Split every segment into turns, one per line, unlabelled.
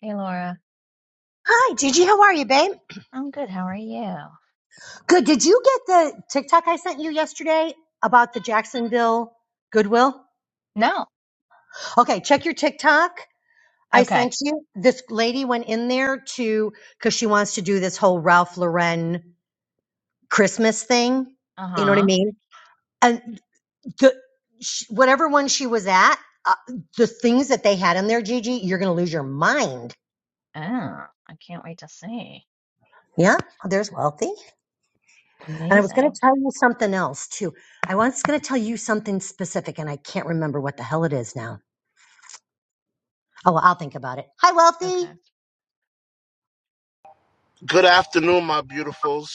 Hey Laura,
Hi, Gigi. How are you, babe?
I'm good. How are you?
Good. Did you get the TikTok I sent you yesterday about the Jacksonville Goodwill?
No.
Okay, check your TikTok. I
Okay.
sent you. This lady went in there to because she wants to do this whole Ralph Lauren Christmas thing. You know what I
Uh-huh.
mean? And the sh whatever one she was at, uh, the things that they had in there, Gigi, you're gonna lose your mind.
Oh, I can't wait to see.
Yeah, there's wealthy. And I was going to
Amazing.
tell you something else too. I was going to tell you something specific, and I can't remember what the hell it is now. Oh, well, I'll think about it. Hi, Wealthy.
Okay.
Good afternoon, my beautifuls.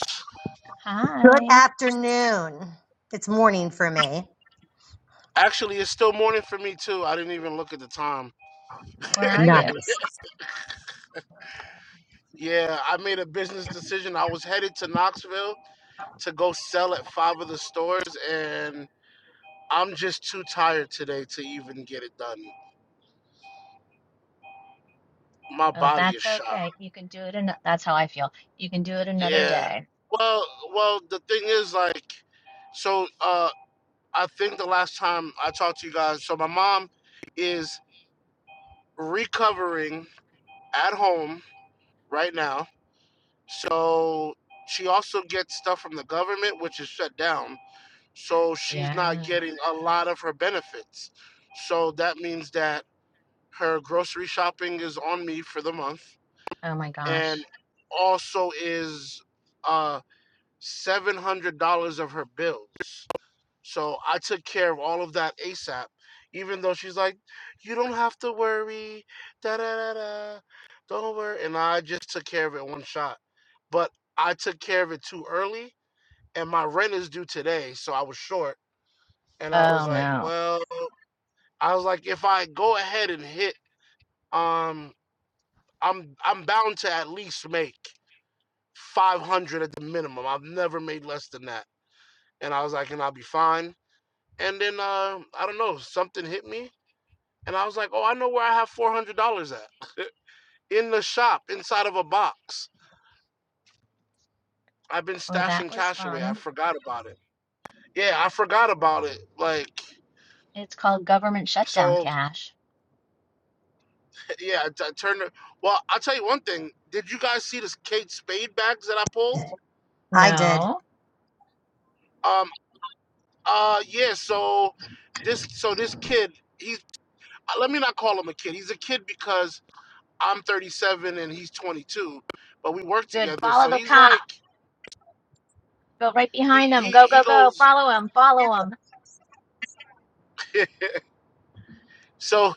Good
Hi.
afternoon. It's morning for me.
Actually, it's still morning for me too. I didn't even look at the time.
Where are you?
Nice.
Yeah, I made a business decision. I was headed to Knoxville to go sell at five of the stores, and I'm just too tired today to even get it done. My
Oh,
body is
that's
shot.
okay. You can do it an that's how I feel. You can do it another
Yeah.
day.
Well, well, the thing is, like, so uh, I think the last time I talked to you guys, so my mom is recovering at home right now So she also gets stuff from the government, which is shut down. So she's not
Yeah.
getting a lot of her benefits. So that means that her grocery shopping is on me for the month
Oh my
and
gosh.
also is uh, $700 of her bills. So I took care of all of that ASAP, even though she's like, you don't have to worry, da da da da, don't worry. And I just took care of it one shot. But I took care of it too early, and my rent is due today, so I was short. And I was
Oh
like,
no.
well, I was like, if I go ahead and hit, um, I'm I'm bound to at least make 500 at the minimum. I've never made less than that. And I was like, and I'll be fine. And then uh, I don't know, something hit me And I was like, oh, I know where I have $400 at in the shop inside of a box. I've been
Well,
stashing
that was
cash away. I
fun.
forgot about it. Yeah, I forgot about it. Like,
It's called government shutdown,
so
Cash.
yeah, I, I turned it. Well, I'll tell you one thing. Did you guys see this Kate Spade bags that I pulled?
I did.
No.
Um, uh, yeah, so this, so this kid, he's, uh, let me not call him a kid. He's a kid because I'm 37 and he's 22, but we work
Good.
together.
Follow
So
the
he's
cop.
like,
Go right
he,
behind
he,
him. Go,
he
go, go.
goes,
Follow him. Follow him.
so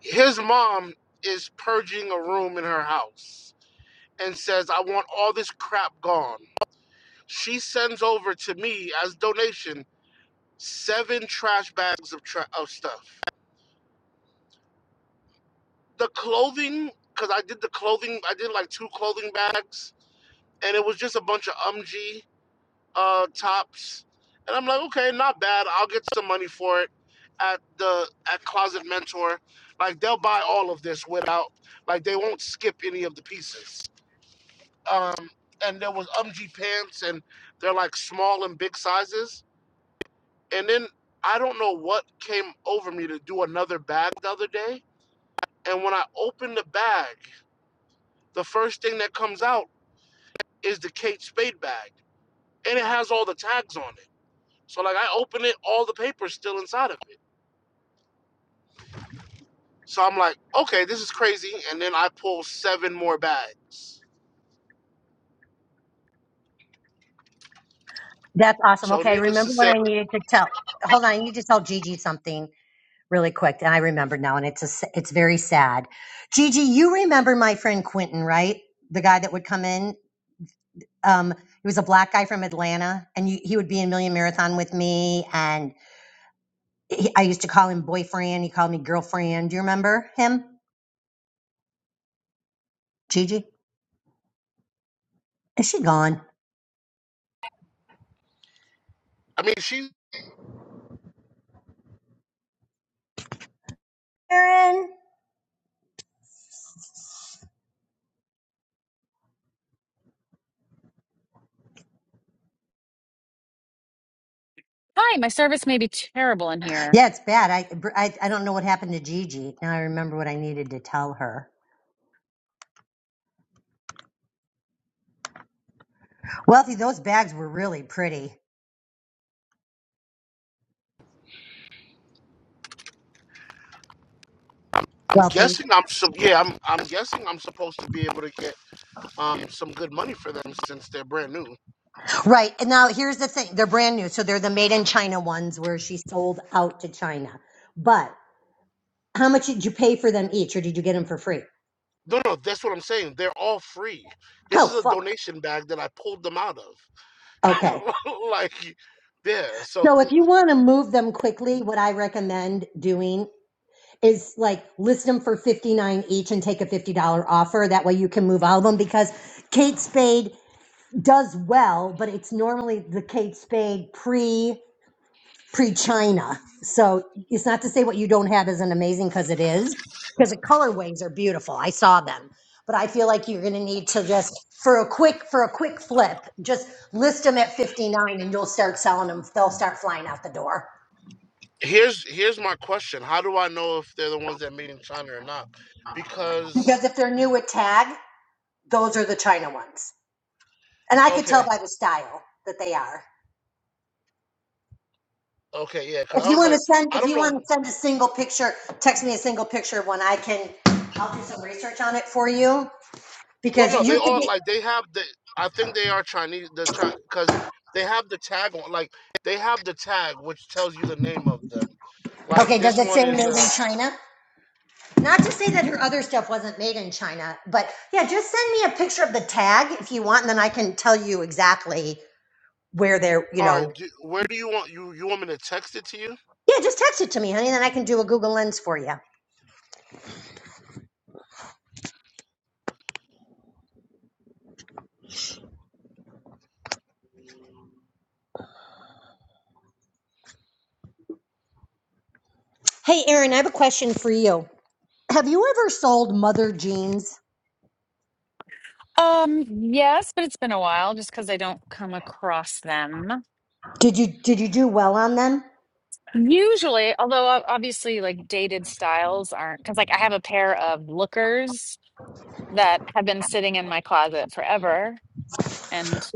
his mom is purging a room in her house and says, I want all this crap gone. She sends over to me as donation seven trash bags of, tra- of stuff. The clothing, because I did the clothing, I did like two clothing bags, and it was just a bunch of UMG uh, tops. And I'm like, okay, not bad. I'll get some money for it at the at Closet Mentor. Like they'll buy all of this without, like they won't skip any of the pieces. um, and there was UMG pants, and they're like small and big sizes. And then I don't know what came over me to do another bag the other day. And when I opened the bag, the first thing that comes out is the Kate Spade bag, and it has all the tags on it. So like I open it, all the paper's still inside of it. So I'm like, okay, this is crazy. And then I pull seven more bags.
That's awesome.
So
Okay,
needless to
remember what
say,
I needed to tell. Hold on, I need to tell Gigi something really quick, and I remembered now, and it's a, s- it's very sad. Gigi, you remember my friend Quentin, right? The guy that would come in. Um, he was a black guy from Atlanta, and you, he would be in Million Marathon with me, and he- I used to call him boyfriend. He called me girlfriend. Do you remember him? Gigi? Is she gone?
I mean, she's
Erin?
Hi, my service may be terrible in here.
Yeah, it's bad. I, I I don't know what happened to Gigi. Now I remember what I needed to tell her. Wealthy, those bags were really pretty. Wealthy.
guessing I'm yeah, I'm I'm guessing I'm supposed to be able to get um, some good money for them since they're brand new.
Right. And now here's the thing. They're brand new. So they're the made in China ones where she sold out to China. But how much did you pay for them each or did you get them for free?
No, no, that's what I'm saying. They're all free. This
Oh,
is a
fuck.
donation bag that I pulled them out of.
Okay.
like, yeah. So
So if you want to move them quickly, what I recommend doing is like list them for 59 each and take a $50 offer that way you can move all of them because kate spade does well but it's normally the kate spade pre pre china so it's not to say what you don't have isn't amazing because it is because the colorways are beautiful i saw them but i feel like you're going to need to just for a quick for a quick flip just list them at 59 and you'll start selling them they'll start flying out the door
here's here's my question: How do I know if they're the ones that made in China or not? Because
because if they're new at tag those are the china ones and I could tell
okay,
by the style that they are.
okay, yeah. Because
If
I
you
was
want to
like,
send,
I
if
don't
you
know.
want to send a single picture, text me a single picture of one. I can, I'll do some research on it for you
Well,
because
no,
you
they
could
all
be.
like they have the. I think they are Chinese. The because they have the tag on, like they have the tag which tells you the name of them. Like
Okay,
this
does it
one
say
is
made in
a.
China? Not to say that her other stuff wasn't made in China, but yeah, just send me a picture of the tag if you want, and then I can tell you exactly where they're. You
All right,
know,
do, where do you want you you want me to text it to you?
yeah, just text it to me, honey, then I can do a Google Lens for you. Hey, Erin, I have a question for you. Have you ever sold mother jeans?
Um, yes, but it's been a while just because I don't come across them.
Did you did you do well on them?
Usually, although ob- obviously, like dated styles aren't because, like, I have a pair of lookers that have been sitting in my closet forever and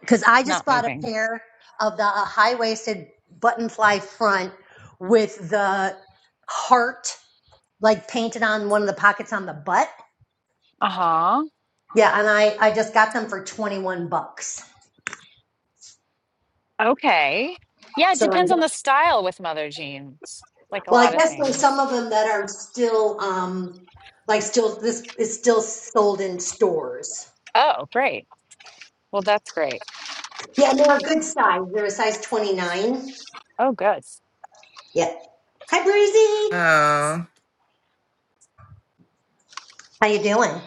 Because I just
not
bought a
moving.
pair of the uh, high waisted button fly front with the heart like painted on one of the pockets on the butt.
Uh huh.
Yeah, and I, I just got them for 21 bucks.
Okay. Yeah, it
So I,
depends on the style with mother jeans, like a
well, I
lot of
guess there's
things.
some of them that are still, um, like still, this is still sold in stores.
Oh, great. Well, that's great.
Yeah, and they're a good size. They're a size 29.
Oh, good.
Yeah. Hi, Breezy.
Oh.
How you doing?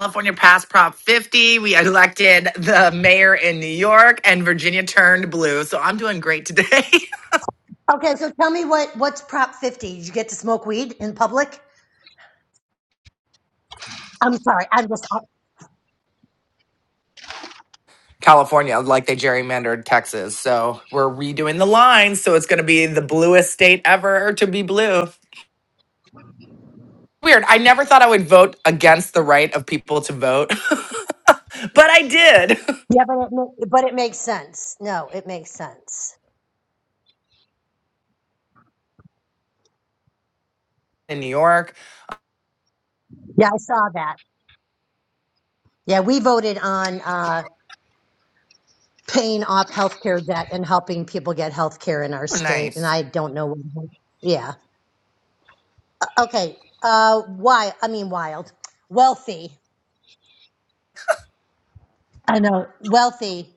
California passed Prop 50. We elected the mayor in New York, and Virginia turned blue. So I'm doing great today.
Okay, so tell me what what's Prop 50? Did you get to smoke weed in public? I'm sorry, I'm just I,
California, like they gerrymandered Texas. So we're redoing the lines. So it's going to be the bluest state ever to be blue. Weird. I never thought I would vote against the right of people to vote, but I did
yeah, but it ma- but it makes sense. No, it makes sense.
in New York.
Yeah, I saw that. Yeah, we voted on uh, paying off healthcare debt and helping people get healthcare in our
Oh,
state, and
Nice.
I don't know. what- Yeah. Okay. Uh, why? I mean, wild, wealthy. I know wealthy.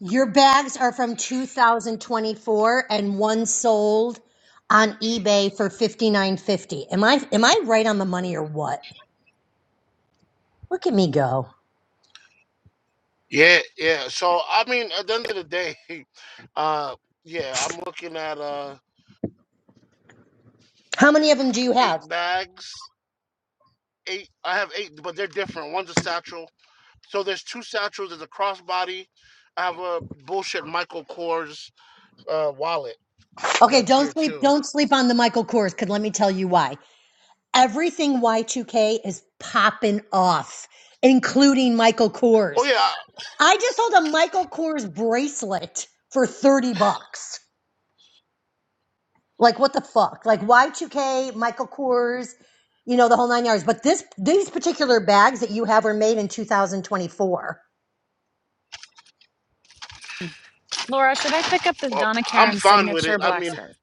Your bags are from 2024 and one sold on eBay for 59.50. Am I am I right on the money or what? Look at me go.
Yeah, yeah. So I mean, at the end of the day, uh, yeah, I'm looking at uh
How many of them do you
eight
have?
bags. Eight, I have eight, but they're different. One's a satchel. So there's two satchels. There's a crossbody. I have a bullshit Michael Kors uh wallet
Okay,
that's
don't
here
sleep
too.
don't sleep on the Michael Kors cuz let me tell you why. Everything Y2K is popping off, including Michael
Oh
Kors.
yeah, I-
I just sold a Michael Kors bracelet for 30 bucks. Like what the fuck? Like Y2K, Michael Kors, you know, the whole nine yards. But this these particular bags that you have were made in 2024.
Laura, should I pick up this
well,
Donna
I'm
Karan
fine with
signature
it. I
black
mean,
scarf?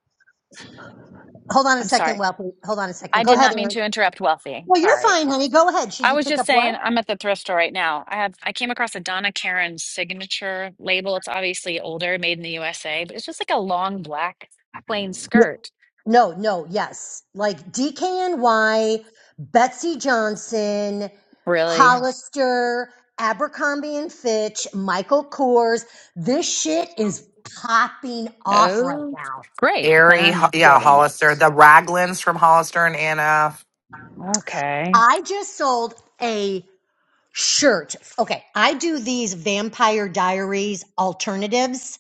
Hold on a
I'm
second,
sorry.
well, hold on a second.
I
Go
did
ahead,
not mean
Erin.
to interrupt Wealthy.
Well, you're
Sorry.
fine, honey. Go ahead. Should
I
you
was
pick
just
up
saying
what?
I'm at the thrift store right now. I have I came across a Donna Karan signature label. It's obviously older, made in the USA, but it's just like a long black plain
Yeah.
skirt.
No, no, yes. Like DKNY, Betsy Johnson,
Really?
Hollister, Abercrombie and Fitch, Michael Kors. This shit is popping off right
Oh,
now.
great. Then
Airy, Ho-
I'm
yeah,
getting
Hollister,
it.
the Raglins from Hollister and Anna
Okay.
I just sold a Shirt. Okay. I do these Vampire Diaries alternatives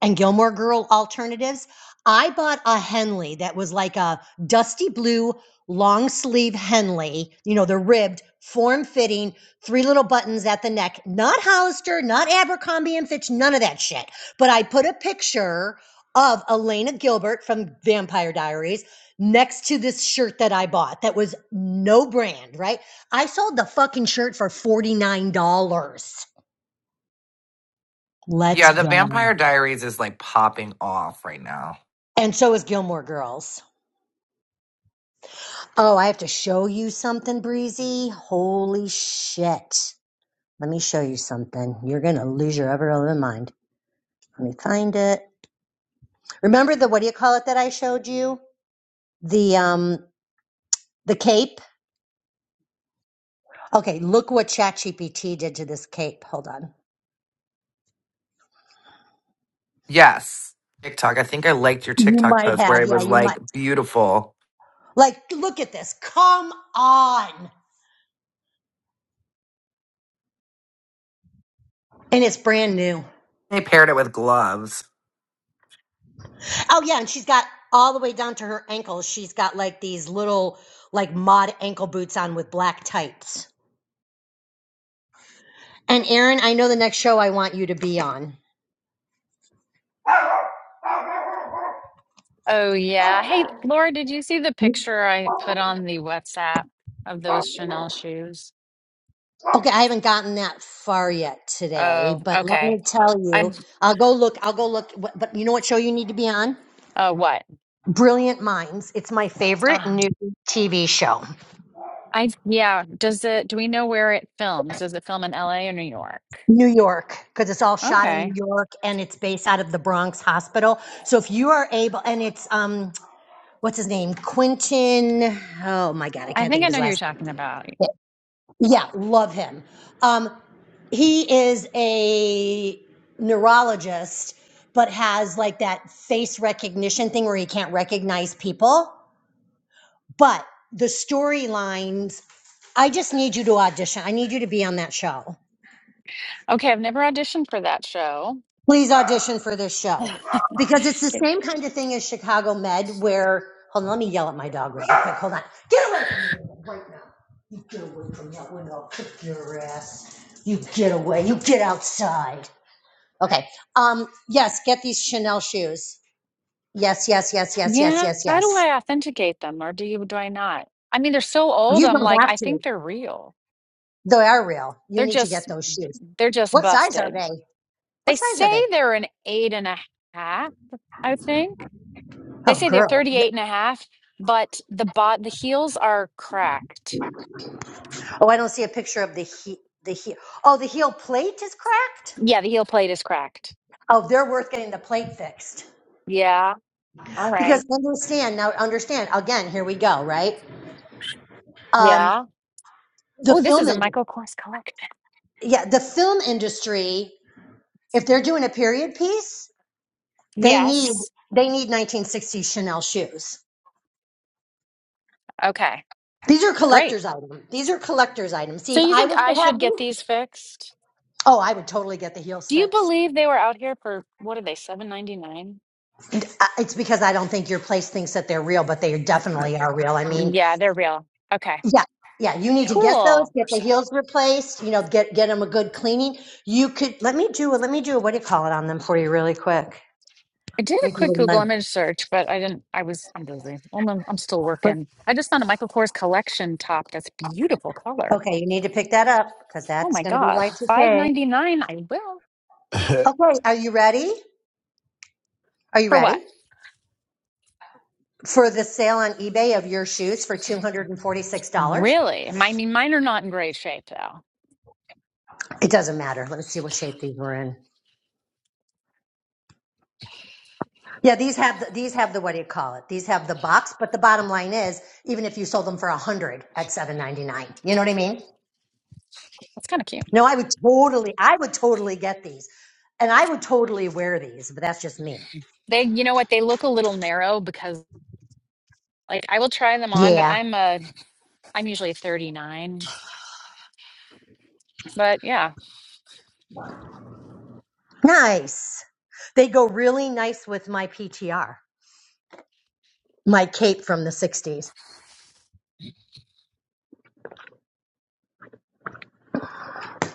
and Gilmore Girl alternatives. I bought a Henley that was like a dusty blue long sleeve Henley, you know, the ribbed, form fitting, three little buttons at the neck, not Hollister, not Abercrombie and Fitch, none of that shit. But I put a picture of Elena Gilbert from Vampire Diaries next to this shirt that I bought that was no brand, right? I sold the fucking shirt for $49. Let's
Yeah, the
go.
Vampire Diaries is like popping off right now.
And so is Gilmore Girls. Oh, I have to show you something, Breezy. Holy shit. Let me show you something. You're going to lose your ever loving mind. Let me find it. Remember the what do you call it that I showed you? The um the cape? Okay, look what ChatGPT did to this cape. Hold on.
Yes. TikTok. I think I liked your
You
TikTok
might
post where
have.
it
Yeah,
was
you
like
might.
beautiful.
Like look at this. Come on. And it's brand new.
They paired it with gloves.
Oh yeah, and she's got all the way down to her ankles. She's got like these little like mod ankle boots on with black tights. And Aaron, I know the next show I want you to be on.
Oh yeah. Hey, Laura, did you see the picture I put on the WhatsApp of those Chanel shoes?
Okay, I haven't gotten that far yet today,
Oh,
but let
okay.
me tell
I'm.
you, I'll go look. I'll go look. But but you know what show you need to be on?
Uh, what?
Brilliant Minds. It's my favorite
Um,
new TV show.
I yeah. Does it? Do we know where it films? Does it film in L.A. or New York?
New York, because it's all shot in
Okay,
New York and it's based out of the Bronx Hospital. So if you are able, and it's um, what's his name? Quentin. Oh my God, I
I
can't
think
think
I
of his
know who you're
last name.
talking about.
Yeah, love him. Um, he is a neurologist, but has like that face recognition thing where he can't recognize people. But the storylines, I just need you to audition. I need you to be on that show.
Okay, I've never auditioned for that show.
please audition for this show because it's the
It-
same kind of thing as Chicago Med, where hold on, let me yell at my dog real quick. Hold on, get away from the window right now. You get away from that window. I'll kick your ass. You get away. You get outside. Okay. Um. Yes. Get these Chanel shoes. Yes. Yes. Yes. Yes. Yes.
Yeah,
Yes.
how do
Yes.
I authenticate them, or do you? Do I not? I mean, they're so old.
You
I'm
don't
like,
have
I
to.
think they're real.
They are real. You
They're
need to
just,
get those shoes.
they're just
What size are
busted.
they?
They
What size are
say
they?
they're an eight and a half. I think they
Oh,
say they're
girl.
thirty-eight and a half, but the bot, the heels are cracked.
Oh, I don't see a picture of the he- the heel. Oh, the heel plate is cracked.
Yeah, the heel plate is cracked.
Oh, they're worth getting the plate fixed.
Yeah. All right.
Because understand, now understand, again, here we go, right? Um,
Yeah.
the
Oh, this
film
is a
industry,
Michael Kors collection.
yeah, the film industry, if they're doing a period piece, they need
Yes.
they need 1960s Chanel shoes.
Okay.
These are
Great.
collector's items. These are collector's items. See,
So
if
you
I
think
was
I
to
should
have these,
get these fixed?
oh, I would totally get the heels
Do you
fixed.
believe they were out here for what are they, seven ninety nine?
And, uh, It's because I don't think your place thinks that they're real, but they definitely are real. I mean,
Yeah, they're real. Okay.
Yeah, yeah. You need to get those,
Cool.
get the heels replaced. You know, get get them a good cleaning. You could let me do a let me do a what do you call it on them for you really quick.
I did a
Let me do
quick
a
Google
limp.
image search, but I didn't. I was I'm busy. Well, I'm, I'm still working. I just found a Michael Kors collection top that's beautiful color.
Okay, you need to pick that up because
Oh
that's
my
going to be
God, five
Y2K.
ninety nine. I will
Okay, are you ready? Are you
for what?
ready for the sale on eBay of your shoes for two hundred and forty six dollars?
Really? Mine, mine are not in great shape though.
It doesn't matter. Let me see what shape these were in. Yeah, these have the, these have the what do you call it? These have the box. But the bottom line is, even if you sold them for a hundred at seven ninety nine, you know what I mean?
That's kind of cute.
No, I would totally, I would totally get these. And I would totally wear these, but that's just me.
They, you know what? They look a little narrow because like I will try them on, but
Yeah.
I'm a, I'm usually a 39. But yeah,
Nice. They go really nice with my PTR, my cape from the 60s.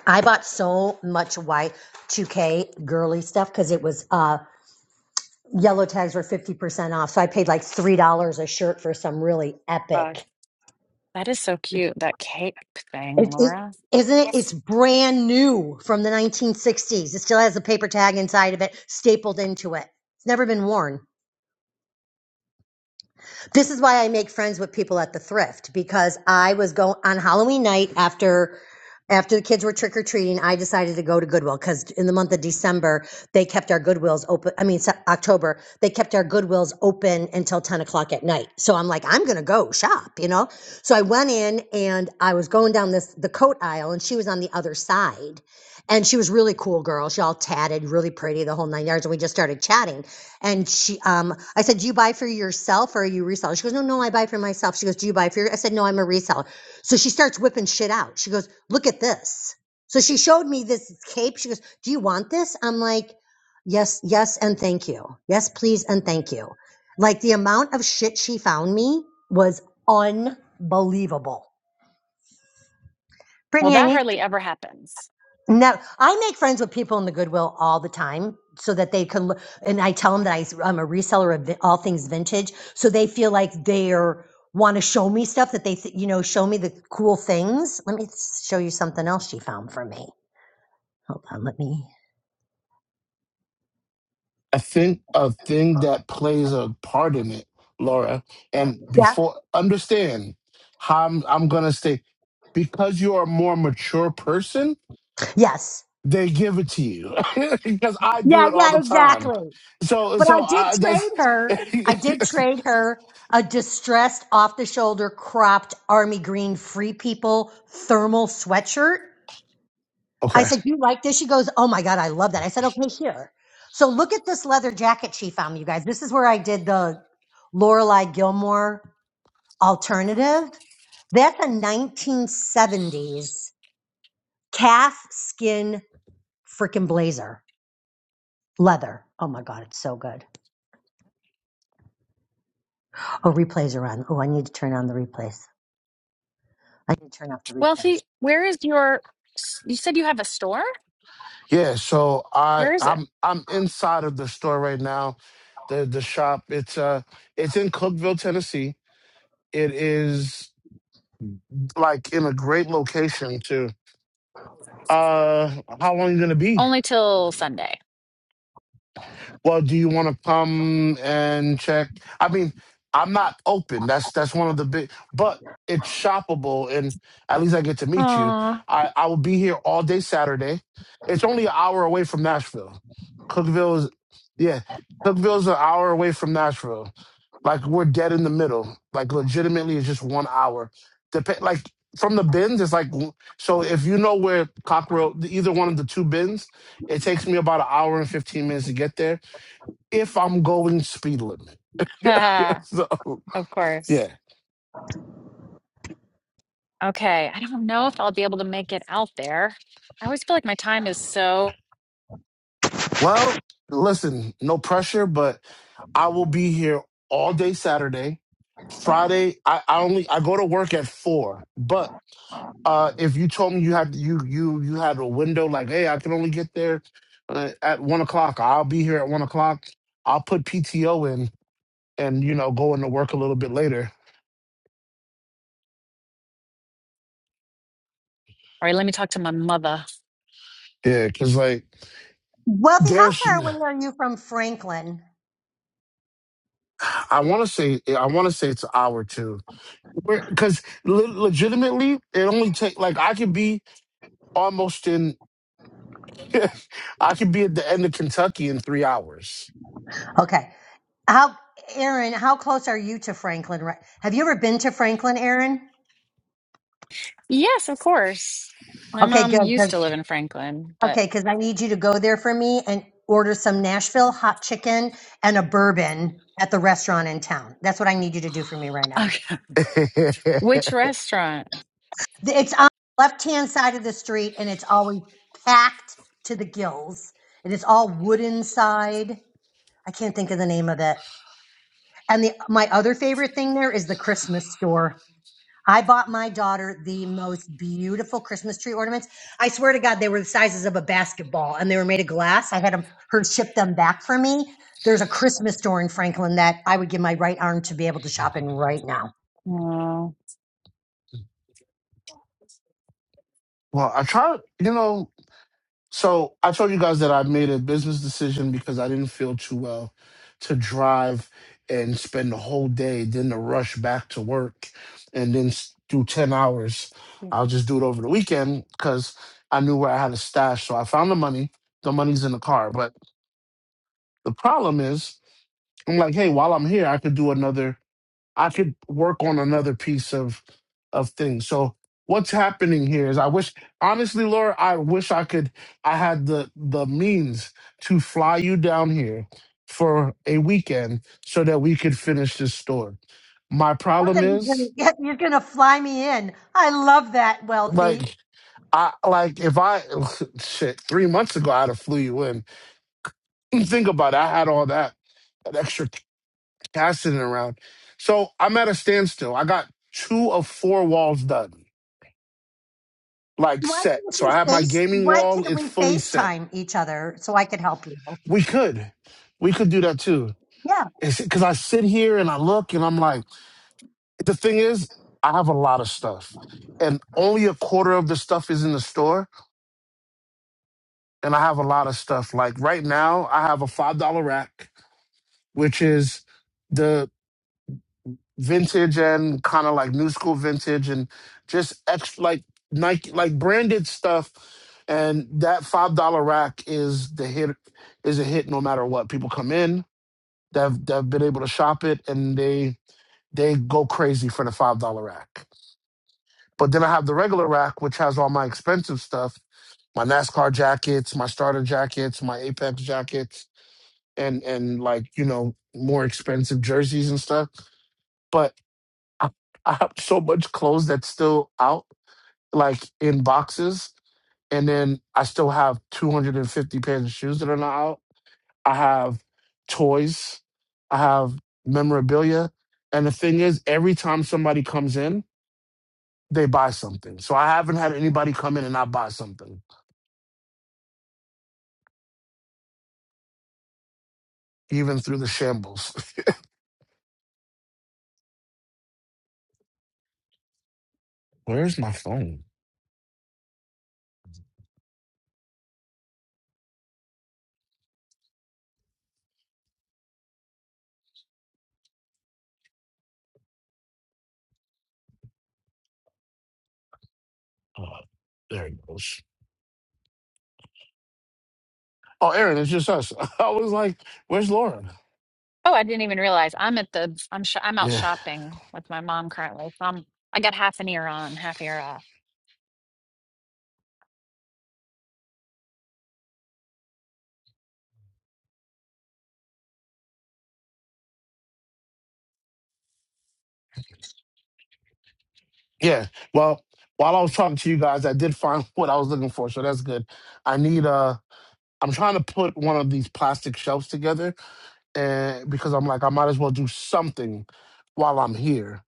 I bought so much white 2K girly stuff because it was, uh, yellow tags were 50% off. So I paid like $3 a shirt for some really
uh,
epic.
that is so cute. That cape thing,
It, it,
Laura.
isn't it? It's
Yes.
brand new from the 1960s. It still has a paper tag inside of it stapled into it. It's never been worn. This is why I make friends with people at the thrift because I was going on Halloween night after after the kids were trick or treating. I decided to go to Goodwill because in the month of December they kept our Goodwills open. I mean Se- October they kept our Goodwills open until ten o'clock at night. So I'm like, I'm gonna go shop, you know. So I went in and I was going down this the coat aisle and she was on the other side and she was really cool girl. She all tatted, really pretty, the whole nine yards. And we just started chatting. And she, um, I said, "Do you buy for yourself or are you a reseller?" She goes, "No, no, I buy for myself." She goes, "Do you buy for?" Your-? I said, "No, I'm a reseller." So she starts whipping shit out. She goes, "Look at this." So she showed me this cape. She goes, "Do you want this?" I'm like, "Yes, yes, and thank you. Yes, please, and thank you." Like the amount of shit she found me was unbelievable.
Well,
Brittany, I
that
need
hardly ever happens.
No, I make friends with people in the Goodwill all the time so that they can, l- and I tell them that I, am a reseller of vi- all things vintage. So they feel like they're want to show me stuff that they, th- you know, show me the cool things. Let me show you something else she found for me. Hold on. Let me.
I think a thing that plays a part in it, Laura. And
Yeah.
before, understand how I'm, I'm going to say, because you are a more mature person,
Yes.
they give it to you because I do
Yeah.
it all
Yeah.
the time.
Exactly.
So,
But I
so
did
I,
trade
that's
her. I did trade her a distressed off the shoulder cropped army green free people thermal sweatshirt I
okay.
said, You like this? She goes, Oh my God, I love that. I said, Okay, here. So look at this leather jacket she found, you guys. This is where I did the Lorelai Gilmore alternative. That's a 1970s calf skin freaking blazer, leather. Oh my God, it's so good. Oh, replays are on. Oh, I need to turn on the replays. I need to turn off the
Wealthy,
replays.
where is your, s- you said you have a store?
Yeah. So I,
Where is it?
I'm, I'm inside of the store right now. The, the shop it's uh it's in cookville tennessee it is like in a great location too uh how long you gonna be
Only till Sunday.
Well, do you want to come and check? I mean, I'm not open. That's that's one of the big, but it's shoppable, and at least I get to meet you.
Aw.
I I will be here all day Saturday. It's only an hour away from Nashville. Cookville is, yeah, Cookville's an hour away from Nashville. Like we're dead in the middle. Like legitimately, it's just one hour. Dep- like from the bins, it's like so. If you know where Cockrell, either one of the two bins, it takes me about an hour and fifteen minutes to get there if I'm going speed limit. so
of course.
yeah.
Okay, I don't know if I'll be able to make it out there. I always feel like my time is so.
Well, listen, no pressure, but I will be here all day Saturday. Friday, I, I only I go to work at four. But uh if you told me you had you you you had a window like, hey, I can only get there uh, at one o'clock. I'll be here at one o'clock. I'll put PTO in and you know go into work a little bit later.
All right, let me talk to my mother.
Yeah, because like
Wealthy, how
there's
far away are you from Franklin?
I want to say I want to say it's an hour too because le- legitimately it only take like i could be almost in i could be at the end of kentucky in three hours
Okay. How, Aaron, how close are you to Franklin? Right? Have you ever been to Franklin, Aaron?
Yes, of course. My
Okay,
mom
good.
used
'cause-
to live in Franklin, but
okay, because I need you to go there for me and order some Nashville hot chicken and a bourbon at the restaurant in town. That's what I need you to do for me right now.
okay. Which restaurant?
The- It's on the left hand side of the street and it's always packed to the gills. It is all wood inside. I can't think of the name of it. And the my other favorite thing there is the Christmas store. I bought my daughter the most beautiful Christmas tree ornaments. I swear to God, they were the sizes of a basketball and they were made of glass. I had 'em- her ship them back for me. There's a Christmas store in Franklin that I would give my right arm to be able to shop in right now.
Oh,
well i try you know so i told you guys that i made a business decision because i didn't feel too well to drive and spend the whole day then to rush back to work and then s- do 10 hours i'll just do it over the weekend because i knew where i had a stash so i found the money the money's in the car but the problem is I'm like, hey, while I'm here, I could do another. I could work on another piece of of things. So what's happening here is I wish, honestly, Laura, I wish I could. I had the the means to fly you down here for a weekend so that we could finish this store. My
Love
problem
that you
is
gonna yeah, you're gonna fly me in. I love that, Wealthy.
like. I like if I shit three months ago I'd have flew you in. Think about it. I had all that, that extra passing it around. So I'm at a standstill. I got two of four walls done, like
Why
set.
can't
So
you
I have my
face?
gaming
Why
wall,
can't
it's
we
fully set.
FaceTime each other so I could help you?
We could, we could do that too.
Yeah,
It's because I sit here and I look and I'm like, the thing is, I have a lot of stuff. And only a quarter of the stuff is in the store. And I have a lot of stuff. Like right now, I have a $5 rack, which is the vintage and kind of like new school vintage and just extra like Nike like branded stuff. And that five dollar rack is the hit is a hit no matter what. People come in, they've they've been able to shop it and they they go crazy for the five dollar rack. But then I have the regular rack which has all my expensive stuff, my NASCAR jackets, my starter jackets, my Apex jackets, and and like, you know, more expensive jerseys and stuff. but. I, I have so much clothes that's still out, like in boxes. And then I still have 250 pairs of shoes that are not out. I have toys. I have memorabilia. And the thing is, every time somebody comes in, they buy something. So I haven't had anybody come in and not buy something, even through the shambles. Where's my phone? Oh, there it goes. Oh, Aaron, it's just us. I was like, where's Lauren?
oh, I didn't even realize I'm at the. I'm sh I'm out
Yeah.
shopping with my mom currently. So I'm. I got half an ear on, half ear off.
Yeah. Well, while I was talking to you guys, I did find what I was looking for, so that's good. I need a. am trying to put one of these plastic shelves together and because I'm like I might as well do something while I'm here.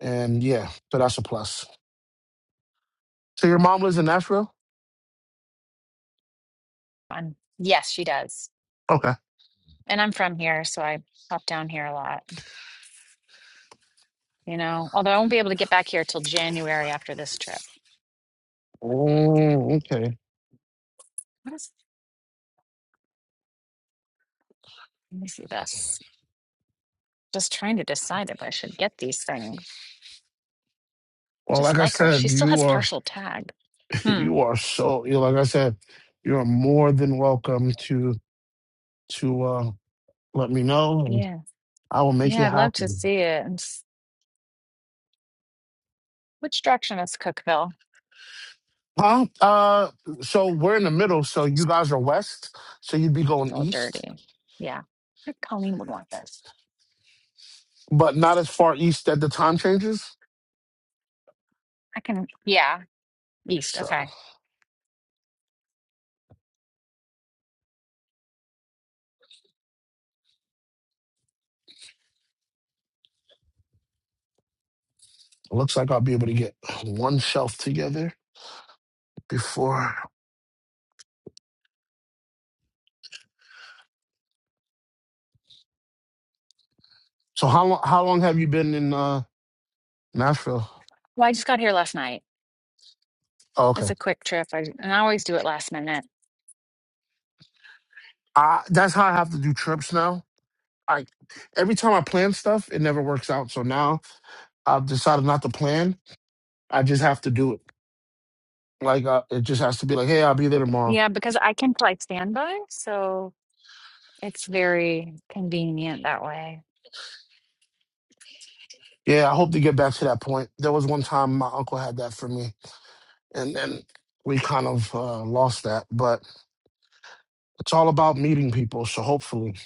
And yeah, so that's a plus. So your mom lives in Nashville?
I'm. Yes, she does.
Okay.
And I'm from here, so I pop down here a lot. You know, although I won't be able to get back here till January after this trip.
Oh, okay.
What is? Let me see this. Just trying to decide if I should get these things. I
Well,
just
like I
like her. She
said,
still
you
has
are
partial tag. Hmm.
you are so you like I said, you are more than welcome to to uh let me know and
Yeah.
I will make it
Yeah, I'd love to
happen.
see it. And s- Which direction is Cookville?
Huh? Uh, so we're in the middle. So you guys are west. So you'd be going
So
east,
dirty. Yeah. I think Colleen would want this.
but not as far east that the time changes.
I can, yeah, east.
So
Okay.
it looks like I'll be able to get one shelf together before. So how long? How long have you been in uh, Nashville?
Well, I just got here last night.
Oh,
It's
okay.
a quick trip. I, and I always do it last minute.
I, that's how I have to do trips now. I every time I plan stuff, it never works out. So now I've decided not to plan. I just have to do it. Like uh, it just has to be like, hey, I'll be there tomorrow.
Yeah, because I can fly standby, so it's very convenient that way.
Yeah, I hope to get back to that point. There was one time my uncle had that for me, and and we kind of uh, lost that. But it's all about meeting people. So hopefully,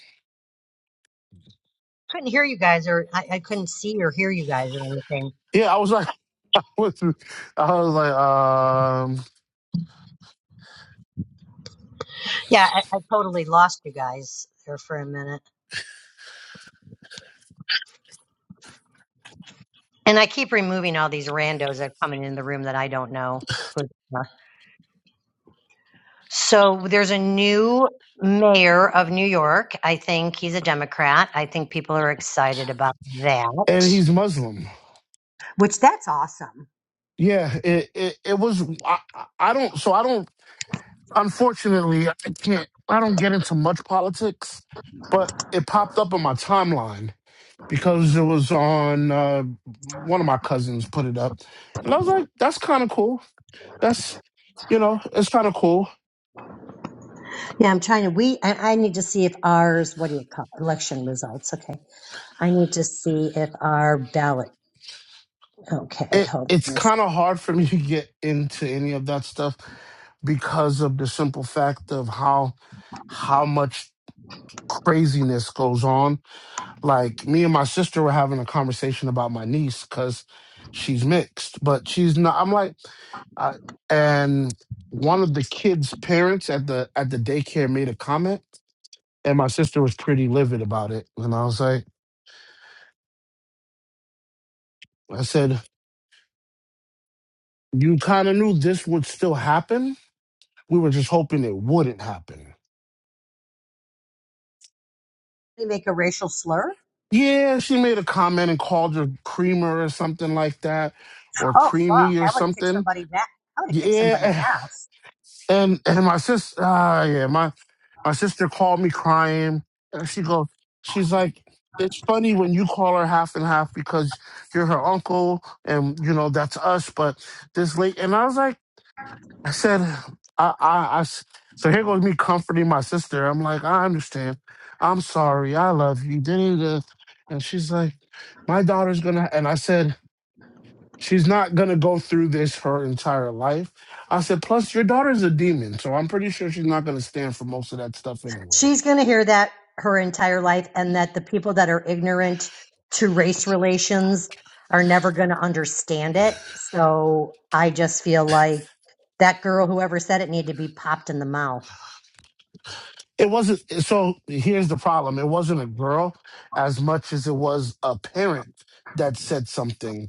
couldn't hear you guys, or I, I couldn't see or hear you guys or anything.
yeah, I was like, I was, I was like, um,
Yeah, I, I totally lost you guys there for a minute. And I keep removing all these randos that are coming in the room that I don't know. So there's a new mayor of New York. I think he's a Democrat. I think people are excited about
and
that.
he's Muslim.
which that's awesome.
Yeah, it it, it was. I, I I don't. So I don't. Unfortunately, I can't. I don't get into much politics, but it popped up on my timeline because it was on uh, one of my cousins put it up, and I was like, that's kind of cool. that's you know it's kind of cool
Yeah, I'm trying to. We I, I need to see if ours. What do you call it? election results? Okay, I need to see if our ballot. Okay,
it
hold
it's
on. a sec.
kind of hard for me to get into any of that stuff because of the simple fact of how how much craziness goes on like me and my sister were having a conversation about my niece because she's mixed but she's not i'm like I, and one of the kids parents at the at the daycare made a comment and my sister was pretty livid about it and i was like i said You kind of knew this would still happen. We were just hoping it wouldn't happen.
They make a racial slur.
Yeah, she made a comment and called her creamer or something like that, or
Oh fuck!
creamy or
I would have kicked
something.
somebody. ass. I would have kicked somebody's
Yeah,
ass.
and and my sister, ah, yeah, my my sister called me crying, and she goes, she's like, it's funny when you call her half and half because you're her uncle, and you know that's us, but this late, and I was like. I said, I, I, I s- so here goes me comforting my sister. I'm like, I understand. I'm sorry. I love you. da, da, da." And she's like, my daughter's gonna, and I said, she's not gonna go through this her entire life. I said, plus your daughter's a demon, so I'm pretty sure she's not gonna stand for most of that stuff anyway.
she's going to hear that her entire life and that the people that are ignorant to race relations are never going to understand it. So I just feel like that girl, whoever said it, needed to be popped in the mouth.
It wasn't, so here's the problem. It wasn't a girl as much as it was a parent that said something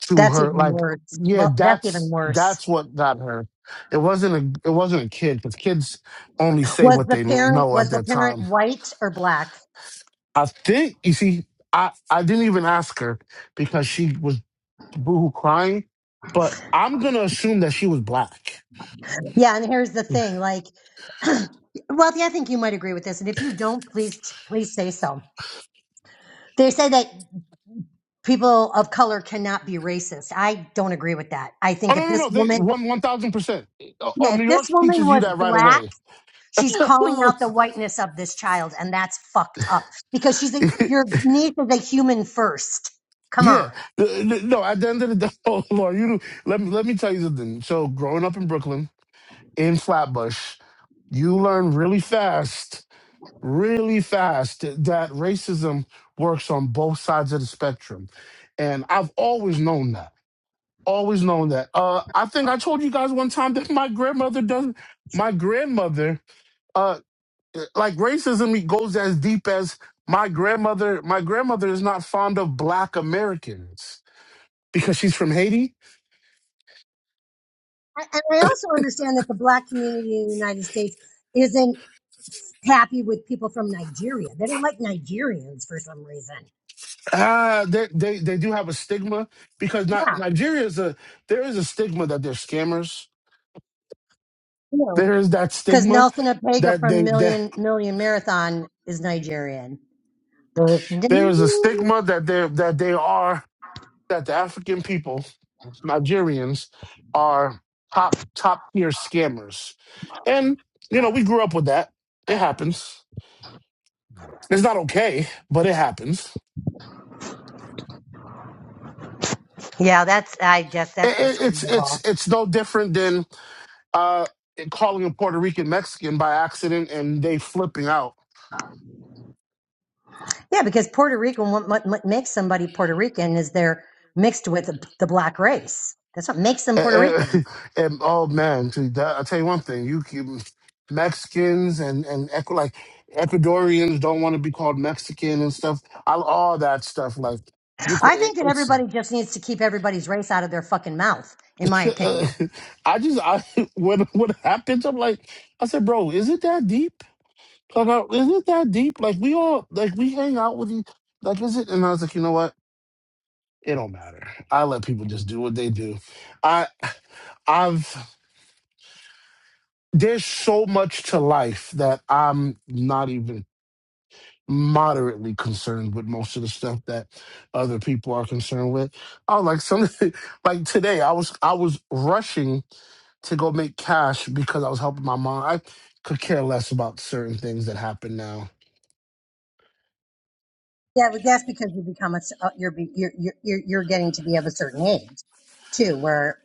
to
That's
her
even
like
worse.
yeah
Well, that's even
that's
worse.
that's what got her it wasn't a it wasn't a kid because kids only say
Was
what
the
they
parent
know at
was the
that
parent
time
white or black?
i think you see i i didn't even ask her because she was boohoo crying but i'm gonna assume that she was black
Yeah, and here's the
oh
thing, like well, yeah, I think you might agree with this. And if you don't, please please say so. They say that people of color cannot be racist. I don't agree with that. I
no
think if
no
this
no they
woman,
one one thousand percent oh oh,
yeah, if
new york
this woman
teaches you
was
that right
black,
away
she's calling out the whiteness of this child, and that's fucked up because she's a, your niece is a human first. Come
yeah
on.
no at the end of the day oh lord you let me let me tell you something so growing up in brooklyn in Flatbush, you learn really fast, really fast that racism works on both sides of the spectrum. And I've always known that. Always known that. Uh, I think I told you guys one time that my grandmother does. not My grandmother, uh, like racism, it goes as deep as my grandmother. My grandmother is not fond of Black Americans because she's from Haiti
A- And I also understand that the black community in the United States isn't happy with people from Nigeria. They don't like Nigerians for some reason.
Ah, they, they they do have a stigma because not
Yeah,
Nigeria is a there is a stigma that they're scammers.
you know,
There is that
because
stigma
Nelson Apega
that they
from
that
Million Million Marathon is Nigerian.
there is a stigma that they that they are that the African people, Nigerians, are top top tier scammers, and you know we grew up with that. It happens. It's not okay, but it happens.
Yeah, that's, I guess that's
It,
just
it, it's it's
horrible.
it's no different than uh calling a Puerto Rican Mexican by accident and they flipping out
Yeah, because Puerto Rican, what, what what makes somebody Puerto Rican is they're mixed with the, the black race. That's what makes them
And,
Puerto Rican.
and- and- oh man, to that, I'll tell you one thing: you can- Mexicans and and Ecu- like Ecuadorians don't want to be called Mexican and stuff. I, all that stuff, like you, co-
I
it,
think that
it's.
everybody just needs to keep everybody's race out of their fucking mouth, in my opinion.
I just, I when what happens, I'm like, I said, bro, is it that deep? Like, I- is it that deep? Like we all, like we hang out with you. Like, is it? And I was like, you know what? It don't matter. I let people just do what they do. I I've there's so much to life that I'm not even moderately concerned with most of the stuff that other people are concerned with. I was like some like today I was I was rushing to go make cash because I was helping my mom. I could care less about certain things that happen now.
Yeah, but that's because you become a, s- uh, you're, be- you're, you're, you're you're getting to be of a certain age too, where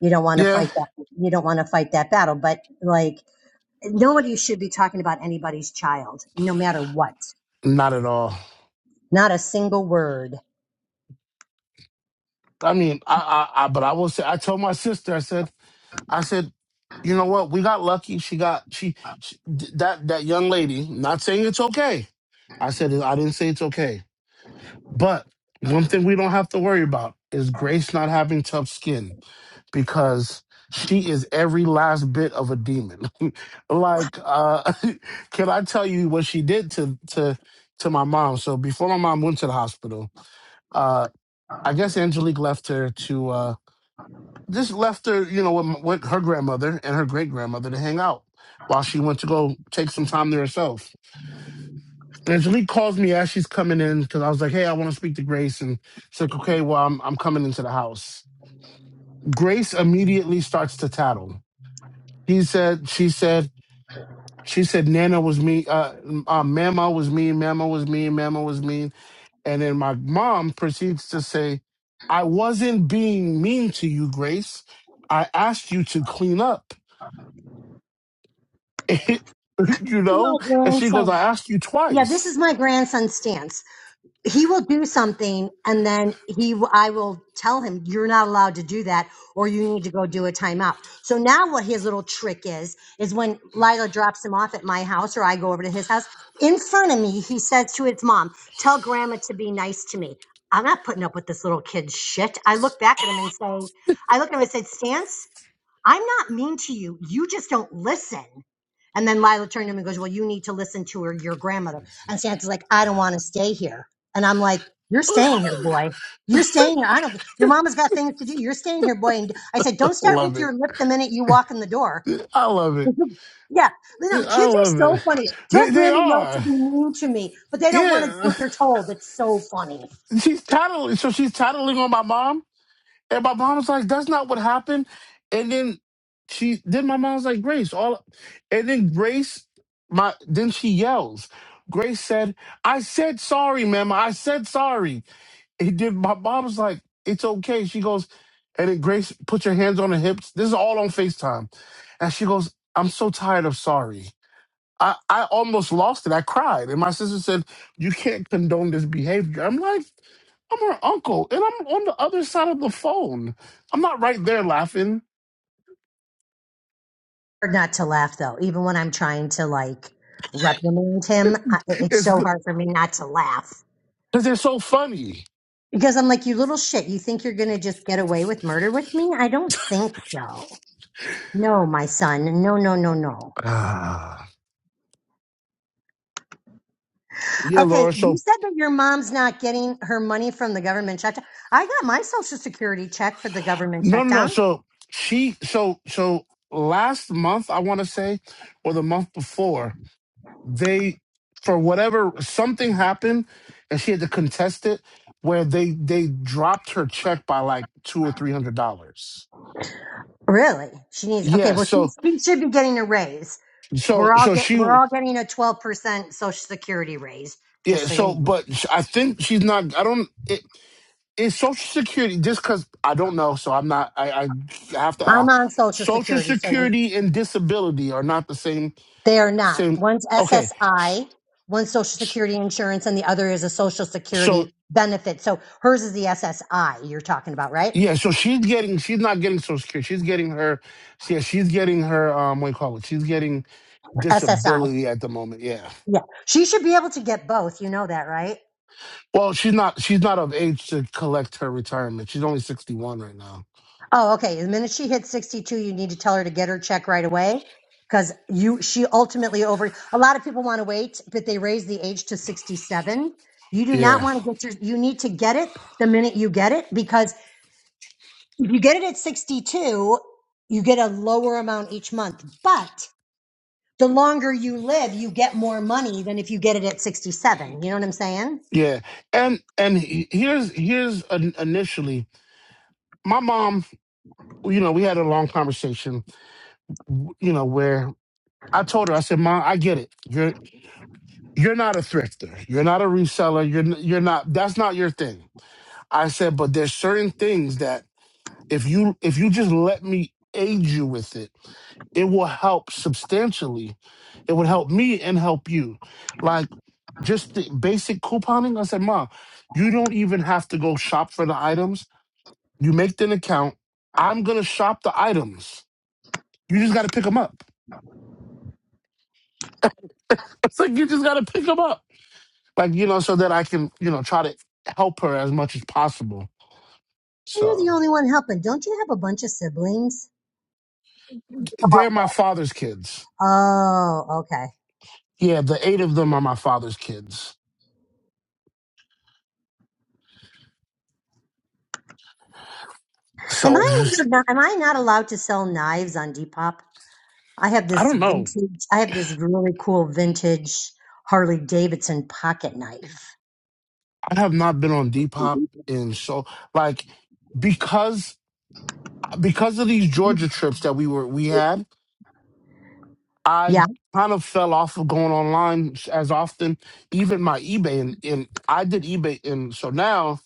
you don't want to
Yeah,
fight that, you don't want to fight that battle. But like, nobody should be talking about anybody's child, no matter what.
not at all.
Not a single word.
I mean, I I, I but I will say I told my sister I said I said you know what? We got lucky. She got she, she th- that that young lady. Not saying it's okay I said it- I didn't say it's okay. But one thing we don't have to worry about is Grace not having tough skin because she is every last bit of a demon. like, uh, can I tell you what she did to to to my mom? So before my mom went to the hospital, uh, I guess Angelique left her to uh, just left her, you know, with, m- with her grandmother and her great grandmother to hang out while she went to go take some time to herself And Angelique calls me as she's coming in because I was like, "Hey, I want to speak to Grace," and she's like, "Okay, well, I'm I'm coming into the house." Grace immediately starts to tattle. He said, "She said, she said, Nana was mean, uh, uh, Mama was mean, Mama was mean, Mama was mean," and then my mom proceeds to say, "I wasn't being mean to you, Grace. I asked you to clean up, you
My
know." And she goes,
grandson.
"I asked you
Yeah, this
twice."
is my grandson's stance. He will do something, and then he, I will tell him, "You're not allowed to do that, or you need to go do a timeout." So now, what his little trick is is when Lila drops him off at my house, or I go over to his house. In front of me, he says to his mom, "Tell Grandma to be nice to me." I'm not putting up with this little kid's shit. I look back at him and say, "I look at him and say, Stance." I'm not mean to you. You just don't listen. And then Lila turned to him and goes, Well, you need to listen to her, your grandmother. And Santa's like, I don't want to stay here. And I'm like, You're staying here, boy. You're staying here. I don't, your mama's got things to do. You're staying here, boy. And I said, Don't start
love
with
it.
your lip the minute you walk in the door.
I love it.
yeah. You know,
I
kids are
love it.
so funny.
They
Tell
they
grandma not to
are.
be mean to me, but they don't want to do
Yeah.
what they're told. It's so funny.
She's tattling so she's tattling on my mom. And my mom was like, that's not what happened. And then she then my mom's like, Grace, all and then Grace, my then she yells. Grace said, I said sorry, ma'am. I said sorry. And then my mom's like, it's okay. She goes, and then Grace, put your hands on her hips. This is all on FaceTime. And she goes, I'm so tired of sorry. I, I almost lost it. I cried. And my sister said, You can't condone this behavior. I'm like, I'm her uncle, and I'm on the other side of the phone. I'm not right there laughing.
hard not to laugh though. Even when I'm trying to like reprimand him, I, it's
It's
so hard for me not to laugh
because they're so funny.
because I'm like, you little shit. You think you're gonna just get away with murder with me? I don't think so. No, my son. No, no, no, no.
Ah. yeah, Laura.
Okay, you
So,
said that your mom's not getting her money from the government shutdown. I got my social security check for the government
no, no, no.
shutdown.
So, she, so, so last month, I want to say, or the month before, they, for whatever, something happened, and she had to contest it where they, they dropped her check by like two or three hundred dollars
Really? She needs. Okay,
Yeah,
well, she,
so
she should be getting a raise.
so
We're all
so
get. We're
she
all getting a twelve percent social security raise.
yeah,
Just so
so
you know.
but sh- I think she's not I don't it is social security just cuz I don't know, so I'm not I I have to
I'm
ask.
on Social
Social
Security, so we
security and disability are not the same
they are not.
same
One's
okay.
SSI, one's Social
s-
Security insurance, and the other is a Social
So
Security benefit. So hers is the SSI you're talking about, right?
yeah, so she's getting she's not getting social security. She's getting her yeah, she's getting her um what do you call it? She's getting
SSI.
disability at the moment. Yeah.
Yeah. She should be able to get both. You know that, right?
Well, she's not she's not of age to collect her retirement. She's only 61 right now.
Oh, okay. The minute she hits 62, you need to tell her to get her check right away because you she ultimately over a lot of people want to wait, but they raise the age to 67. You do
Yeah.
not want to get your you need to get it the minute you get it because If you get it at 62, you get a lower amount each month. But the longer you live, you get more money than if you get it at 67. You know what I'm saying?
Yeah, and and he- here's here's an, initially my mom. You know, we had a long conversation. w- You know, where I told her, I said, "Mom, I get it. You're you're not a thrifter. You're not a reseller. You're n- you're not. That's not your thing." I said, "But there's certain things that if you if you just let me aid you with it, it will help substantially. It would help me and help you. Like just the basic couponing. I said, Mom, you don't even have to go shop for the items You make an account. I'm gonna shop the items. You just gotta pick them up. It's like you just gotta pick them up. Like you know, so that I can you know try to help her as much as possible.
You're the
So
only one helping. Don't you have a bunch of siblings?
they're my father's kids.
Oh, okay.
Yeah, the eight of them are my father's kids.
Am
So
I
it's just
am I not allowed to sell knives on Depop? I have
I
this
don't know.
vintage. I have this really cool vintage Harley Davidson pocket knife.
I have not been on Depop in so like because because of these Georgia trips that we were we had. I
Yeah.
kind of fell off of going online as often, even my eBay. And, and I did eBay. And so now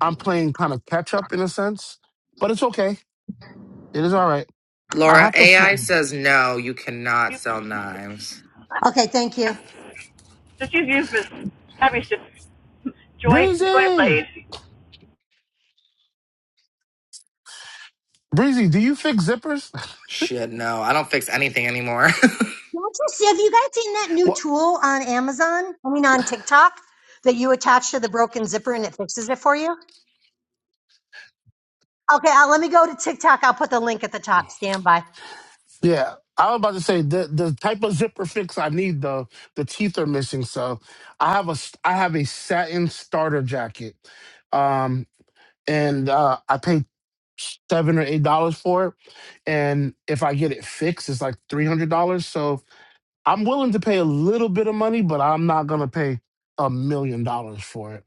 I'm playing kind of catch up in a sense, but it's okay. It is all right. I
Laura,
have to. F-
AI says no, you cannot
You,
sell knives.
Okay. Thank you.
just use use Miss Happy St- Joy Joy
Breezy!
Blade.
Breezy, do you fix zippers?
Shit, no. I don't fix anything anymore.
just- Have you guys seen that new
Well,
tool on Amazon? I mean, on TikTok that you attach to the broken zipper and it fixes it for you? Okay, uh, let me go to TikTok. I'll put the link at the top. Stand by.
yeah. I was about to say the the type of zipper fix I need though the teeth are missing so I have a s- I have a satin starter jacket, um and uh, I paid seven or eight dollars for it. And if I get it fixed, it's like three hundred dollars. So I'm willing to pay a little bit of money, but I'm not gonna pay a million dollars for it.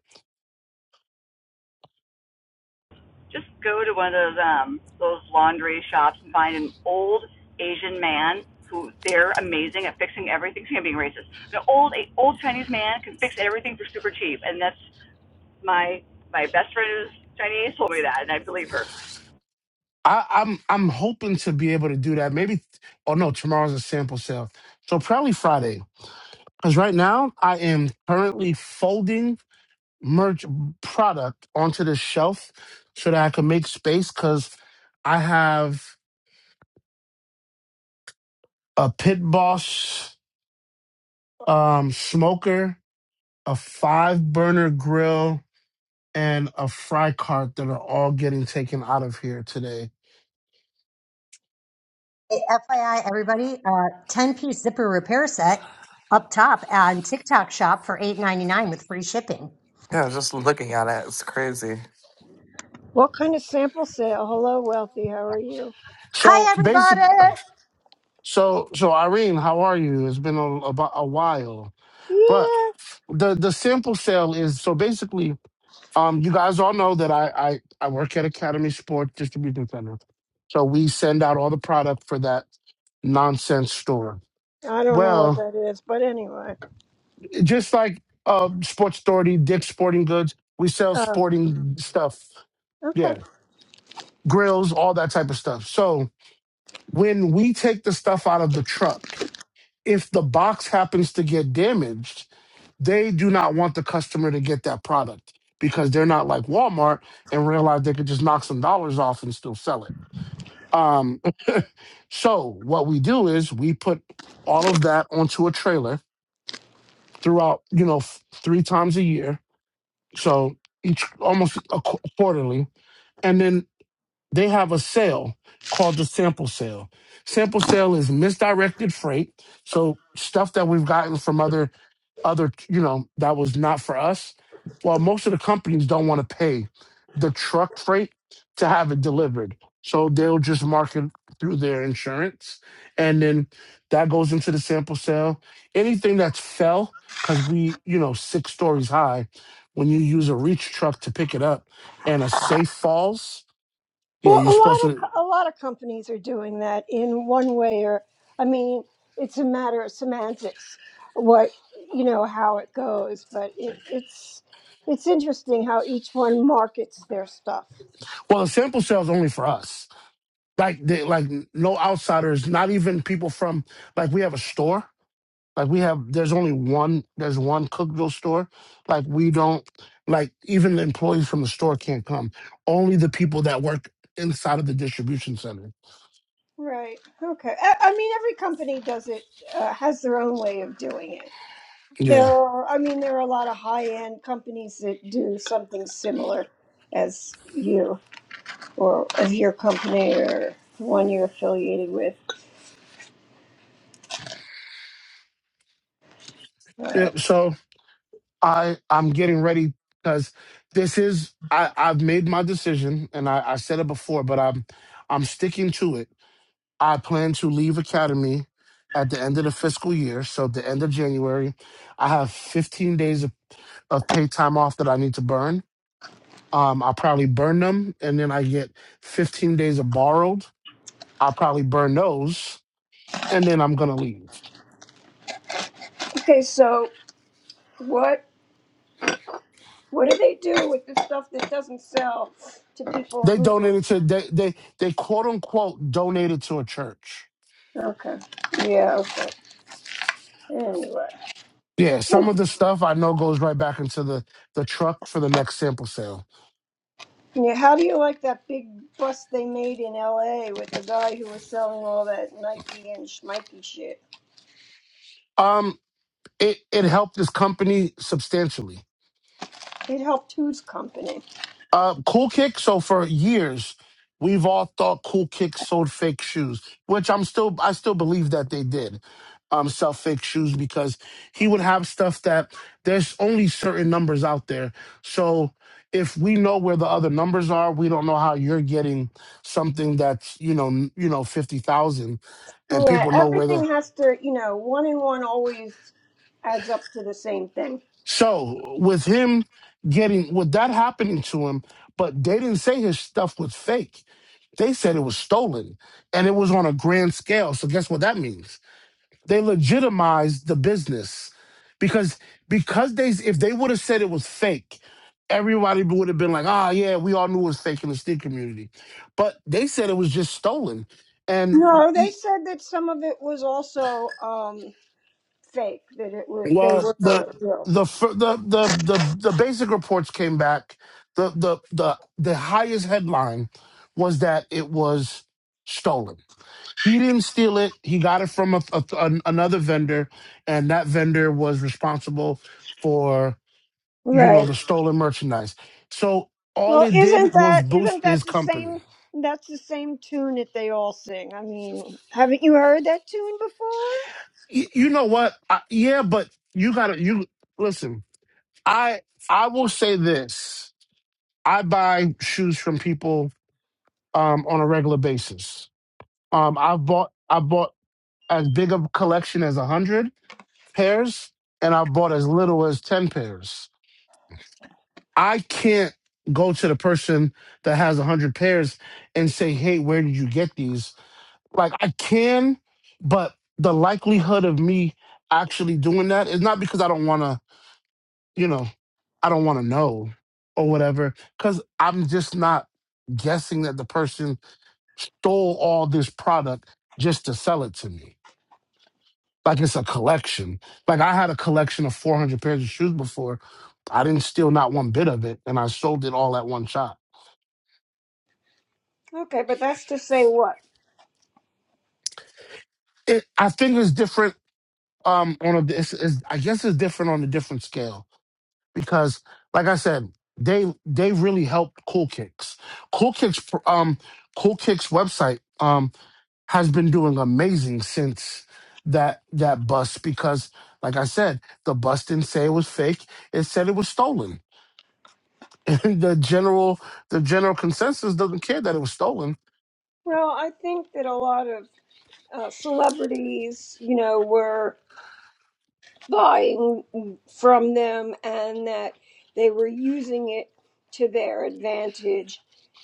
Just go to one of those um those laundry shops and find an old Asian man who they're amazing at fixing everything. See, I'm being racist. An old a old Chinese man can fix everything for super cheap, and that's my my best friend is Chinese told me that, and I believe her.
I, I'm I'm hoping to be able to do that. Maybe oh no, tomorrow's a sample sale. So probably Friday. Because right now I am currently folding merch product onto the shelf so that I can make space because I have a pit boss um smoker a five burner grill and a fry cart that are all getting taken out of here today.
Hey, FYI, everybody, uh, 10 piece zipper repair set up top on TikTok shop for eight ninety nine with free shipping.
yeah, I was just looking at it. It's crazy.
What kind of sample sale? Hello, Wealthy. How are you?
So
Hi,
basically,
everybody.
so so Irene, how are you? It's been a, about a while, but
Yeah,
the the sample sale is so basically. Um, you guys all know that I I, I work at Academy Sports Distribution Center, so we send out all the product for that nonsense store.
I don't know what
Well,
that is, but anyway.
just like uh, Sports Authority, Dick's Sporting Goods, we sell
Uh,
sporting stuff.
okay.
Yeah grills, all that type of stuff. So when we take the stuff out of the truck, if the box happens to get damaged, they do not want the customer to get that product because they're not like Walmart and realize they could just knock some dollars off and still sell it. Um, so what we do is we put all of that onto a trailer throughout, you know, f- three times a year. So each almost a qu- quarterly. And then they have a sale called the sample sale. Sample sale is misdirected freight, so stuff that we've gotten from other other you know that was not for us. Well, most of the companies don't want to pay the truck freight to have it delivered, so they'll just mark it through their insurance, and then that goes into the sample sale. Anything that's fell because we you know six stories high, when you use a reach truck to pick it up, and a safe falls yeah,
Well,
you're
a lot
supposed
of
to.
co- a lot of companies are doing that in one way or I mean, it's a matter of semantics. What you know how it goes, but it, it's it's interesting how each one markets their stuff.
Well, the sample sale's only for us. Like, they, like no outsiders, not even people from. Like, we have a store. Like, we have. There's only one. There's one Cookville store. Like, we don't. Like, even the employees from the store can't come. Only the people that work inside of the distribution center.
Right. Okay. I, I mean, every company does it uh, has their own way of doing it. There
Yeah.
are, I mean, there are a lot of high-end companies that do something similar as you or as your company or the one you're affiliated with. Uh,
yeah so I I'm getting ready because this is I I've made my decision and I I said it before, but I'm I'm sticking to it I plan to leave Academy at the end of the fiscal year. So, the end of January, I have 15 days of, of paid time off that I need to burn. Um, I'll probably burn them, and then I get 15 days of borrowed. I'll probably burn those, and then I'm gonna leave.
okay, so what what do they do with the stuff that doesn't sell to people
They
who?
donated to they they they quote unquote donated to a church.
Okay, yeah, okay. Anyway,
Yeah, some of the stuff I know goes right back into the the truck for the next sample sale.
yeah, how do you like that big bust they made in L.A. with the guy who was selling all that Nike and Schmikey shit?
Um, it it helped this company substantially
It helped whose company?
Uh, cool Kick. So for years, we've all thought Cool Kick sold fake shoes, which I'm still I still believe that they did um, sell fake shoes because he would have stuff that there's only certain numbers out there. So if we know where the other numbers are, we don't know how you're getting something that's you know n- you know fifty thousand, and
Yeah,
people know where
everything
the
has to, you know, one and one always adds up to the same thing.
so with him getting with that happening to him, but they didn't say his stuff was fake They said it was stolen and it was on a grand scale. So guess what that means? They legitimized the business because because they if they would have said it was fake, everybody would have been like, "Ah, yeah, we all knew it was fake in the sneaker community." But they said it was just stolen. And
No, they
e-
said that some of it was also um fake, that it was they
well,
were
the
not real.
the fir- the the the, the basic reports came back. The the the the highest headline was that it was stolen He didn't steal it. He got it from a, a- an- another vendor, and that vendor was responsible for you know
Right.
the stolen merchandise. So all
Well,
it
isn't
did was
that isn't
boost
that
his
the
company.
same that's the same tune that they all sing. I mean, haven't you heard that tune before?
Y- you know what? I, yeah, but you gotta you listen. I I will say this: I buy shoes from people um, on a regular basis. Um, I've bought I bought as big a collection as a hundred pairs, and I bought as little as ten pairs I can't go to the person that has a hundred pairs and say, "Hey, where did you get these?" Like I can, but the likelihood of me actually doing that is not because I don't want to, you know, I don't want to know or whatever, because I'm just not guessing that the person stole all this product just to sell it to me. Like it's a collection. Like I had a collection of 400 pairs of shoes before. I didn't steal not one bit of it, and I sold it all at one shot.
Okay, but that's to say what?
It, I think it's different um, on a. It's, it's, I guess it's different on a different scale because, like I said, they they really helped Cool Kicks. Cool Kicks, um, Cool Kicks website um, has been doing amazing since that that bust because, like I said, the bust didn't say it was fake. It said it was stolen. And the general the general consensus doesn't care that it was stolen.
Well, I think that a lot of uh, celebrities, you know, were buying from them and that they were using it to their advantage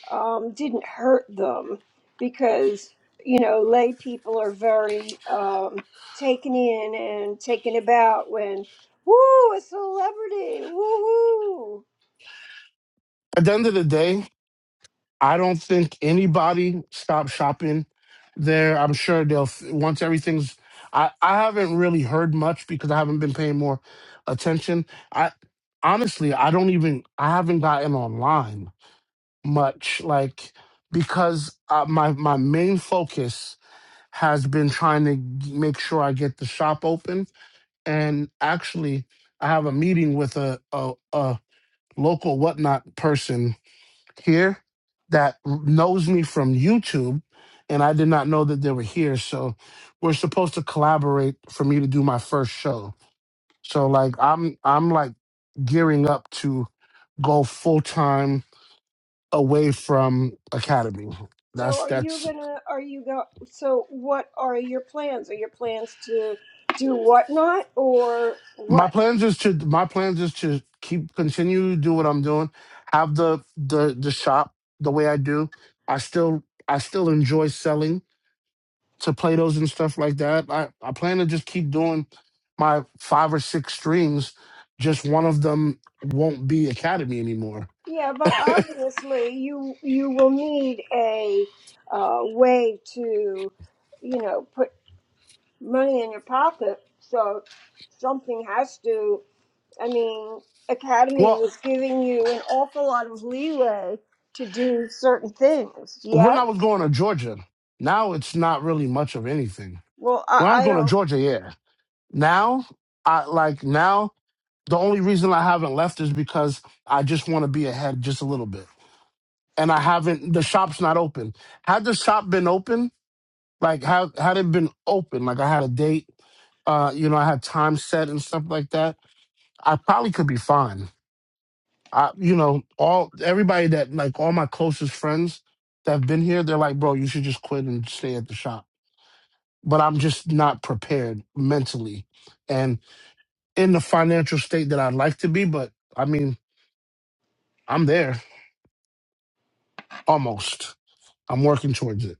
um, didn't hurt them because you know lay people are very um, taken in and taken about when woo a celebrity woo
At the end of the day, I don't think anybody stopped shopping there. I'm sure they'll once everything's. I I haven't really heard much because I haven't been paying more attention. I honestly I don't even I haven't gotten online much like because uh, my my main focus has been trying to g- make sure I get the shop open and actually I have a meeting with a a, a local whatnot person here that knows me from YouTube, and I did not know that they were here. So we're supposed to collaborate for me to do my first show. So like I'm I'm like gearing up to go full time away from academy.
so
That's
are you
that's
gonna are you go so what are your plans are your plans to do whatnot or
my
what
plans is to my plans is to keep continue to do what I'm doing, have the the the shop the way I do. I still I still enjoy selling to play those and stuff like that. I, I plan to just keep doing my five or six streams. Just one of them won't be Academy anymore.
Yeah, but obviously you you will need a uh, way to, you know, put money in your pocket. So something has to. I mean, Academy
Well,
was giving you an awful lot of leeway to do certain things.
when
Yes.
I was going to Georgia, now it's not really much of anything.
Well,
When I was
I, I
going to
don't.
Georgia, yeah. Now, I like now the only reason I haven't left is because I just want to be ahead just a little bit. And I haven't the shop's not open. Had the shop been open, Like how had it been open? Like I had a date, uh, you know, I had time set and stuff like that. I probably could be fine. I, you know, all everybody that like all my closest friends that have been here, they're like, bro, you should just quit and stay at the shop. But I'm just not prepared mentally and in the financial state that I'd like to be. But I mean, I'm there almost. I'm working towards it.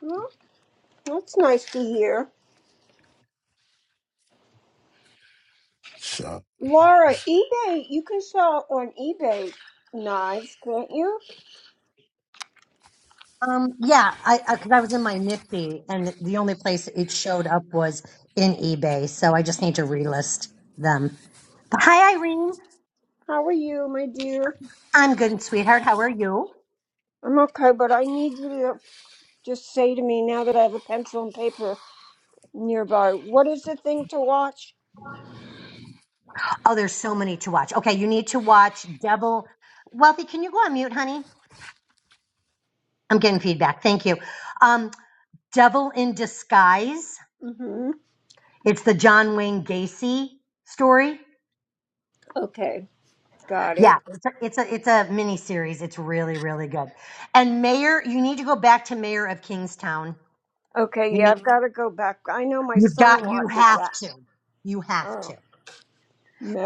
Well, that's nice to hear,
So.
Laura. eBay, you can sell on eBay knives, can't you?
Um, yeah, I because I was in my Nifty and the only place it showed up was in eBay, so I just need to relist them. But hi, Irene.
How are you, my dear?
I'm good, sweetheart. How are you?
I'm okay, but I need you to Just say to me now that I have a pencil and paper nearby, what is the thing to watch?
Oh, there's so many to watch. Okay, you need to watch Devil. Wealthy, can you go on mute, honey? I'm getting feedback. Thank you. Um, Devil in Disguise.
hmm
It's the John Wayne Gacy story.
Okay, got it.
Yeah, it's a, it's a it's a mini series. It's really really good. And Mayor, you need to go back to Mayor of Kingstown.
Okay,
You
yeah,
need
I've got to go back. I know my
you've
son
got you
watches
have
that.
to you have
Oh,
to.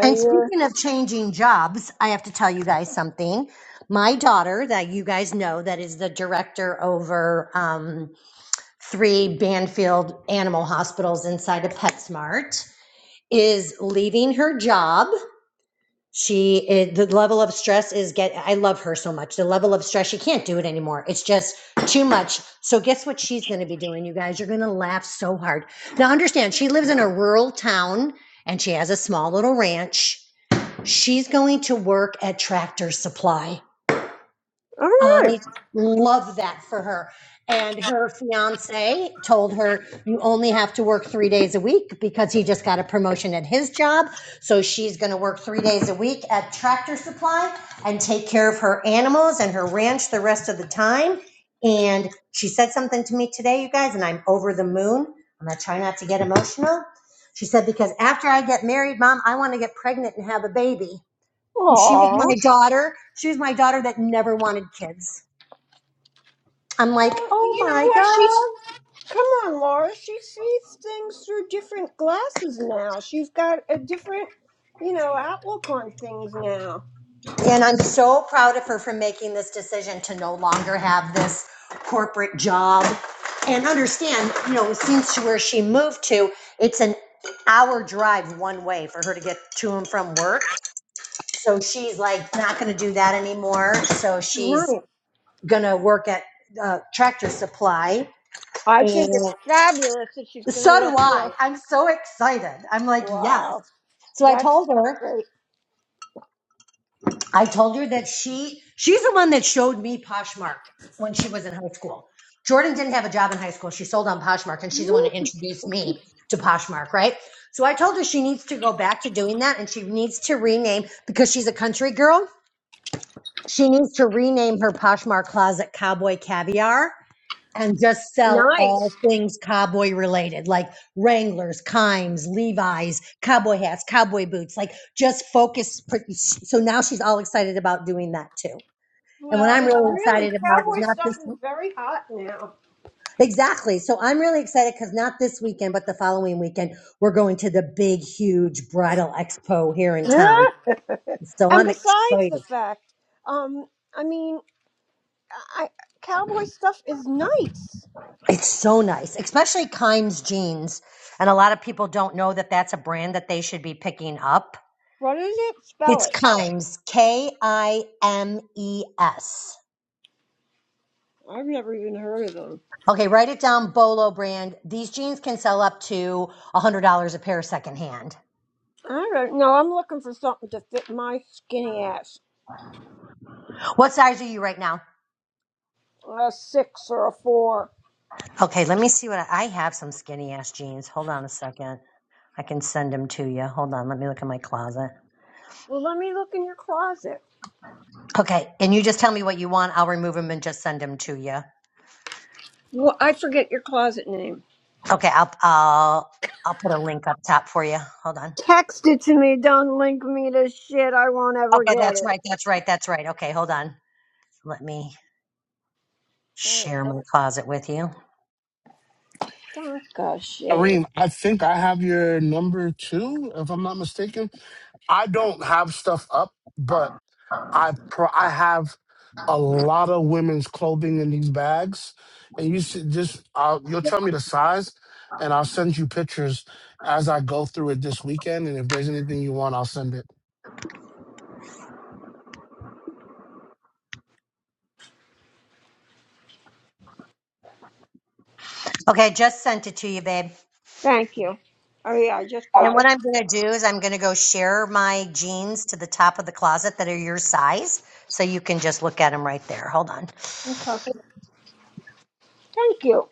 And speaking of changing jobs, I have to tell you guys something. My daughter, that you guys know, that is the director over um, three Banfield animal hospitals inside of PetSmart, is leaving her job. She, it, the level of stress is get, I love her so much. The level of stress, she can't do it anymore. It's just too much. So, guess what she's going to be doing, you guys? You're going to laugh so hard. Now, understand, she lives in a rural town and she has a small little ranch She's going to work at Tractor Supply.
All
I
right.
love that for her. And her fiance told her, You only have to work three days a week because he just got a promotion at his job. So she's going to work three days a week at Tractor Supply and take care of her animals and her ranch the rest of the time. And she said something to me today, you guys, and I'm over the moon. I'm going to try not to get emotional. She said, Because after I get married, mom, I want to get pregnant and have a baby.
Aw.
And She was my
Well,
daughter. She was my daughter that never wanted kids. I'm like, oh
you know
my
what? She's.
God.
Come on, Laura. She sees things through different glasses now. She's got a different, you know, outlook on things now.
And I'm so proud of her for making this decision to no longer have this corporate job. And understand, you know, since where she moved to, it's an hour drive one way for her to get to and from work. So she's like not going to do that anymore. So she's
Nice.
going to work at uh, Tractor Supply
I think it's
and.
fabulous that she's going to
So do
work
I.
for.
I'm so excited. I'm like, yes.
Wow.
So I
That's
told her,
great.
I told her that she, she's the one that showed me Poshmark when she was in high school. Jordan didn't have a job in high school. She sold on Poshmark and she's the one who
Mm,
introduced me to Poshmark, right? So I told her she needs to go back to doing that and she needs to rename because she's a country girl. She needs to rename her Poshmark closet Cowboy Caviar and just sell all
Nice.
things cowboy related, like Wranglers, Kimes, Levi's, cowboy hats, cowboy boots. Like just focus. pr- So now she's all excited about doing that too. And what
Well,
I'm
it's
really
really
excited about is
cowboy
not
stuff
this
is very hot now.
exactly. So I'm really excited because not this weekend, but the following weekend, we're going to the big, huge bridal expo here in town.
Yeah.
So
and
I'm
besides the
excited.
fact, um, I mean, I cowboy stuff is nice.
It's so nice, especially Kimes jeans. And a lot of people don't know that that's a brand that they should be picking up
What is it? Spell
It's
it.
Kimes, K I M E S.
I've never even heard of them.
Okay, write it down, Bolo brand. These jeans can sell up to $100 a pair secondhand.
I don't know. I'm looking for something to fit my skinny ass.
What size are you right now?
A six or a four.
Okay, let me see what I, I have some skinny ass jeans. Hold on a second. I can send them to you. Hold on, let me look in my closet.
Well, let me look in your closet.
Okay, and you just tell me what you want. I'll remove them and just send them to you.
Well, I forget your closet name.
Okay, I'll I'll I'll put a link up top for you. Hold on.
Text it to me. Don't link me to shit. I won't ever
Okay,
get
that's
it.
right. That's right. That's right. Okay, hold on. Let me
Thanks.
share my closet with you.
Donka shade.
Irene, I think I have your number too, if I'm not mistaken. I don't have stuff up, but I pro- I have a lot of women's clothing in these bags, and you should just I'll, you'll tell me the size, and I'll send you pictures as I go through it this weekend. And if there's anything you want, I'll send it.
Okay, I just sent it to you, babe.
Thank you. Oh yeah, I just
And
got it.
what I'm going to do is I'm going to go share my jeans to the top of the closet that are your size. So you can just look at them right there. Hold on.
Okay. Thank you.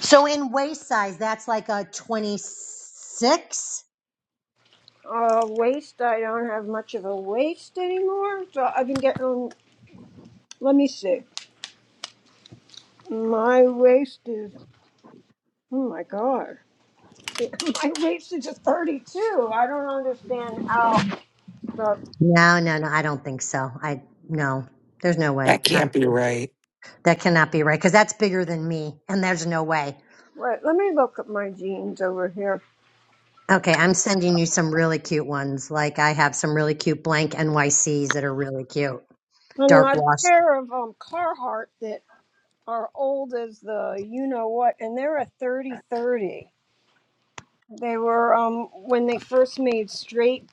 So in waist size, that's like a 26?
Uh, waist. I don't have much of a waist anymore, so I've been getting. um, let me see. My waist is. Oh my god. My waist is a 32. I don't understand how. But
No, no, no. I don't think so. I, no, there's no way.
That
Not,
can't be right.
that cannot be right because that's bigger than me. And there's no way.
wait, let me look at my jeans over here.
Okay, I'm sending you some really cute ones. Like I have some really cute blank NYCs that are really cute.
And I
Dark
have a
wash
pair of um Carhartt that are old as the you know what, and they're a 30 30. They were um when they first made straight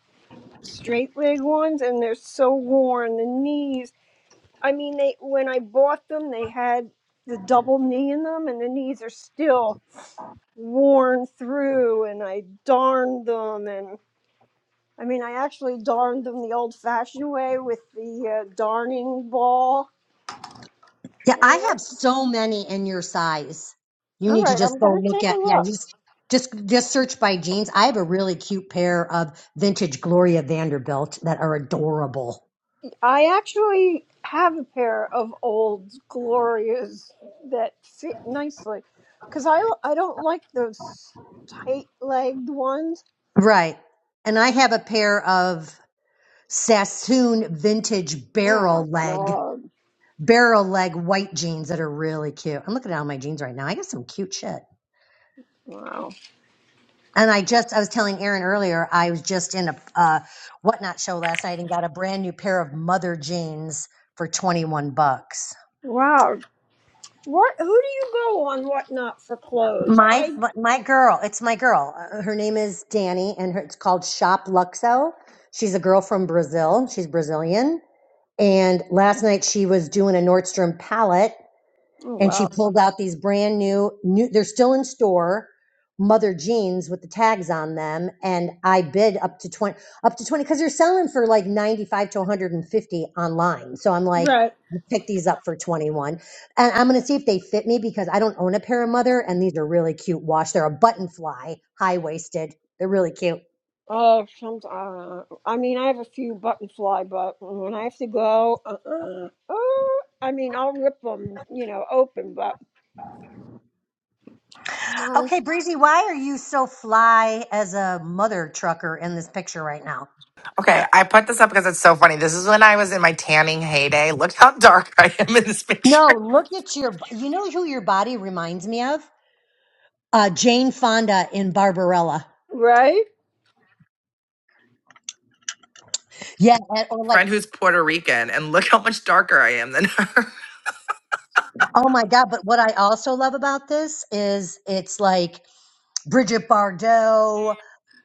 straight leg ones and they're so worn the knees. I mean they when I bought them they had the double knee in them and the knees are still worn through and I darned them and I mean I actually darned them the old fashioned way with the uh, darning ball. They
Yeah, I
were,
have so many in your size. You
all
need to
right, I'm
just
going
go
to
look
take a
at yeah,
look.
just just just search by jeans. I have a really cute pair of vintage Gloria Vanderbilt that are adorable.
I actually have a pair of old Glorias that fit nicely because I, I don't like those tight legged ones.
Right. And I have a pair of Sassoon vintage
Oh my
barrel leg,
god.
barrel leg white jeans that are really cute. I'm looking at all my jeans right now. I got some cute shit.
Wow.
And I just, I was telling Aaron earlier, I was just in a uh, whatnot show last night and got a brand new pair of mother jeans for 21 bucks.
Wow. What who do you go on whatnot for clothes?
My
I
my girl, it's my girl. Uh, Her name is Danny, and her, it's called Shop Luxo. She's a girl from Brazil. She's Brazilian, and last night she was doing a Nordstrom palette,
oh
and
wow.
she pulled out these brand new new they're still in store mother jeans with the tags on them and i bid up to 20 up to 20 because they're selling for like 95 to 150 online so i'm like
Right.
I'll pick these up for 21 and i'm going to see if they fit me because i don't own a pair of mother and these are really cute wash they're a button fly high waisted they're really cute
Oh, some uh, I mean I have a few button fly, but when I have to go, uh, uh oh, I mean I'll rip them, you know, open, but my
okay breezy why are you so fly as a mother trucker in this picture right now
Okay, I put this up because it's so funny. This is when I was in my tanning heyday. Look how dark I am in this
No,
picture.
look at your. You know who your body reminds me of? Uh, Jane Fonda in Barbarella.
right.
Yeah, and, or like,
Friend who's Puerto Rican, and look how much darker I am than her.
oh my god! But what I also love about this is it's like Bridget Bardot,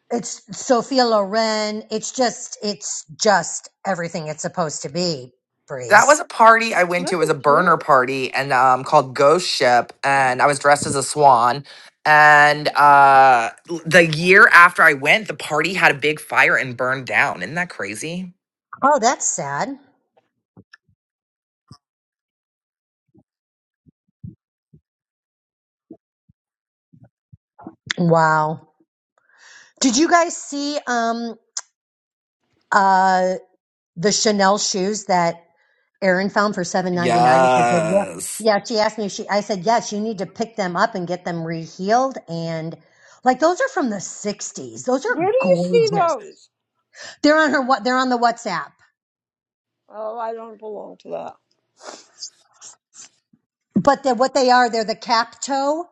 it's Sophia Loren. It's just, it's just everything it's supposed to be.
That was
Breeze.
a party I went
Look
to. It was a
at you.
burner party and um called Ghost Ship and I was dressed as a swan. And uh l- the year after I went, the party had a big fire and burned down. Isn't that crazy?
Oh, that's sad. Wow. Did you guys see um uh the Chanel shoes that Erin found for seven ninety nine at the Goodwill.
Yes.
Yeah, she asked me. If she, I said, yes, you need to pick them up and get them rehealed. And like those are from the '60s. Those
Where
are
do you see
gorgeous.
those?
They're on her. What they're on the WhatsApp.
Oh, I don't belong to that.
But they're, what they are, they're the cap toe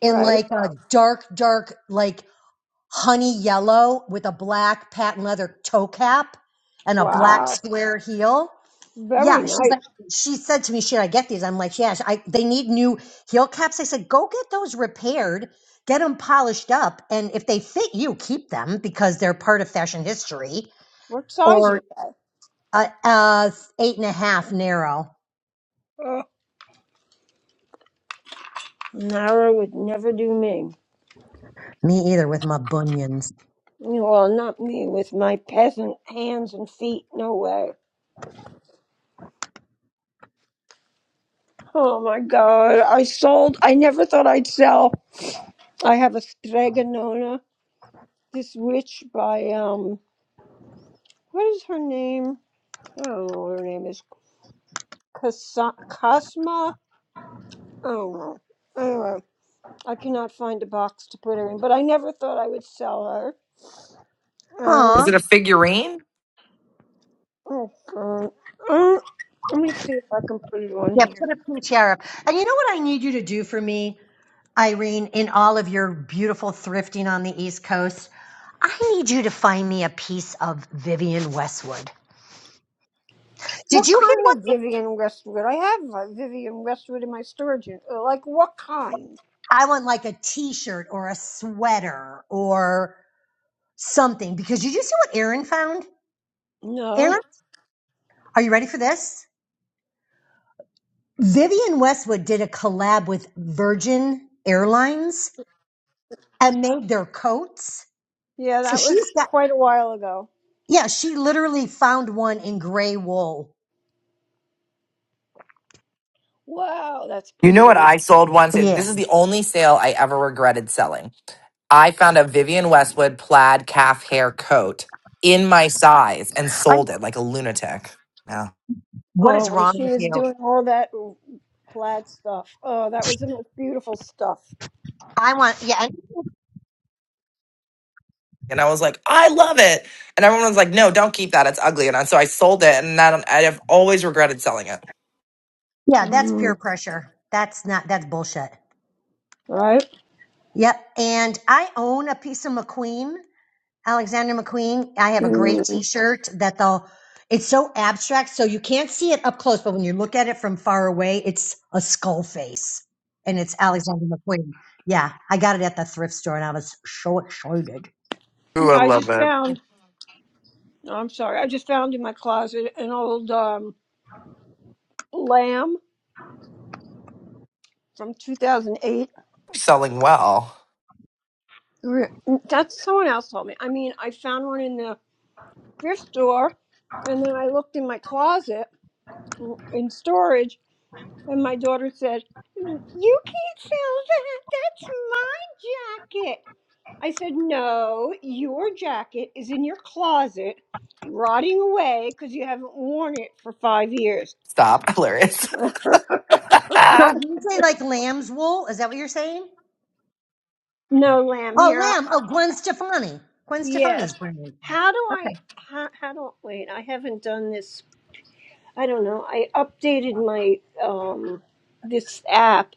in
Right.
like a dark, dark, like honey yellow with a black patent leather toe cap and a black
Wow.
square heel. Yeah,
Very
she's
nice.
like, she said to me, should I get these? I'm like, yeah, I, they need new heel caps. I said, go get those repaired, get them polished up. And if they fit you, keep them because they're part of fashion history.
What size are
Or
they?
uh, uh, eight and a half narrow.
Oh, narrow would never do me.
Me either with my bunions.
Well, not me with my peasant hands and feet. No way. Oh my God. I sold. I never thought I'd sell. I have a stregonona. This witch by, um, what is her name? I don't know what her name is. Cos- Cosma? I don't know. Anyway, I cannot find a box to put her in, but I never thought I would sell her. Um,
Aw.
Is it a figurine?
oh God. Uh, let me see if I can put it on
Yeah,
here.
put a PCR up. And you know what I need you to do for me, Irene, in all of your beautiful thrifting on the East Coast? I need you to find me a piece of Vivian Westwood. Did
What
you hear
kind of Vivian Westwood? I have a Vivian Westwood in my storage unit. Uh, Like what kind?
I want like a t-shirt or a sweater or something because you just see what Aaron found?
No.
Aaron, are you ready for this? Vivian Westwood did a collab with Virgin Airlines and made their coats.
Yeah,
So
that was
she's got
quite a while ago.
yeah, she literally found one in gray wool.
Wow, that's
You
pretty
know what
neat.
I sold once? It-
Yeah.
This is the only sale I ever regretted selling. I found a Vivian Westwood plaid calf hair coat in my size and
I,
sold it like a lunatic.
what
Oh,
is
when
wrong
she
with
was
you?
doing all that plaid stuff. Oh, that was the most beautiful stuff.
I want yeah, I-
And I was like, I love it. And everyone was like, no, don't keep that. It's ugly. And I, so I sold it. And I, don't, I have always regretted selling it.
yeah, that's peer
Mm,
pressure. That's not that's bullshit.
right?
Yep. And I own a piece of McQueen Alexander McQueen. I have a great
Mm.
T-shirt that they'll. It's so abstract, so you can't see it up close, but when you look at it from far away, it's a skull face, and it's Alexander McQueen. Yeah, I got it at the thrift store, and I was so excited.
Ooh, I
Yeah, I
love
just
it.
found.
You're
No, I'm sorry. I just found in my closet an old um, lamb from 2008.
selling well.
That's someone else told me. I mean, I found one in the thrift store, and then I looked in my closet in storage, and my daughter said, "Mm, "You can't sell that. That's my jacket." I said, "No, your jacket is in your closet, rotting away because you haven't worn it for five years."
Stop. Hilarious.
So you say like lamb's wool? Is that what you're saying?
No, lamb.
Oh,
Here,
lamb. Oh, Gwen Stefani. Gwen
Yes.
Stefani's brand.
How do I?
Okay.
How, how do? Wait, I haven't done this. I don't know. I updated my um this app.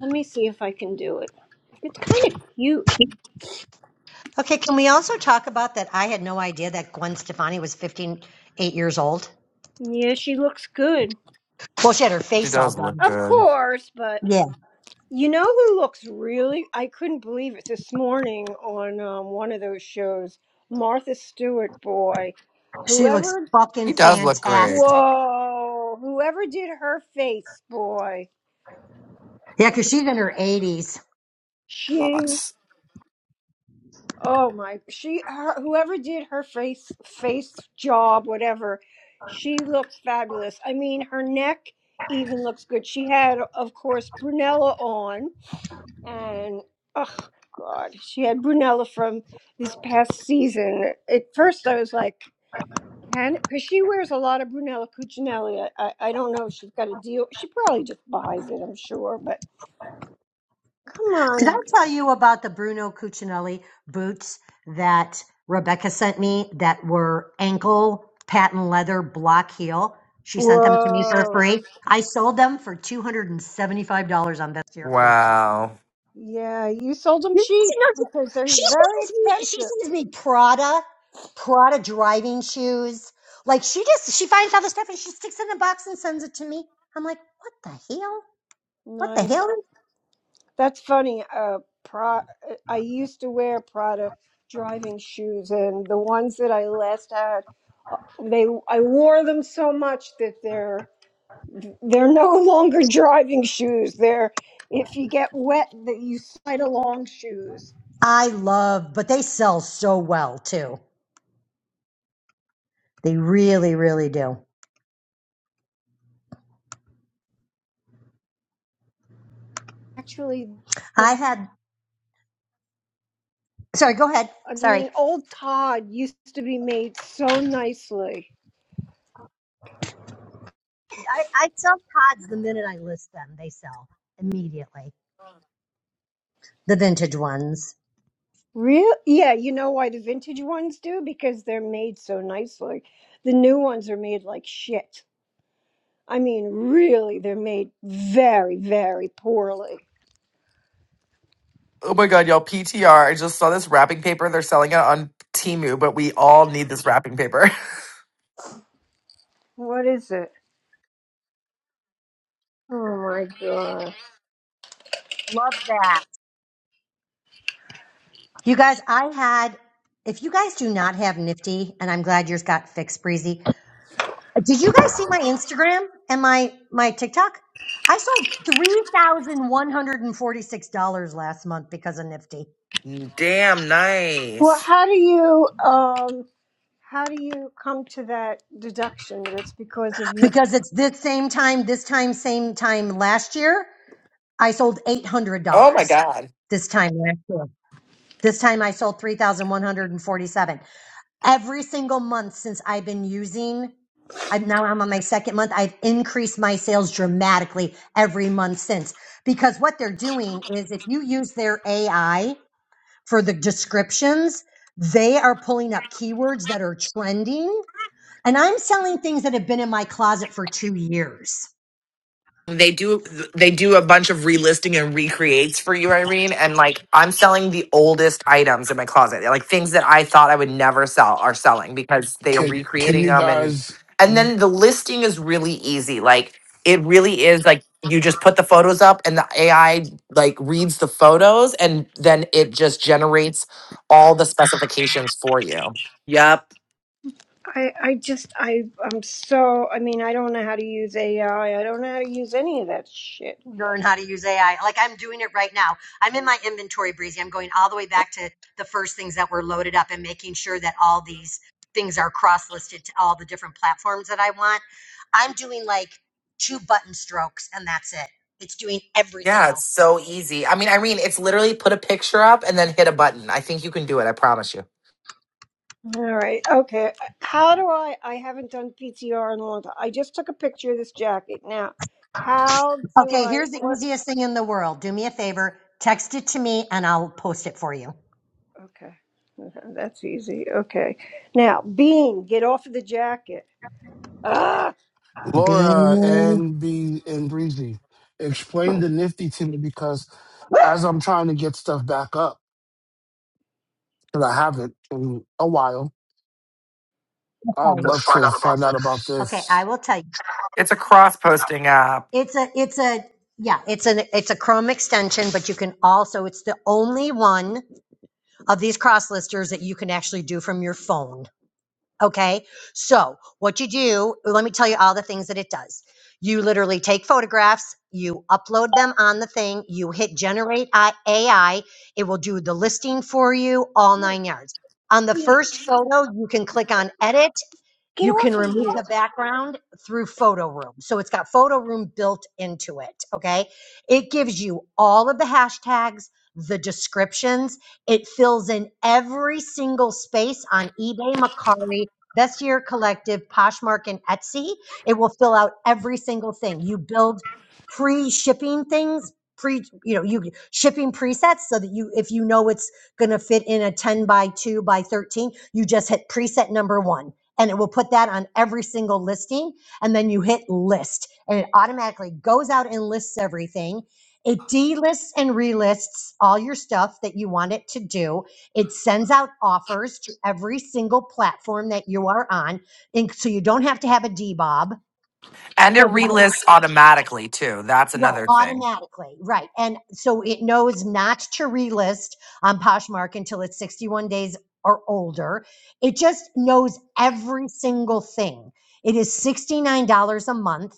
Let me see if I can do it. It's kind of cute.
Okay. Can we also talk about that? I had no idea that Gwen Stefani was 58 years old.
Yeah, she looks good.
Well, she had her
She
face all
does look
done.
Of
good.
course, but
Yeah.
you know who looks really? I couldn't believe it this morning on um, one of those shows. Martha Stewart, boy,
She looks
whoever.
he
fucking
does look great.
fantastic.
Whoa! Whoever did her face, boy.
Yeah, because she's in her 80s.
She.
Fox.
Oh my, she her, whoever did her face face job whatever, she looks fabulous. I mean, her neck even looks good. She had of course Brunella on and oh god, she had Brunella from this past season. At first I was like, can cuz she wears a lot of Brunella Cucinelli. I, I don't know if she's got a deal. She probably just buys it, I'm sure, but come
Did I
on.
tell you about the Bruno Cucinelli boots that Rebecca sent me that were ankle patent leather block heel? She sent them to me for
Whoa.
free. I sold them for $275 on Vestiaire Collective.
Wow.
Yeah, you sold them
You-
cheap
you know,
because
She
they're very
sends me, she
expensive.
sends me Prada, Prada driving shoes. Like she just, she finds all the stuff and she sticks it in a box and sends it to me. I'm like, what the hell? What the
Nice.
hell? is-
That's funny. Uh, Pro, uh, I used to wear Prada driving shoes, and the ones that I last had, uh, they I wore them so much that they're they're no longer driving shoes. They're if you get wet, that you slide along shoes.
I love, but they sell so well too. They really, really do.
Actually, the,
I had, sorry, go ahead.
I
Sorry.
mean, old Todd used to be made so nicely.
I, I sell pods the minute I list them. They sell immediately. The vintage ones.
Real? Yeah, you know why the vintage ones do? Because they're made so nicely. The new ones are made like shit. I mean, really, they're made very, very poorly.
Oh my God, y'all. PTR. I just saw this wrapping paper. They're selling it on Temu, but we all need this wrapping paper.
What is it? Oh my god.
Love that. You guys, I had, if you guys do not have Nifty, and I'm glad yours got fixed, Breezy. Did you guys see my Instagram and my, my TikTok? I sold $3,146 last month because of Nifty.
Damn
Well,
nice.
how do you um how do you come to that deduction that it's because of me?
because it's this same time, this time, same time last year, I sold eight hundred
Oh my
dollars.
God.
This time last year, this time I sold three thousand one hundred and forty-seven. Every single month since I've been using, I'm now I'm on my second month. I've increased my sales dramatically every month since because what they're doing is if you use their AI for the descriptions, they are pulling up keywords that are trending. And I'm selling things that have been in my closet for two years.
they do they do a bunch of relisting and recreates for you irene and like i'm selling the oldest items in my closet like things that i thought i would never sell are selling because they are
Can Can
recreating
you
them and
guys,
and then the listing is really easy like it really is like you just put the photos up and the ai like reads the photos and then it just generates all the specifications for you Yep.
I I just I I'm so I mean, I don't know how to use AI. I I don't know how to use any of that shit.
learn how to use AI. Like I'm doing it right now. I'm in my inventory, Breezy. I'm going all the way back to the first things that were loaded up and making sure that all these things are cross listed to all the different platforms that I want. I'm doing like two button strokes and that's it. It's doing everything
yeah it's
else.
so easy i mean irene it's literally put a picture up and then hit a button i think you can do it i promise you
All right. Okay. How do I? I haven't done PTR in a long time. I just took a picture of this jacket. Now, how do
Okay,
I?
here's the
What?
easiest thing in the world. Do me a favor, text it to me and I'll post it for you.
Okay. Okay, That's easy. Okay. Now, Bean, get off of the jacket. Ah,
Laura
Being
and B and Breezy, explain the nifty to me because as I'm trying to get stuff back up because I haven't in a while, I would
Let's
love
find
to
out about
find
this.
out about
Okay, I
this.
will tell you.
It's a cross posting app
It's a it's a yeah, it's an it's a Chrome extension, but you can also it's the only one of these cross listers that you can actually do from your phone. Okay? So, what you do, let me tell you all the things that it does. You literally take photographs, you upload them on the thing, you hit generate I- AI, it will do the listing for you all 9 yards. On the
Bean,
first photo, you can click on edit
get
you can
off of
remove the
here.
background through Photo Room. So it's got Photo Room built into it. Okay. It gives you all of the hashtags, the descriptions. It fills in every single space on eBay, Macari, Best Year Collective, Poshmark, and Etsy. It will fill out every single thing. You build pre shipping things. Pre, you know, you shipping presets so that you, if you know it's going to fit in a 10 by 2 by 13, you just hit preset number one and it will put that on every single listing. And then you hit list and it automatically goes out and lists everything. It delists and relists all your stuff that you want it to do. It sends out offers to every single platform that you are on. And so you don't have to have a d-bob.
and it relists automatically too. That's
Right,
another thing.
automatically, right. And so it knows not to relist on Poshmark until it's 61 days or older. It just knows every single thing. It is $69 a month.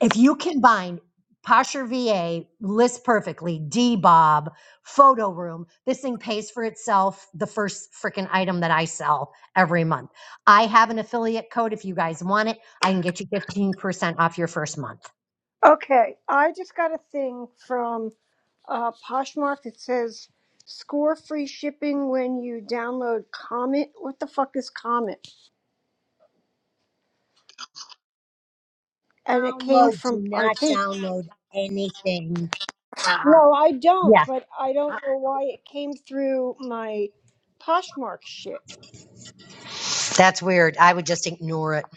If you combine Posture VA, List Perfectly, Bob, Photo Room, this thing pays for itself the first freaking item that I sell every month. I have an affiliate code if you guys want it. I can get you 15% off your first month.
Okay. I just got a thing from uh, Poshmark that says score free shipping when you download Comet. What the fuck is Comet? And it came
Download, do
from I
not
think.
download anything.
No, I don't,
Yeah,
but I don't know why it came through my Poshmark shit.
that's weird. I would just ignore it.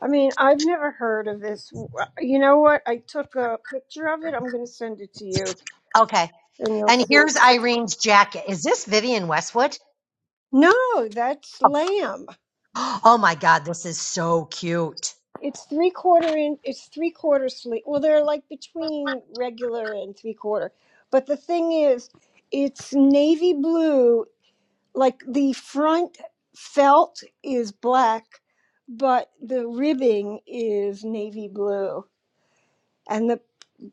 I mean, I've never heard of this. You know what? I took a picture of it. I'm going to send it to you
Okay.
and you'll
And
see.
here's Irene's jacket. Is this Vivian Westwood?
No, that's lamb.
Oh my God, this is so cute.
It's three quarter in, it's three quarter sleeve. Well, they're like between regular and three quarter. But the thing is, it's navy blue like the front felt is black, but the ribbing is navy blue, and the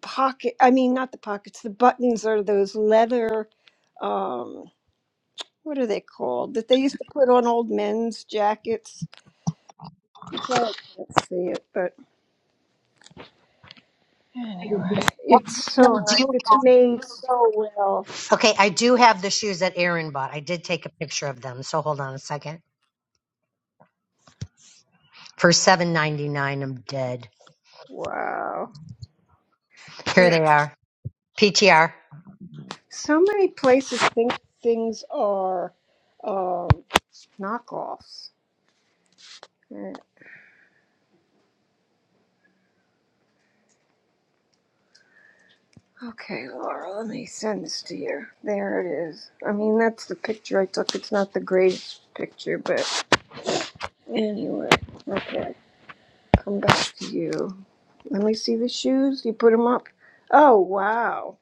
pocket I mean, not the pockets, the buttons are those leather, um, what are they called that they used to put on old men's jackets? Well, I can't see it, but
I
anyway, it's so nice.
do,
It's made so well.
okay, I do have the shoes that Aaron bought. I did take a picture of them, so hold on a second. For seven ninety nine, I'm dead.
Wow.
Here they
But
are. PTR.
So many places think things are um, knockoffs Okay, Laura, let me send this to you. There it is. I mean, that's the picture I took. It's not the greatest picture, but anyway. Okay, come back to you. Let me see the shoes. You put them up? Oh, wow.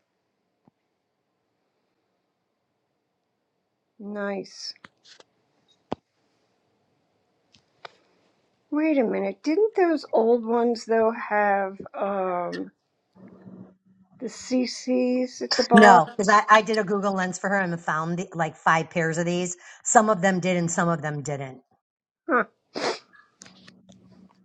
Nice. Wait a minute. Didn't those old ones, though, have um the CCs at the
No,
bottom?
because I, I did a Google Lens for her and found the, like five pairs of these. Some of them did and some of them didn't.
Huh,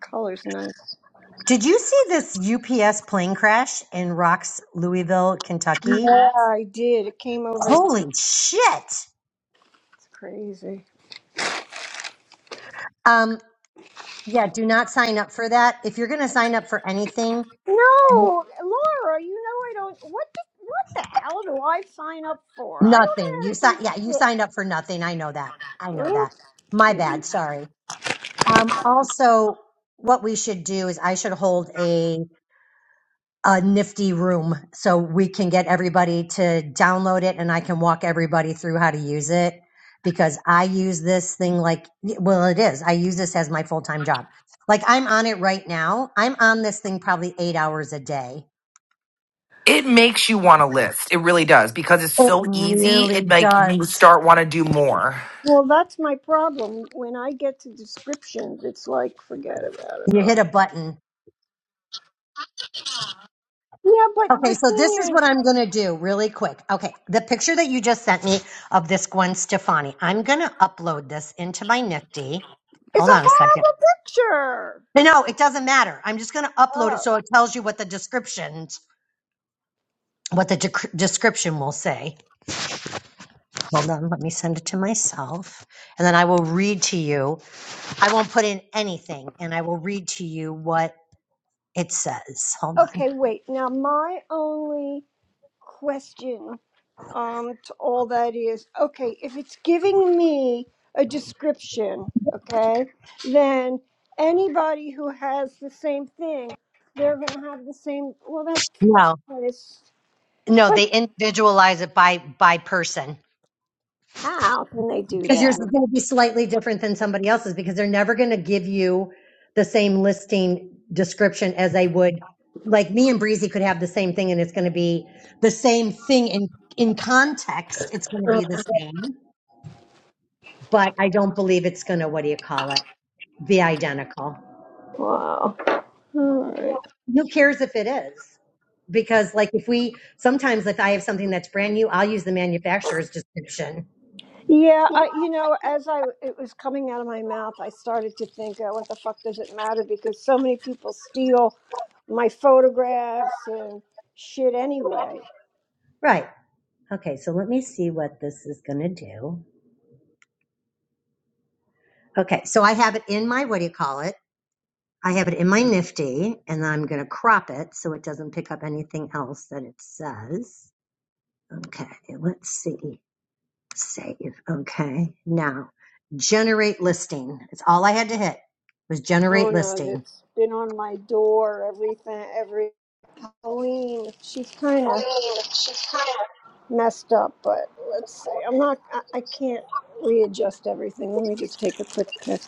color's nice.
Did you see this UPS plane crash in Rocks, Louisville, Kentucky?
Yeah, I did. It came over. It's
Holy shit.
crazy.
Um, yeah, do not sign up for that. If you're going to sign up for anything,
No, Laura, you know I don't. What the, what the hell do I sign up for? I
nothing. You
don't
si- yeah, you
know
signed up for nothing. I know that. I
how to
know
do
that. My
shit.
bad.
Ugh.
Sorry. Um, also, what we should do is I should hold a a nifty room so we can get everybody to download it and I can walk everybody through how to use it because I use this thing like, well, it is. I use this as my full time job. Like I'm on it right now. I'm on this thing probably eight hours a day.
It makes you want to list. It really does because it's
It
so easy.
really
It like you
does.
start want to do more.
Well, that's my problem. When I get to descriptions, it's like forget about it
You
all.
hit a button.
Yeah, but the
Okay, so this is
thing is,
what I'm going to do really quick. Okay, the picture that you just sent me of this Gwen Stefani, I'm going to upload this into my Nifty.
it's a
Hold on a second.
horrible picture.
No, no, it doesn't matter. I'm just going to upload it
Oh,
so it tells you what the descriptions, what the dec- description will say. Hold on, let me send it to myself, and then I will read to you. I won't put in anything, and I will read to you what it says. Hold on.
okay. Wait. Now, my only question um to all that is okay if it's giving me a description okay then anybody who has the same thing they're going to have the same well that
No,
that is
no,
but
they individualize it by by person.
how can they do
because yours
that
is going to be slightly different than somebody else's because they're never going to give you the same listing description as they would like me and breezy could have the same thing and it's going to be the same thing in in context it's going to be
wow
the same but i don't believe it's going to what do you call it be identical
all right.
who cares if it is because like if we sometimes if i have something that's brand new i'll use the manufacturer's description
yeah I, you know as i it was coming out of my mouth i started to think oh, what the fuck does it matter because so many people steal my photographs and shit anyway
right okay so let me see what this is going to do Okay, so I have it in my, what do you call it? I have it in my Nifty, and I'm going to crop it so it doesn't pick up anything else that it says. Okay, let's see. Save. Okay, now generate listing. It's all I had to hit was generate
Nona
listing.
that's been on my door, everything, every Halloween. She's kind of messed up, but let's see. I'm not, I, I can't readjust everything. Let me just take a quick pick.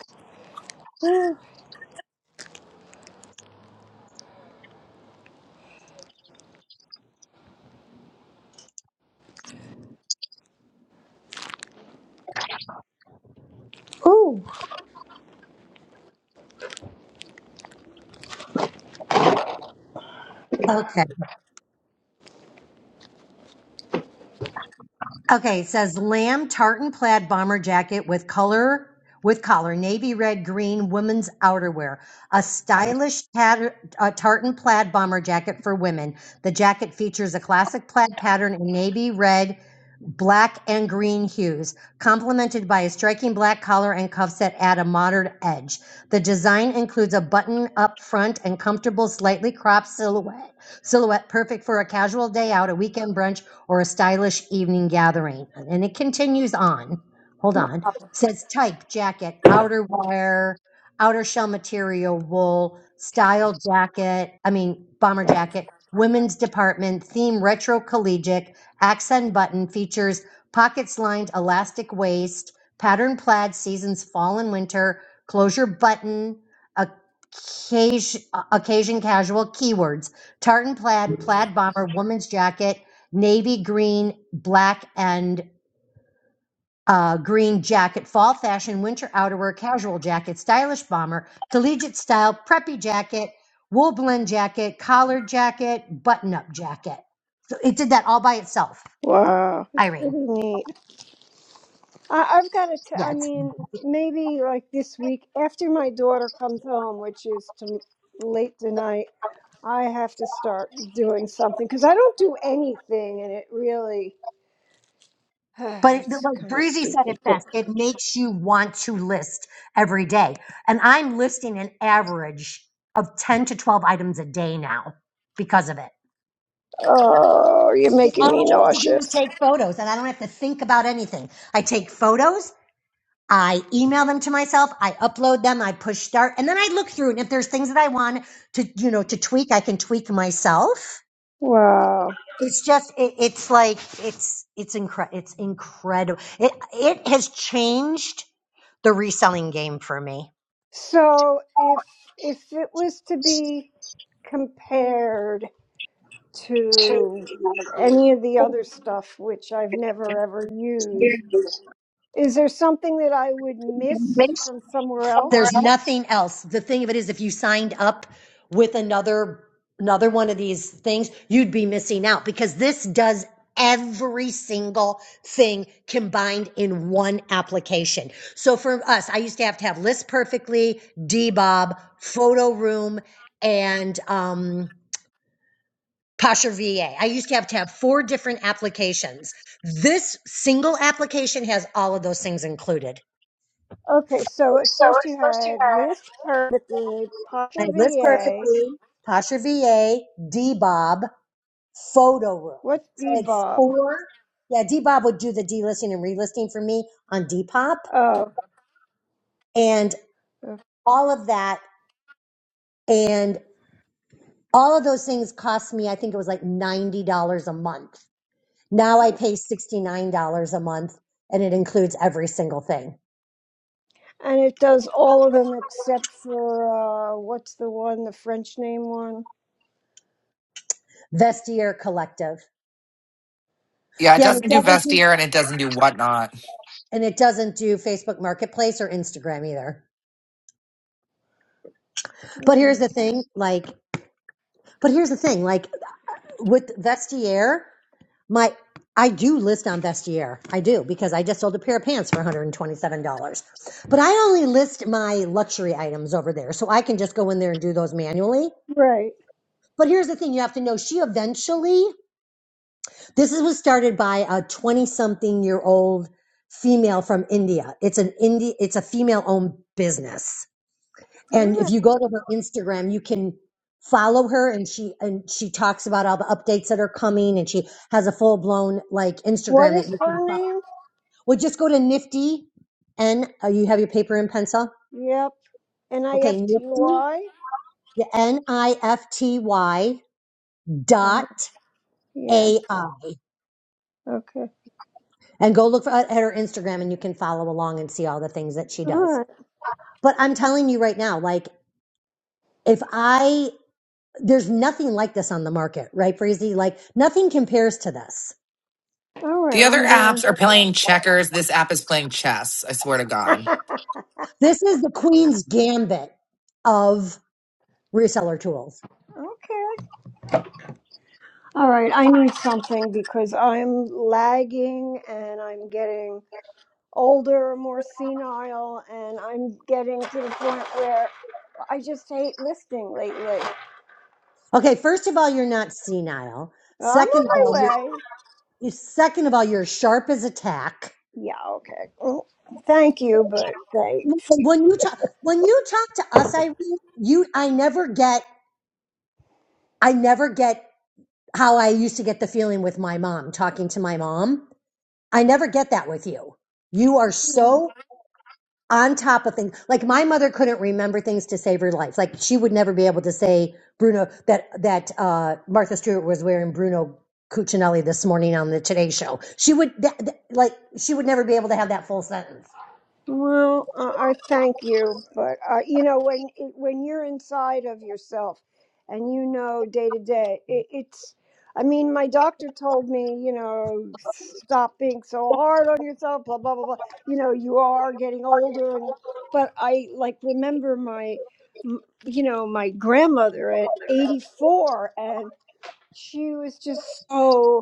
Oh,
Okay. Okay, it says lamb tartan plaid bomber jacket with color with collar, navy red green women's outerwear, a stylish tat- uh, tartan plaid bomber jacket for women. The jacket features a classic plaid pattern in navy red, black, and green hues, complemented by a striking black collar and cuffs that add a modern edge. The design includes a button up front and comfortable, slightly cropped silhouette. Silhouette perfect for a casual day out, a weekend brunch, or a stylish evening gathering. And it continues on. Hold on. says type jacket, outerwear, outer shell material, wool, style jacket, I mean, bomber jacket, women's department, theme retro collegiate, accent button, features pockets lined elastic waist, pattern plaid, seasons fall and winter, closure button, occasion, occasion casual, keywords, tartan plaid, plaid bomber, woman's jacket, navy green, black, and uh, green jacket, fall fashion, winter outerwear, casual jacket, stylish bomber, collegiate style, preppy jacket, wool blend jacket, collared jacket, button up jacket. So it did that all by itself,
wow. It's
Irene.
pretty neat. I, I've got to, t-
Yeah,
I
it's,
mean, maybe like this week after my daughter comes home, which is to, late tonight, I have to start doing something because I don't do anything and it really,
but it, like
it's kind of
Breezy said
stupid.
it best, it makes you want to list every day. And I'm listing an average of 10 to 12 items a day now because of it.
Oh, you're making
All
me
I have to do is
nauseous.
take photos and I don't have to think about anything. I take photos, I email them to myself, I upload them, I push start, and then I look through and if there's things that I want to, you know, to tweak, I can tweak myself.
Wow.
It's just it, it's like it's it's incre- it's incredible. It it has changed the reselling game for me.
So if if it was to be compared to any of the other stuff which I've never ever used, is there something that I would miss from somewhere else?
There's nothing else. The thing of it is, if you signed up with another another one of these things, you'd be missing out because this does every single thing combined in one application. So for us, I used to have to have List Perfectly, Dbob, Photo Room, and um, Posture VA. I used to have to have four different applications. This single application has all of those things included.
Okay, so at first you had Lisp perfectly,
I
Posture
list
VA.
perfectly. Tasha V A D Bob, photo room.
What's
So it's
Bebop?
four. Yeah, D Bob would do the delisting and relisting for me on Depop and
Oh,
all of that. And all of those things cost me, I think it was like $90 a month. Now I pay $69 a month and it includes every single thing.
And it does all of them except for uh, what's the one, the French name one?
Vestiaire Collective.
Yeah, it
Yeah, and it
doesn't do
doesn't do,
Vestiaire and it doesn't do whatnot.
and it doesn't do Facebook Marketplace or Instagram either. But here's
Mhm.
the thing, like but here's the thing, like with Vestiaire, my I do list on Vestiaire. I do because I just sold a pair of pants for $127. But I only list my luxury items over there. So I can just go in there and do those manually.
Right.
But here's the thing you have to know she eventually this is was started by a 20 something year old female from India. It's an India it's a female owned business.
All
And if
right.
you go to her Instagram, you can follow her and she and she talks about all the updates that are coming and she has a full blown like
What
Instagram that
is
you can
her
follow.
name?
Well, just go to Nifty N oh, you have your paper and pencil?
Yep. N I
Okay,
F T
Nifty
Y?
the N I F T Y
Uh huh.
dot
Yeah.
A I
Okay.
and go look for, at her Instagram and you can follow along and see all the things that she
All
does.
right.
But I'm telling you right now, like if I there's nothing like this on the market, right, Breezy? Like nothing compares to this
All
The
right.
other
I'm going.
apps are playing checkers. This app is playing chess. I swear to God.
This is the queen's gambit of reseller tools.
okay. All right. I need something because I'm lagging and I'm getting older, more senile, and I'm getting to the point where I just hate listening lately.
Okay, first of all, you're not senile.
I'm on
Second of
my
all, you're
way.
you- second of all, you're sharp as a tack.
Yeah, okay. Well, thank you, but thanks.
When you talk, when you talk to us, I you I never get I never get how I used to get the feeling with my mom talking to my mom. I never get that with you. You are
Mm.
so on top of things. Like my mother couldn't remember things to save her life. Like she would never be able to say Bruno that that uh, Martha Stewart was wearing Bruno Cuccinelli this morning on the Today Show. She would that, that- like she would never be able to have that full sentence.
Well, uh, I thank you, but uh, you know when it, when you're inside of yourself, and you know day to day, it, it's. I mean, my doctor told me, you know, stop being so hard on yourself, blah blah blah blah. You know, you are getting older, and but I like remember my, m- you know, my grandmother at 84, and she was just so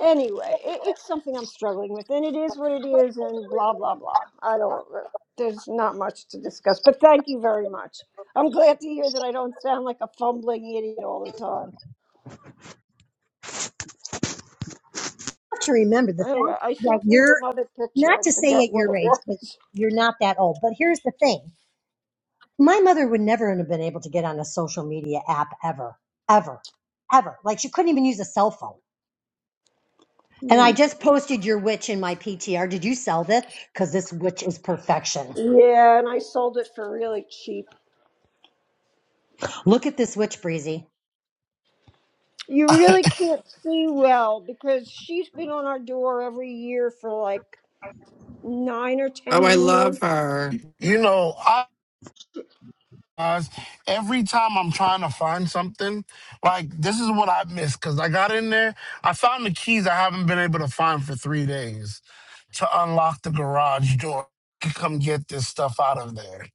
anyway, it, it's something I'm struggling with, and it is what it is, and blah blah blah. I don't. uh, There's not much to discuss, but thank you very much. I'm glad to hear that I don't sound like a fumbling idiot all the time.
You have to remember the
Anyway,
fact
I sent
that
you
you're
another picture.
not
I
to say
forget
at
what
your
it
age, but
was.
you're not that old. But here's the thing: my mother would never have been able to get on a social media app ever, ever, ever. Like she couldn't even use a cell phone And I
Hmm.
just posted your witch in my PTR. Did you sell this? Because this witch is perfection.
Yeah, and I sold it for really cheap.
Look at this witch, Breezy.
You really can't see well because she's been on our door every year for like nine or
Oh,
ten
I
years.
love her.
You know, guys. Every time I'm trying to find something, like this is what I missed because I got in there. I found the keys I haven't been able to find for three days to unlock the garage door to come get this stuff out of there.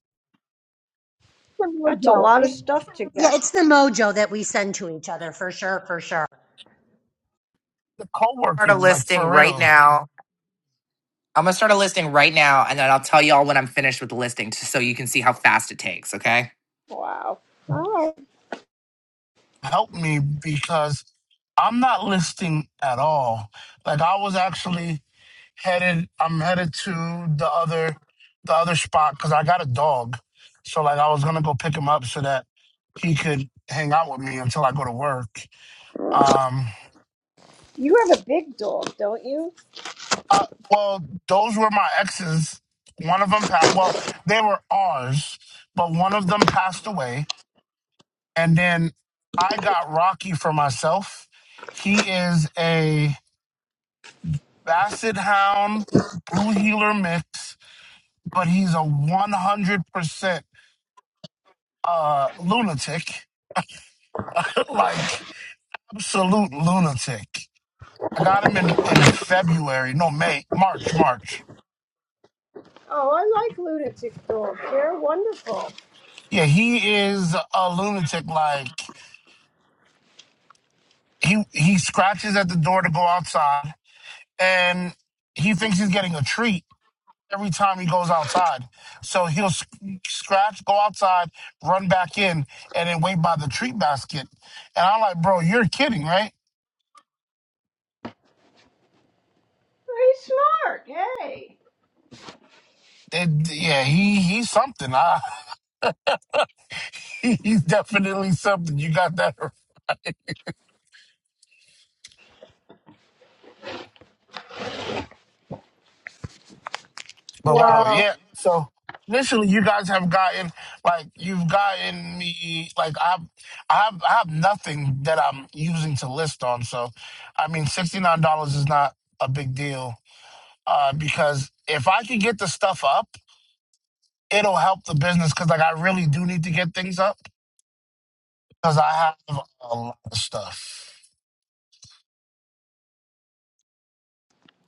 The
That's a
mojo.
lot of
It-
stuff to
yeah,
get.
it's the mojo that we send to each other for sure, for sure.
The co
Start a
working, like
listing
for
right
real,
now. I'm gonna start a listing right now, and then I'll tell y'all when I'm finished with the listing, t- so you can see how fast it takes. Okay.
Wow. All right.
helped me because I'm not listing at all. Like I was actually. headed I'm headed to the other the other spot because I got a dog. So like I was gonna go pick him up so that he could hang out with me until I go to work. Um
You have a big dog, don't you?
uh, well those were my exes. One of them passed well, they were ours, but one of them passed away. And then I got Rocky for myself. He is a basset hound blue Heeler mix, but he's a 100% uh lunatic like absolute lunatic i got him in in february no may march march
Oh, I like lunatic dogs. They're wonderful.
yeah he is a lunatic like he he scratches at the door to go outside and he thinks he's getting a treat every time he goes outside so he'll sc- scratch go outside run back in and then wait by the treat basket and i'm like bro you're kidding right
Very smart. Hey.
It- yeah he he's something I, he's definitely something. You got that. But wow,
Wow.
yeah. So initially, you guys have gotten like you've gotten me like I have I have I have nothing that I'm using to list on. So I mean, sixty nine dollars is not a big deal uh, because if I can get the stuff up, it'll help the business because like I really do need to get things up because I have a lot of stuff.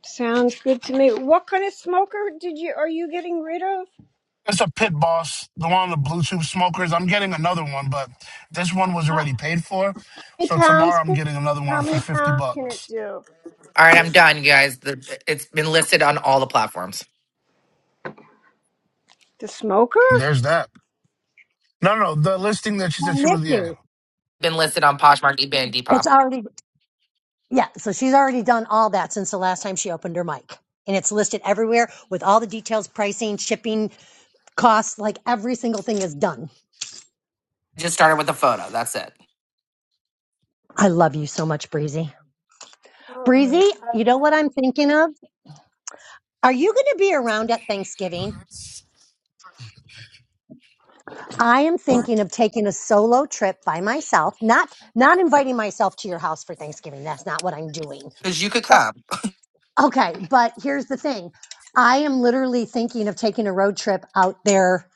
Sounds good to me. What kind of smoker did you are you getting rid of?
It's a pit boss, the one on the Bluetooth smokers. I'm getting another one, but this one was
How
already paid for.
many
So
pounds?
tomorrow I'm
Can,
getting another
how
one for
many
50
pounds can it
bucks.
do?
All right, I'm done, you guys. The, it's been listed on all the platforms.
The smoker?
There's that. No, no, the listing that she said
And
she was yeah.
Nikki,
Been listed on Poshmark, eBay, and
it's
Depop.
already, yeah, so she's already done all that since the last time she opened her mic. And it's listed everywhere with all the details, pricing, shipping, costs, like every single thing is done.
Just started with a photo. That's it.
I love you so much, Breezy.
Mm,
Breezy, you
uh,
know what I'm thinking of? Are you going to be around at Thanksgiving? I am thinking of taking a solo trip by myself, not not inviting myself to your house for Thanksgiving. That's not what I'm doing.
Because you could
But
come.
okay, but here's the thing. I am literally thinking of taking a road trip out there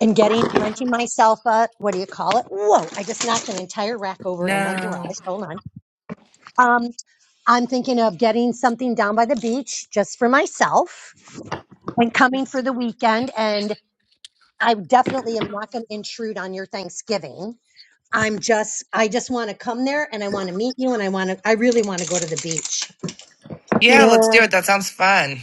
and getting renting myself a what do you call it? Whoa, I just knocked an entire rack over in my
No.
garage. Hold on. Um, I'm thinking of getting something down by the beach just for myself and coming for the weekend and I definitely am not going to intrude on your Thanksgiving I'm just, I just want to come there and I want to meet you and I want to, I really want to go to the beach.
Yeah, let's do
Yeah.
it. That sounds fun.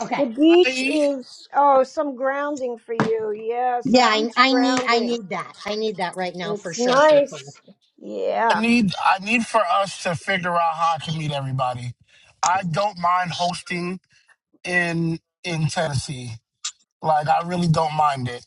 Okay.
The beach
I
is oh some grounding for you. Yeah,
Yeah,
some
I,
beach
I need, I
grounding.
need that. I need that right now for
It's
sure, for sure.
nice. Yeah.
need I need for us to figure out how I can meet everybody. I don't mind hosting in in Tennessee. Like I really don't mind it.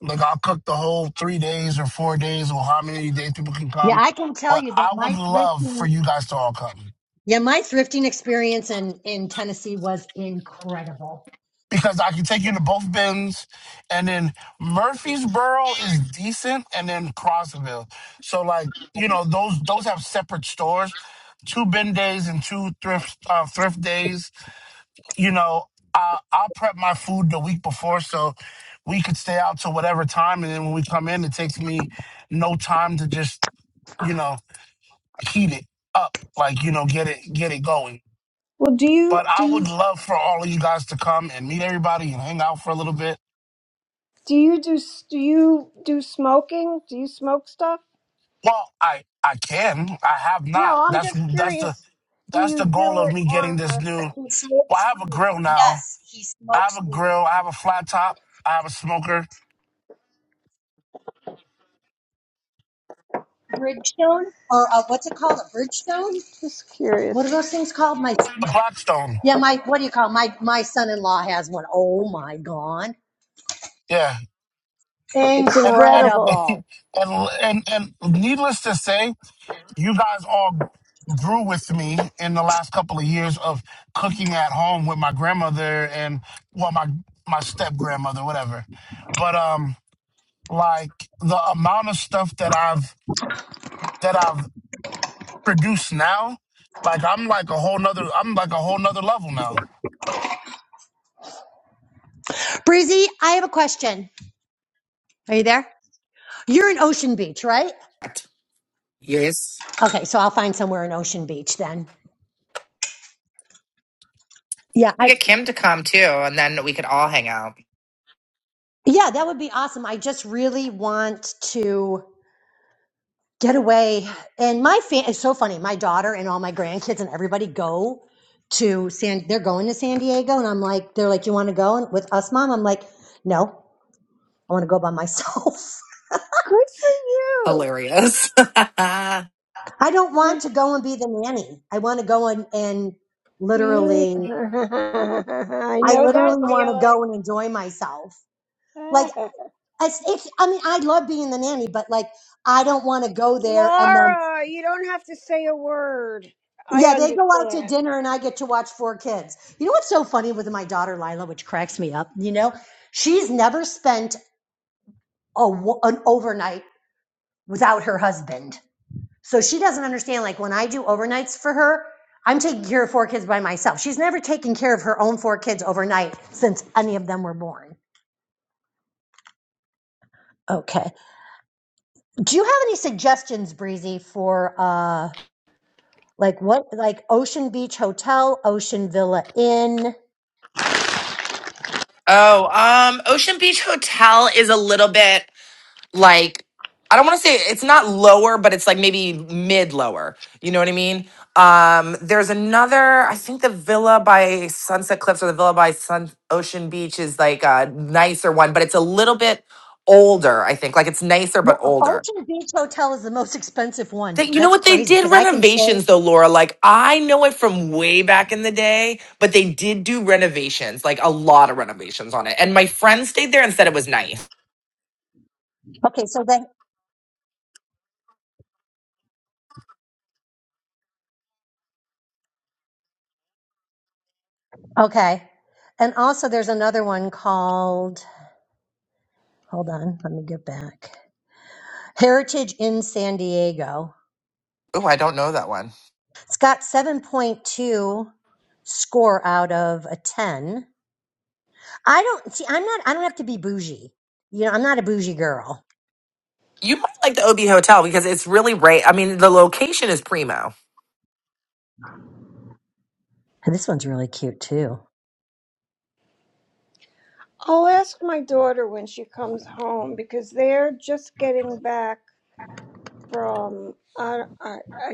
Like I'll cook the whole three days or four days or how many days people can
Yeah,
come.
I can tell
But
you that
I would
my
love for
thrifting,
you guys to all come.
yeah, my thrifting experience in, in Tennessee was incredible.
because I can take you to both bins. And then Murfreesboro is decent, and then Crossville. So like you know those those have separate stores, two bin days and two thrift uh, thrift days. You know I, I'll prep my food the week before so we could stay out till whatever time, and then when we come in, it takes me no time to just you know heat it up like you know get it get it going.
Well, do you
But
do
I
you?
would love for all of you guys to come and meet everybody and hang out for a little bit
Do you do s- do you do smoking? Do you smoke stuff?
Well, I I can. I have
No,
not.
I'm
That's
just
that's the
curious. Do
that's the
you
goal
do
of
it
me getting
on?
this
A,
new.
He
Well,
smokes
I have a
weed.
grill now.
Yes, he
I have
smokes
a
weed.
grill. I have a flat top. I have a smoker.
Bridgestone or uh, what's it called? A Bridgestone?
just
What are
curious.
those things called? My,
A Blackstone.
yeah, my, what do you call it? my, my son-in-law has one. Oh my God.
Yeah.
It's
And and
incredible.
Incredible.
and and and needless to say, you guys all grew with me in the last couple of years of cooking at home with my grandmother and well my my step grandmother whatever. But um like the amount of stuff that I've that I've produce now, like I'm like a whole nother I'm like a whole nother level now.
Breezy, I have a question. Are you there? You're in Ocean Beach, right?
Yes.
Okay, so I'll find somewhere in Ocean Beach then. Yeah,
We
I
could get Kim to come too, and then we could all hang out.
yeah, that would be awesome. I just really want to get away. And my fan it's so funny. My daughter and all my grandkids and everybody go to San. They're going to San Diego, and I'm like, they're like, you want to go and- with us, mom? I'm like, no, I want to go by myself.
Good for you.
Hilarious.
I don't
Good
want to go and be the nanny. I want to go and and
for you.
literally,
I
I
know that
literally want to go
feeling.
and enjoy myself. Like it's, it's I mean, I love being the nanny, but like I don't want to go there and then
Laura, you don't have to say a word. I
yeah, they go out to
understand.
dinner and I get to watch four kids. You know what's so funny with my daughter Lila, which cracks me up, you know? She's never spent a, wo- an overnight without her husband. So she doesn't understand like when I do overnights for her, I'm taking care of four kids by myself. She's never taken care of her own four kids overnight since any of them were born. Okay. Do you have any suggestions, Breezy, for uh Like what? Like Ocean Beach Hotel, Ocean Villa Inn.
Oh, um, Ocean Beach Hotel is a little bit like I don't want to say it's not lower, but it's like maybe mid lower. You know what I mean? Um, there's another, I think the Villa by Sunset Cliffs or the Villa by Sun Ocean Beach is like a nicer one, but it's a little bit older, I think. Like it's nicer
Yeah,
but older.
Ocean Beach Hotel is the most expensive one.
They, you know
That's
what? They
crazy
did
because I can say
renovations though, Laura. Like I know it from way back in the day, but they did do renovations, like a lot of renovations on it. And my friend stayed there and said it was nice.
okay. So they okay, and also there's another one called. Hold on, let me get back. Heritage in San Diego.
Oh, I don't know that one.
It's got 7.2 score out of a 10. I don't see. I'm not. I don't have to be bougie. You know, I'm not a bougie girl.
You might like the Obie Hotel because it's really right. I mean, the location is primo.
And this one's really cute too.
I'll ask my daughter when she comes home because they're just getting back. from I, I I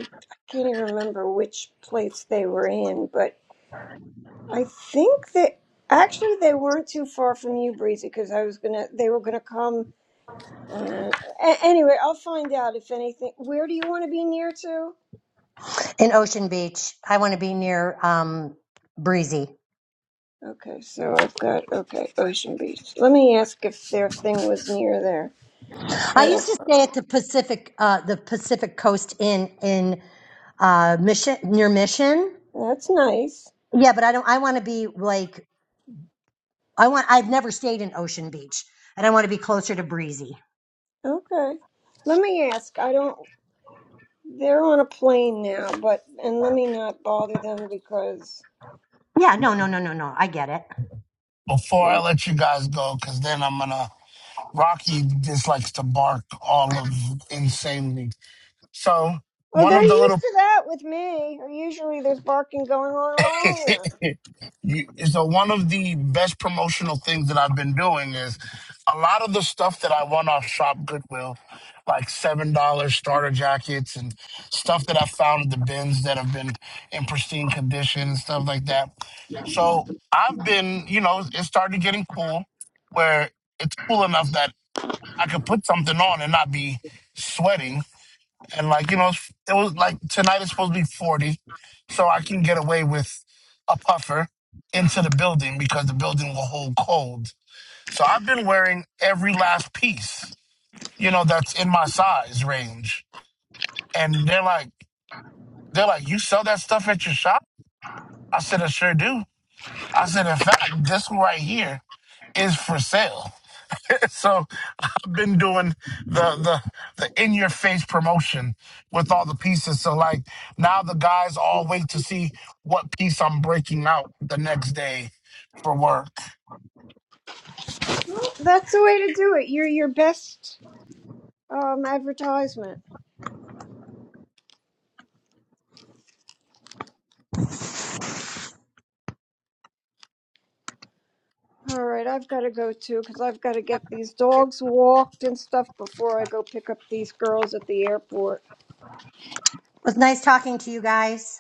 can't even remember which place they were in, but I think that actually they weren't too far from you, Breezy, because I was gonna they were gonna come. Uh, a- anyway, I'll find out if anything. Where do you want to be near to?
in Ocean Beach. I want to be near um, breezy.
Okay, so I've got okay Ocean Beach. Let me ask if their thing was near there.
I
Yeah,
used to stay at the Pacific, uh, the Pacific Coast Inn in uh, Mission near Mission.
that's nice.
Yeah, but I don't. I want to be like I want. I've never stayed in Ocean Beach, and I want to be closer to breezy.
Okay, let me ask. I don't. They're on a plane now, but and let me not bother them because
Yeah, no, no, no, no, no. I get it. It
Before I let you guys go, cause then I'm gonna Rocky dislikes to bark all of insanely. So
Oh,
one
they're
of the
used
little
to that with me. Usually there's barking going on all over.
You, so one of the best promotional things that I've been doing is a lot of the stuff that I want off Shop Goodwill, like seven dollars starter jackets and stuff that I found at the bins that have been in pristine condition and stuff like that. So I've been, you know, it started getting cool, where it's cool enough that I could put something on and not be sweating and like you know, it's- it was like tonight is supposed to be forty, so I can get away with a puffer into the building because the building will hold cold. So I've been wearing every last piece, you know, that's in my size range, and they're like, they're like, you sell that stuff at your shop? I said, I sure do. I said, in fact, this right here. is for sale. so I've been doing the the the in your face promotion with all the pieces. So like now the guys all wait to see what piece I'm breaking out the next day for work.
That's the way to do it. You're your best um, advertisement. All right, I've got to go too because I've got to get these dogs walked and stuff before I go pick up these girls at the airport.
was nice talking to you guys.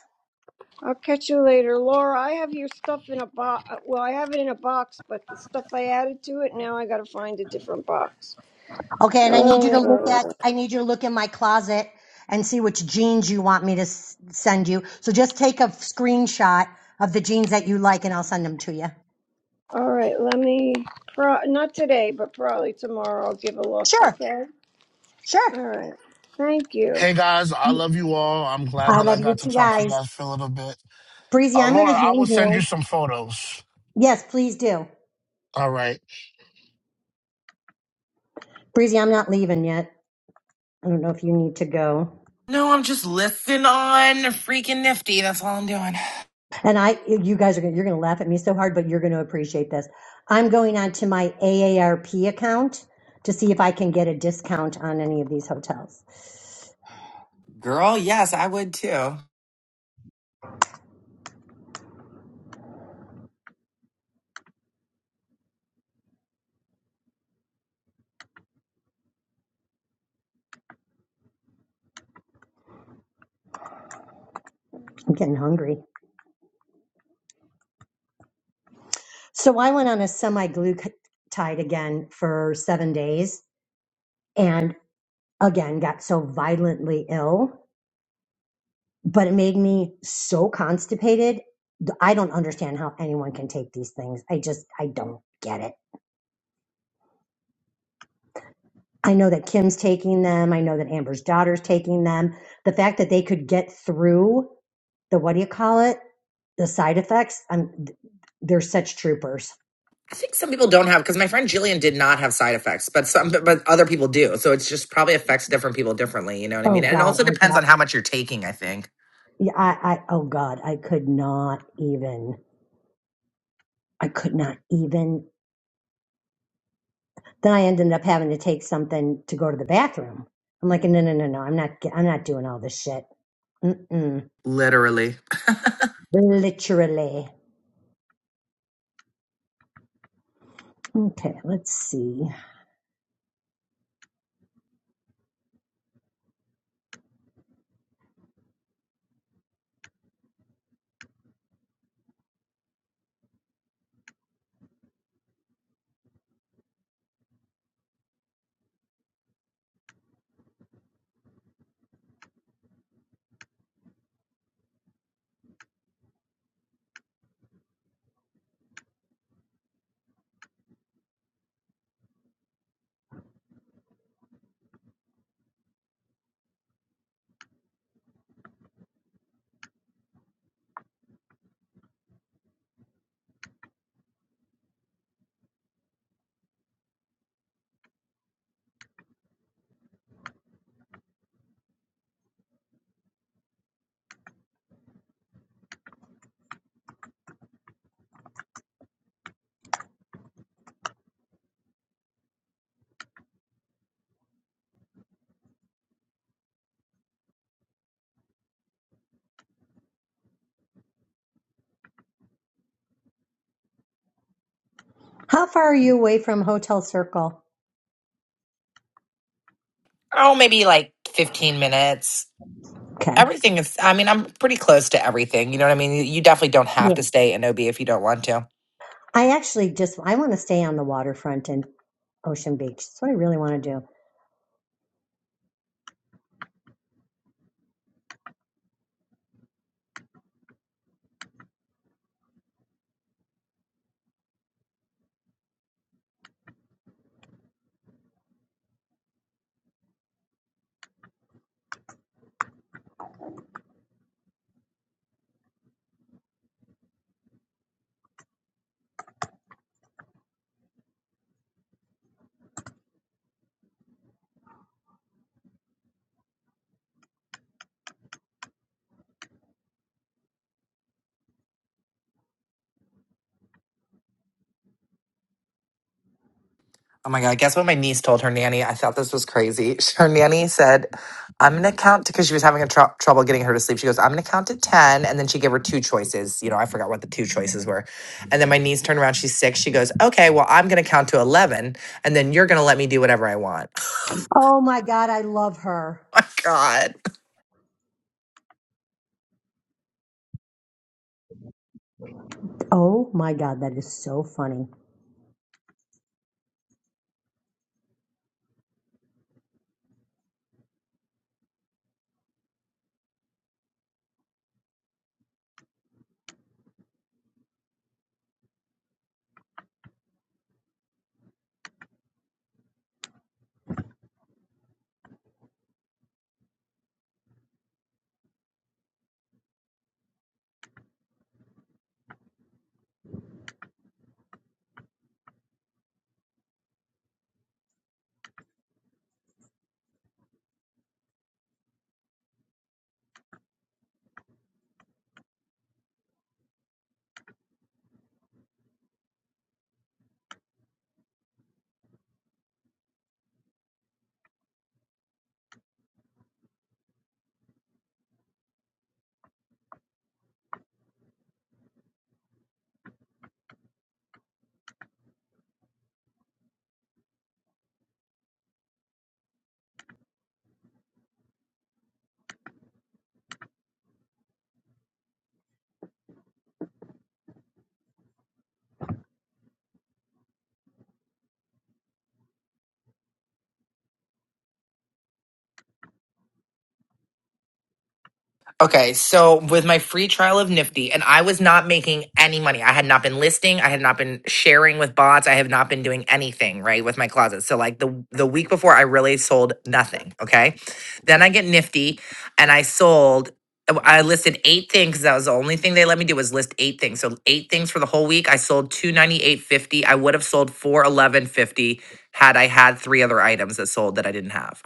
I'll catch you later, Laura. I have your stuff in a box. Well, I have it in a box, but the stuff I added to it now I got to find a different box.
Okay, and I need you to look
Oh.
at. I need you to look in my closet and see which jeans you want me to s- send you. So just take a screenshot of the jeans that you like, and I'll send them to you.
All right, let me, pro- not today, but probably tomorrow, I'll give a look,
Sure,
okay?
sure.
All right, thank you.
Hey guys, I love you all. I'm glad
I
that I
love you
got to
two
talk to you
guys.
guys for a little bit.
Breezy,
Uh,
I'm going to
Laura, I will
hang
send
here.
you some photos.
Yes, please do.
All right.
Breezy, I'm not leaving yet. I don't know if you need to go.
No, I'm just listening on freaking nifty. That's all I'm doing.
And I, you guys are going, to you're going to laugh at me so hard, but you're going to appreciate this. I'm going on to my AARP account to see if I can get a discount on any of these hotels.
Girl, yes, I would too.
I'm getting hungry. So I went on a semi glue tide again for seven days. and. again got so violently ill, but it made me so constipated. I don't understand how anyone can take these things. I just, I don't get it. I know that Kim's taking them. I know that Amber's daughter's taking them. The fact that they could get through the, what do you call it? The side effects. I'm, they're such troopers.
I think some people don't have because my friend Jillian did not have side effects, but some but other people do. So it's just probably affects different people differently. You know what I
Oh
mean? And it
God,
also
I
depends
got,
on how much you're taking. I think
yeah, I, I, oh God, I could not even, I could not even Then I ended up having to take something to go to the bathroom. I'm like, no, no, no, no, I'm not, ge- I'm not doing all this shit. Mm-mm.
literally.
Literally. Okay, let's see. How far are you away from Hotel Circle?
Oh, maybe like 15 minutes.
Okay.
Everything is. I mean, I'm pretty close to everything. You know what I mean? You you definitely don't have
Yeah.
to stay in OB if you don't want to.
I actually just, I want to stay on the waterfront and Ocean Beach. That's what I really want to do.
Oh my God, guess what my niece told her nanny? I thought this was crazy. Her nanny said, I'm going to count because she was having a tr- trouble getting her to sleep. She goes, I'm going to count to 10. And then she gave her two choices. You know, I forgot what the two choices were. And then my niece turned around. She's six. She goes, Okay, well, I'm going to count to 11. And then you're going to let me do whatever I want.
Oh my God, I love her.
oh my God.
Oh my God, that is so funny.
Okay, so with my free trial of Nifty, and I was not making any money. I had not been listing. I had not been sharing with bots. I have not been doing anything right with my closet. So like the the week before, I really sold nothing. Okay, then I get Nifty, and I sold. I listed eight things. That was the only thing they let me do was list eight things. So eight things for the whole week. I sold two ninety eight fifty. I would have sold four eleven fifty had I had three other items that sold that I didn't have.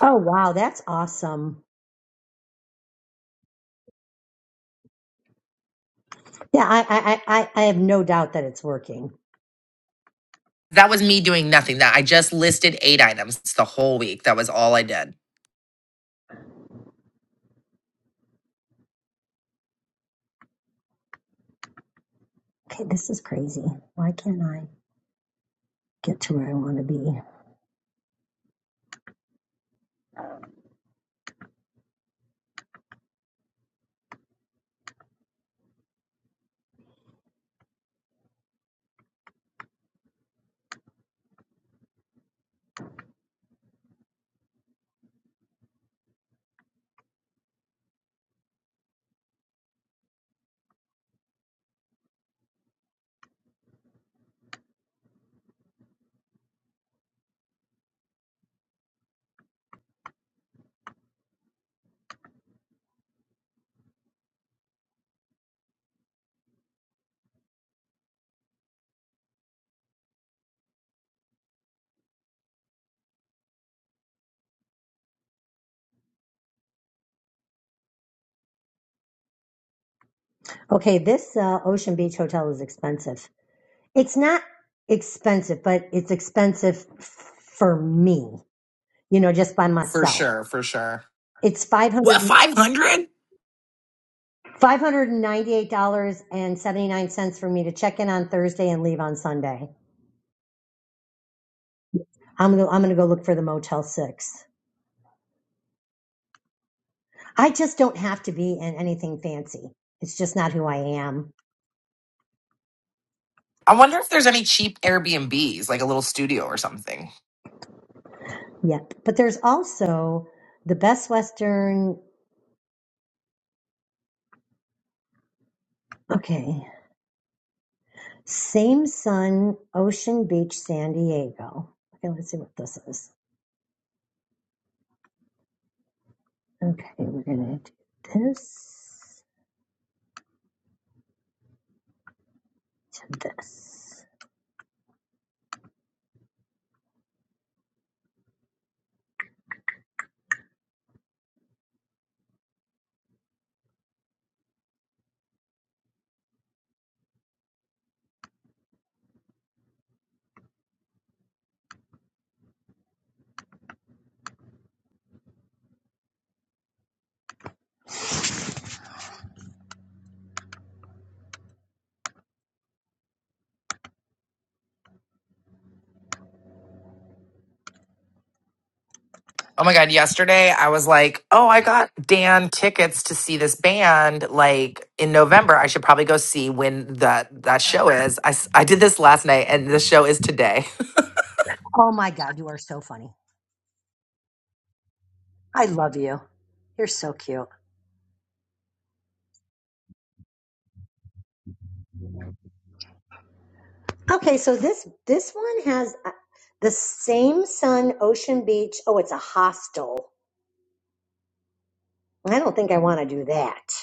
Oh wow, that's awesome. Yeah, I I I, I I have no doubt that it's working.
That was me doing nothing. That I just listed eight items the whole week. That was all I did.
Okay, this is crazy. Why can't I? get to where I want to be. Okay, this uh, Ocean Beach hotel is expensive. It's not expensive, but it's expensive f- for me, you know, just by
For
myself.
sure, for sure.
It's five hundred
What, 500?
five hundred and ninety eight dollars and 79 cents for me to check in on Thursday and leave on Sunday. I'm going to I'm going to go look for the Motel 6. I just don't have to be in anything fancy. It's just not who I am
I wonder if there's any cheap Airbnbs, like a little studio or something.
yet. But there's also the Best Western. Okay, Same Sun, Ocean Beach, San Diego. Okay, let's see what this is. Okay, we're gonna do this to this.
Oh my God. Yesterday, I was like, oh, I got Dan tickets to see this band like in November. I should probably go see when that, that show is. I, s- I did this last night and the show is today.
Oh my God, you are so funny. I love you. You're so cute. Okay, so this this one has uh, the same sun, Ocean Beach. Oh, it's a hostel. I don't think I want to do that.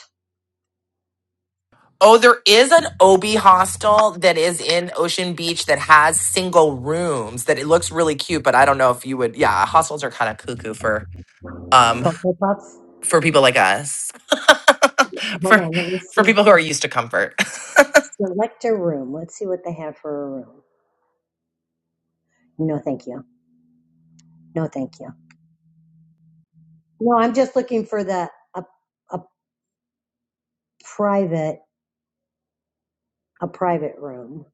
Oh, there is an OB hostel that is in Ocean Beach that has single rooms that it looks really cute, but I don't know if you would yeah, hostels are kind of cuckoo for um
Cocoa Puffs.
for people like us.
Hold
for
on, let me
for
see.
people who are used to comfort.
Select a room. Let's see what they have for a room. No, thank you. No, thank you. No, I'm just looking for the a, a private a private room.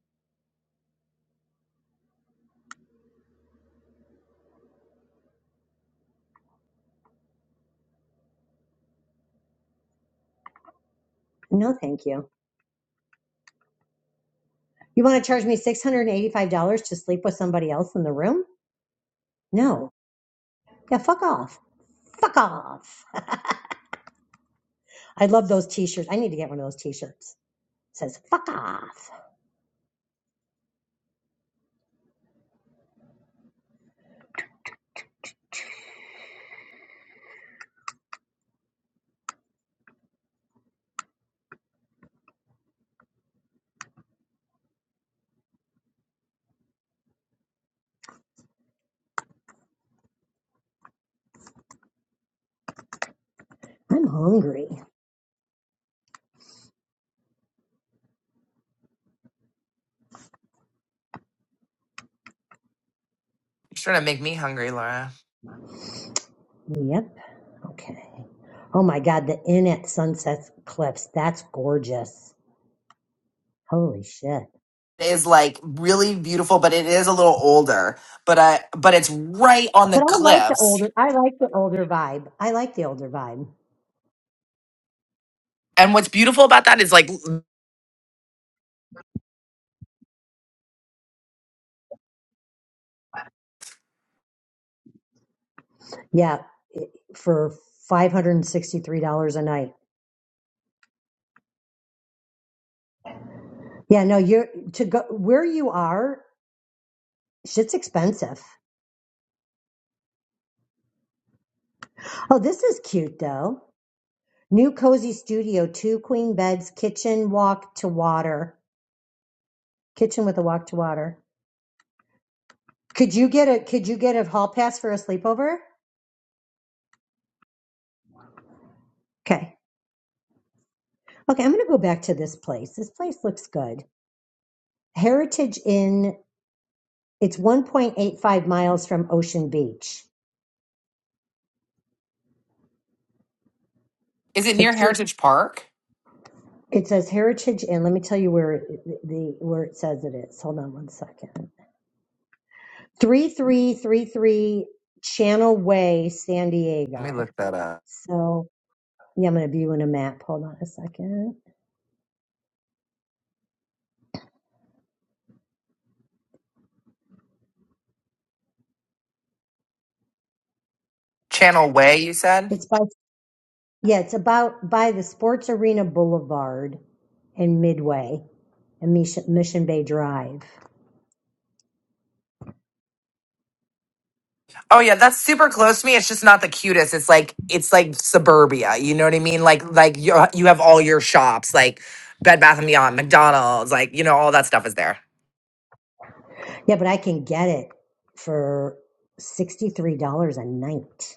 No, thank you. You want to charge me six hundred and eighty five dollars to sleep with somebody else in the room? No. Yeah, fuck off. Fuck off. I love those T-shirts. I need to get one of those T-shirts. It says fuck off. I'm hungry.
It's trying to make me hungry, Laura.
Yep. Okay. Oh my God, the inn at Sunset Cliffs. That's gorgeous. Holy shit.
is like really beautiful, but it is a little older. But I but it's right on the
But I like the
cliffs.
older. I like the older vibe. I like the older vibe.
And what's beautiful about that is like
Yeah. for five hundred and sixty three dollars a night. Yeah, no, you're to go where you are. Shit's expensive. Oh, this is cute though. New cozy studio, two queen beds, kitchen walk to water, kitchen with a walk to water. Could you get a Could you get a hall pass for a sleepover? Okay, okay. I'm gonna go back to this place. This place looks good. Heritage Inn. It's 1.85 miles from Ocean Beach.
is it
So
near Heritage Park?
It says Heritage Inn. Let me tell you where it, the where it says it is. Hold on one second. Three three three three Channel Way, San
Let me
Diego.
look that up.
So yeah, I'm gonna view in a map. Hold on a second.
Channel Way, you said?
It's by yeah, it's about by the Sports Arena Boulevard and Midway and Mission, Mission Bay Drive.
Oh yeah, that's super close to me. It's just not the cutest. It's like it's like suburbia. You know what I mean? Like like you you have all your shops like Bed Bath and Beyond, McDonald's, like you know all that stuff is there.
Yeah, but I can get it for sixty three dollars a night.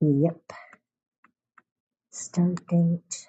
Yep. Start date.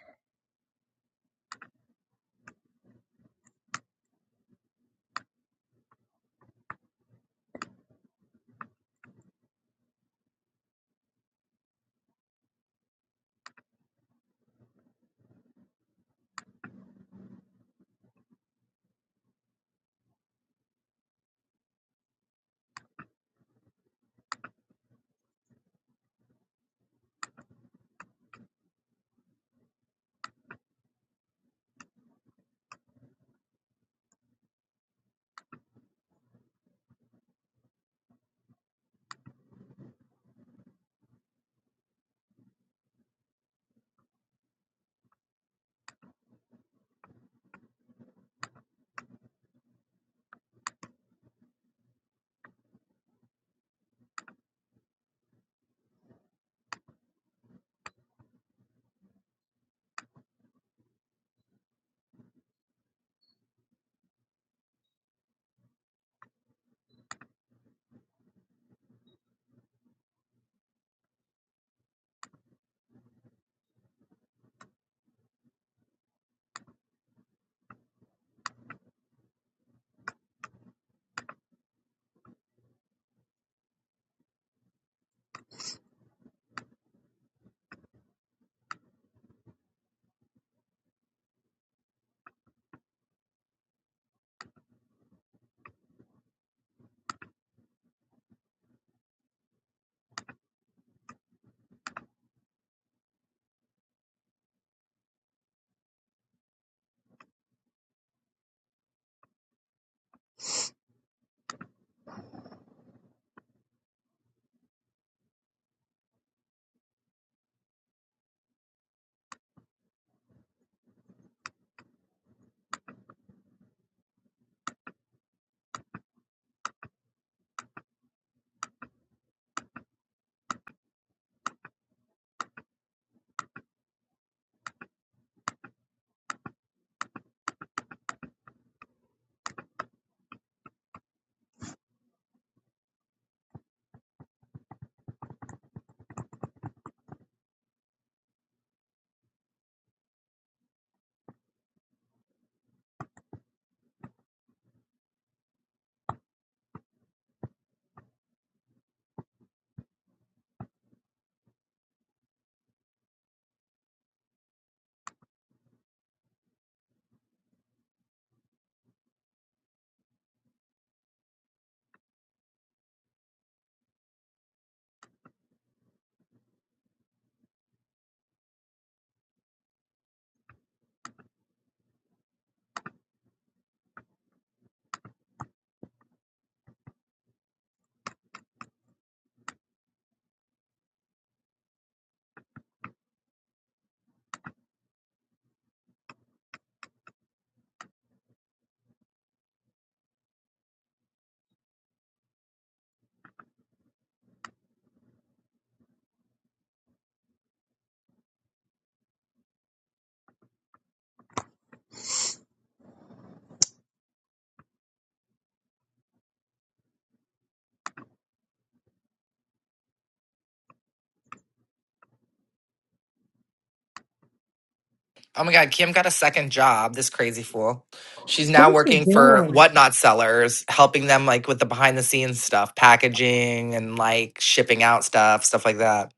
Oh my God, Kim got a second job. This crazy fool. She's
What
now
is he
working for
doing?
whatnot sellers, helping them like with the behind the scenes stuff, packaging and like shipping out stuff, stuff like that.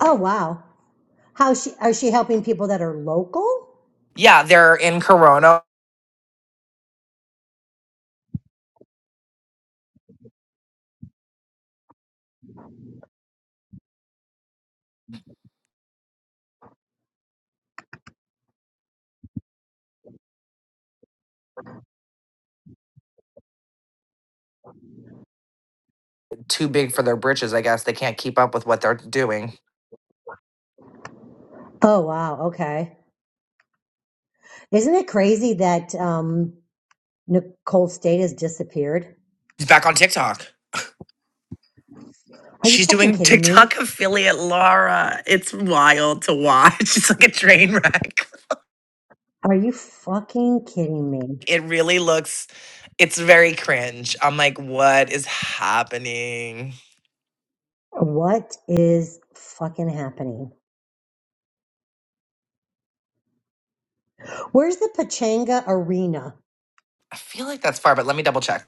Oh wow. How she? are she helping people that are local?
Yeah, they're in Corona, too big for their britches. I guess they can't keep up with what they're doing.
Oh wow, okay. Isn't it crazy that um, Nicole State has disappeared?
He's back on TikTok.
Are you
She's
fucking
doing
kidding me?
TikTok affiliate Laura. It's wild to watch. It's like a train wreck.
Are you fucking kidding me?
It really looks, it's very cringe. I'm like, what is happening?
What is fucking happening? Where's the Pachanga Arena?
I feel like that's far, but let me double check.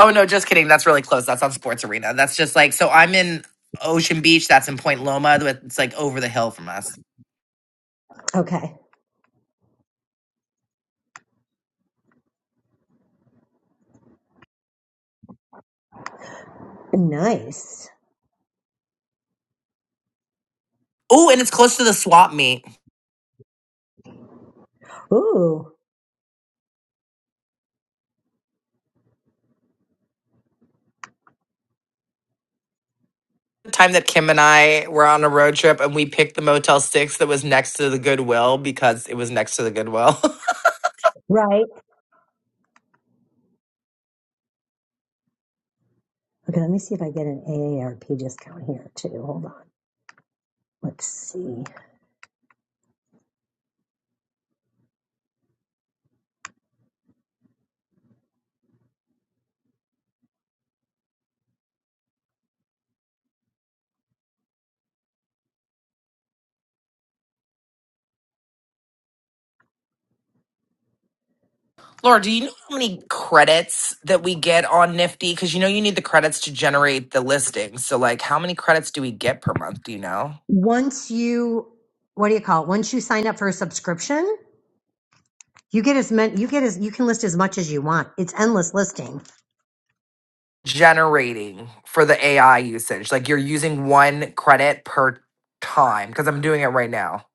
Oh, no, just kidding. That's really close. That's on Sports Arena. That's just like, so I'm in Ocean Beach. That's in Point Loma. but It's like over the hill from us.
Okay, nice.
Oh, and it's close to the swap meet.
Ooh,
The time that Kim and I were on a road trip and we picked the Motel 6 that was next to the Goodwill because it was next to the Goodwill.
right. Okay, let me see if I get an AARP discount here too. Hold on. Let's see.
Laura, do you know how many credits that we get on Nifty? Because you know you need the credits to generate the listings. So, like, how many credits do we get per month? Do you know?
Once you, what do you call it? Once you sign up for a subscription, You get as many. You get as you can list as much as you want. It's endless listing.
Generating for the AI usage. Like, you're using one credit per time because I'm doing it right now.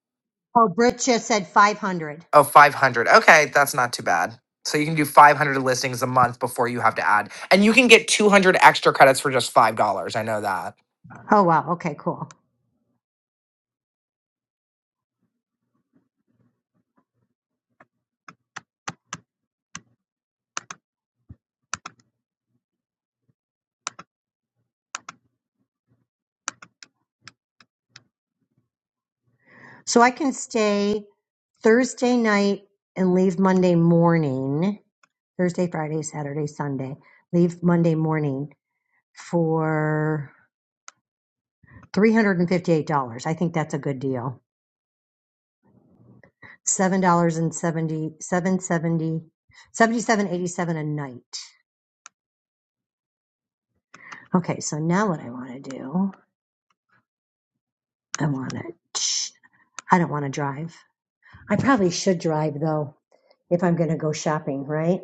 Oh, Britt just said five hundred.
Oh, 500. Okay, that's not too bad. So, you can do 500 listings a month before you have to add. And you can get 200 extra credits for just $5. I know that,
Oh wow. Okay, cool. So I can stay Thursday night and leave Monday morning. Thursday, Friday, Saturday, Sunday. Leave Monday morning for three hundred and fifty-eight dollars. I think that's a good deal. Seven dollars and seventy seven seventy seventy-seven eighty-seven a night. Okay, so now what I want to do, I want to. I don't want to drive. I probably should drive though, if I'm going to go shopping, right?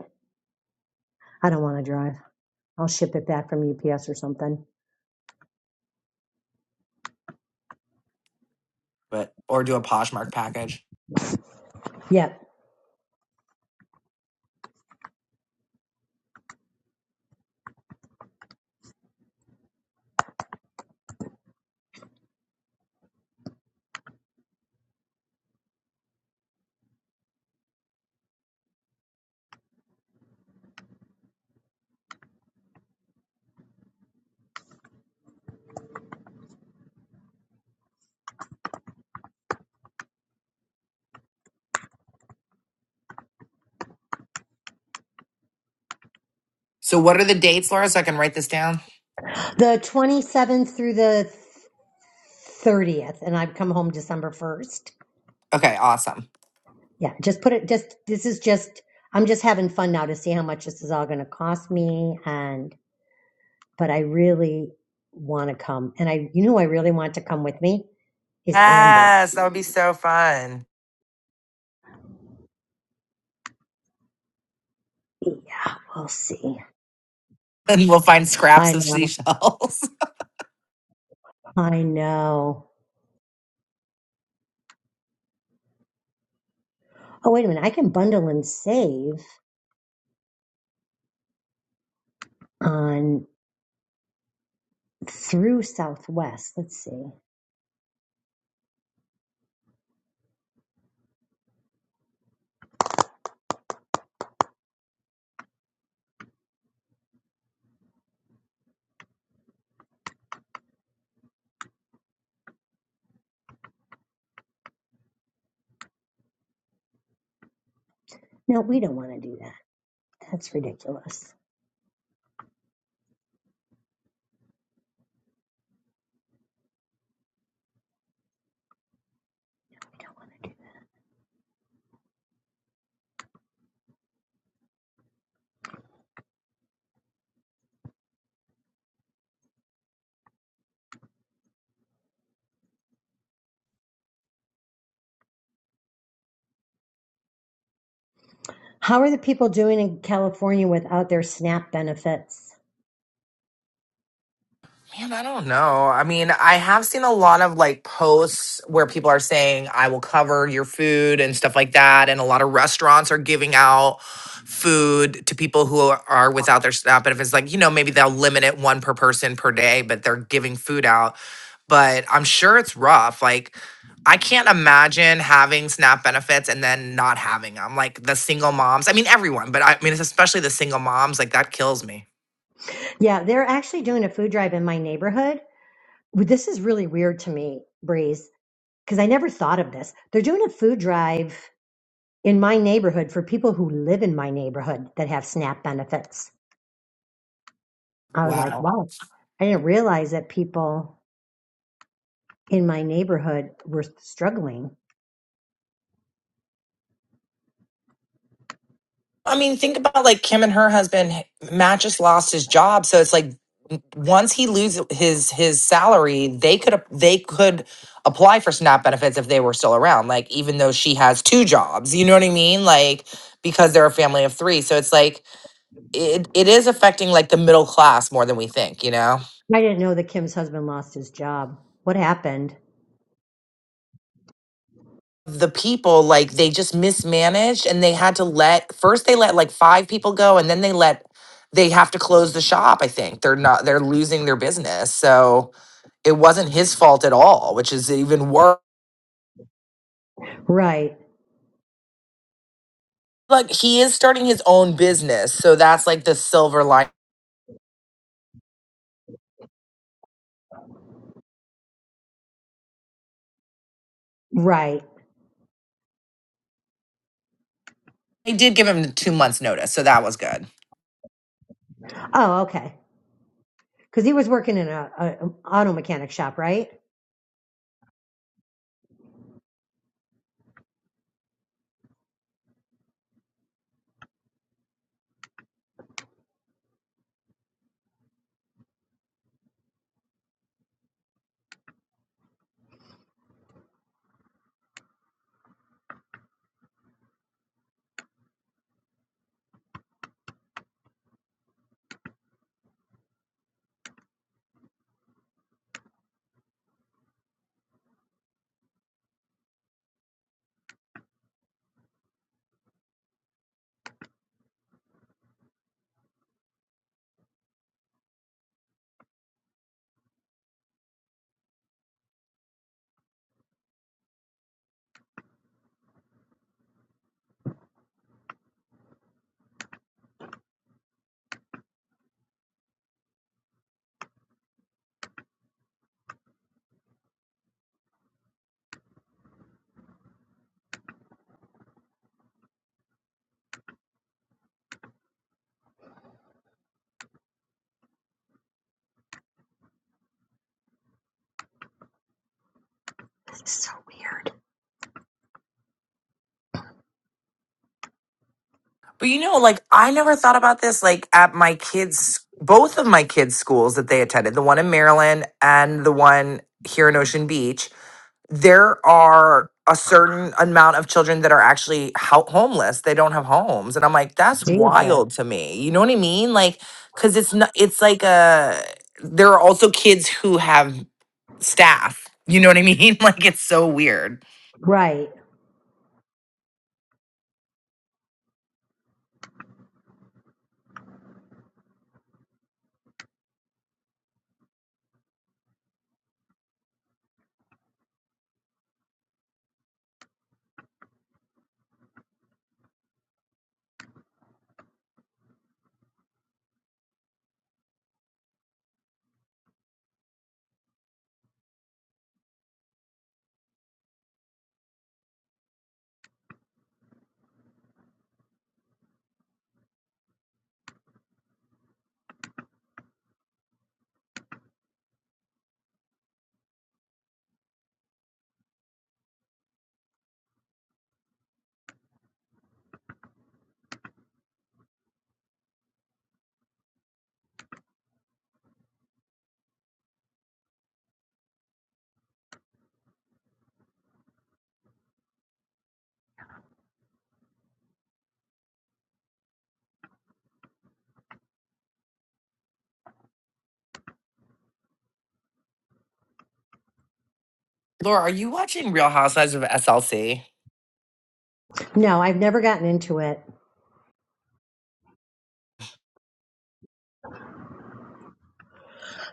I don't want to drive. I'll ship it back from UPS or something.
but or do a Poshmark package.
Yep.
So, what are the dates, Laura, so I can write this down?
The 27th through the 30th, and I've come home December 1st.
Okay, awesome.
Yeah, just put it, just, this is just, I'm just having fun now to see how much this is all going to cost me. And, but I really want to come. And I, you know, who I really want to come with me is Amber.
Yes, that would be so fun.
Yeah, we'll see.
and we'll find scraps
I
of
know.
seashells.
I know. Oh, wait a minute. I can bundle and save on through Southwest. Let's see. No, we don't want to do that. That's ridiculous. We don't want to do that. How are the people doing in California without their SNAP benefits?
Man, I don't know. I mean, I have seen a lot of like posts where people are saying, I will cover your food and stuff like that. And a lot of restaurants are giving out food to people who are are without their staff. But if it's like, you know, maybe they'll limit it one per person per day, but they're giving food out. But I'm sure it's rough. Like, I can't imagine having SNAP benefits and then not having them. Like the single moms, I mean, everyone, but I mean, it's especially the single moms, like that kills me.
Yeah, they're actually doing a food drive in my neighborhood. This is really weird to me, Breeze, because I never thought of this. They're doing a food drive in my neighborhood for people who live in my neighborhood that have SNAP benefits. I was
Wow.
like, wow, I didn't realize that people in my neighborhood were struggling.
I mean, think about like Kim and her husband. Matt just lost his job, so it's like once he loses his his salary, they could they could apply for SNAP benefits if they were still around. Like even though she has two jobs, you know what I mean? Like because they're a family of three, so it's like it it is affecting like the middle class more than we think. You know?
I didn't know that Kim's husband lost his job. What happened?
the people like they just mismanaged and they had to let first they let like five people go and then they let they have to close the shop i think they're not they're losing their business so it wasn't his fault at all which is even worse
Right,
like he is starting his own business so that's like the silver line
right.
they did give him two months notice so that was good
Oh, okay. Because he was working in a, a an auto mechanic shop, right? This is so weird.
but you know like i never thought about this like at my kids both of my kids schools that they attended the one in maryland and the one here in ocean beach there are a certain amount of children that are actually ho- homeless. They don't have homes, and I'm like, that's
Jesus.
wild to me. You know what I mean? Like, because it's not. It's like a. There are also kids who have staff. You know what I mean? Like, it's so weird.
Right.
Laura, are you watching Real Housewives of SLC?
No, I've never gotten into it.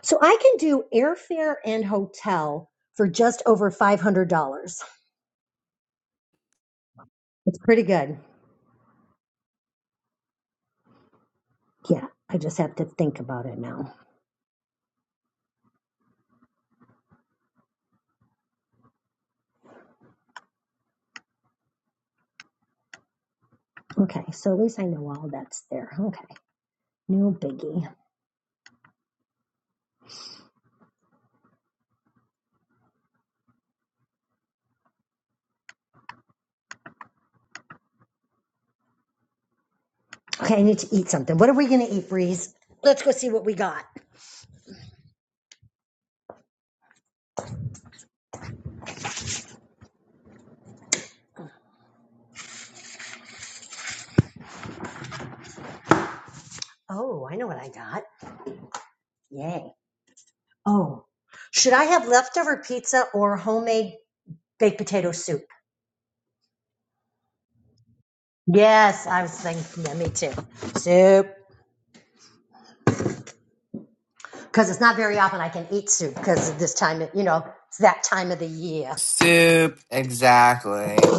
So I can do airfare and hotel for just over five hundred dollars. It's pretty good. Yeah. I just have to think about it now. Okay, so at least I know all that's there. Okay, no biggie. Okay, I need to eat something. What are we going to eat, Breeze? Let's go see what we got. Oh, I know what I got. Yay. Oh, should I have leftover pizza or homemade baked potato soup? Yes, I was thinking, yeah, me too. Soup. Because it's not very often I can eat soup because of this time, of, you know, it's that time of the year.
Soup, exactly.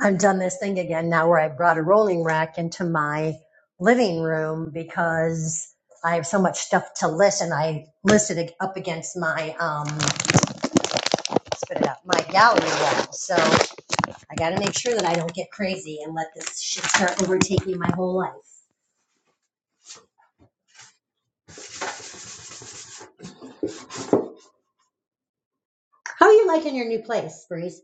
I've done this thing again now where I brought a rolling rack into my living room because I have so much stuff to list and I listed it up against my um, spit it out, my gallery wall. So I got to make sure that I don't get crazy and let this shit start overtaking my whole life. How are you liking your new place, Breeze?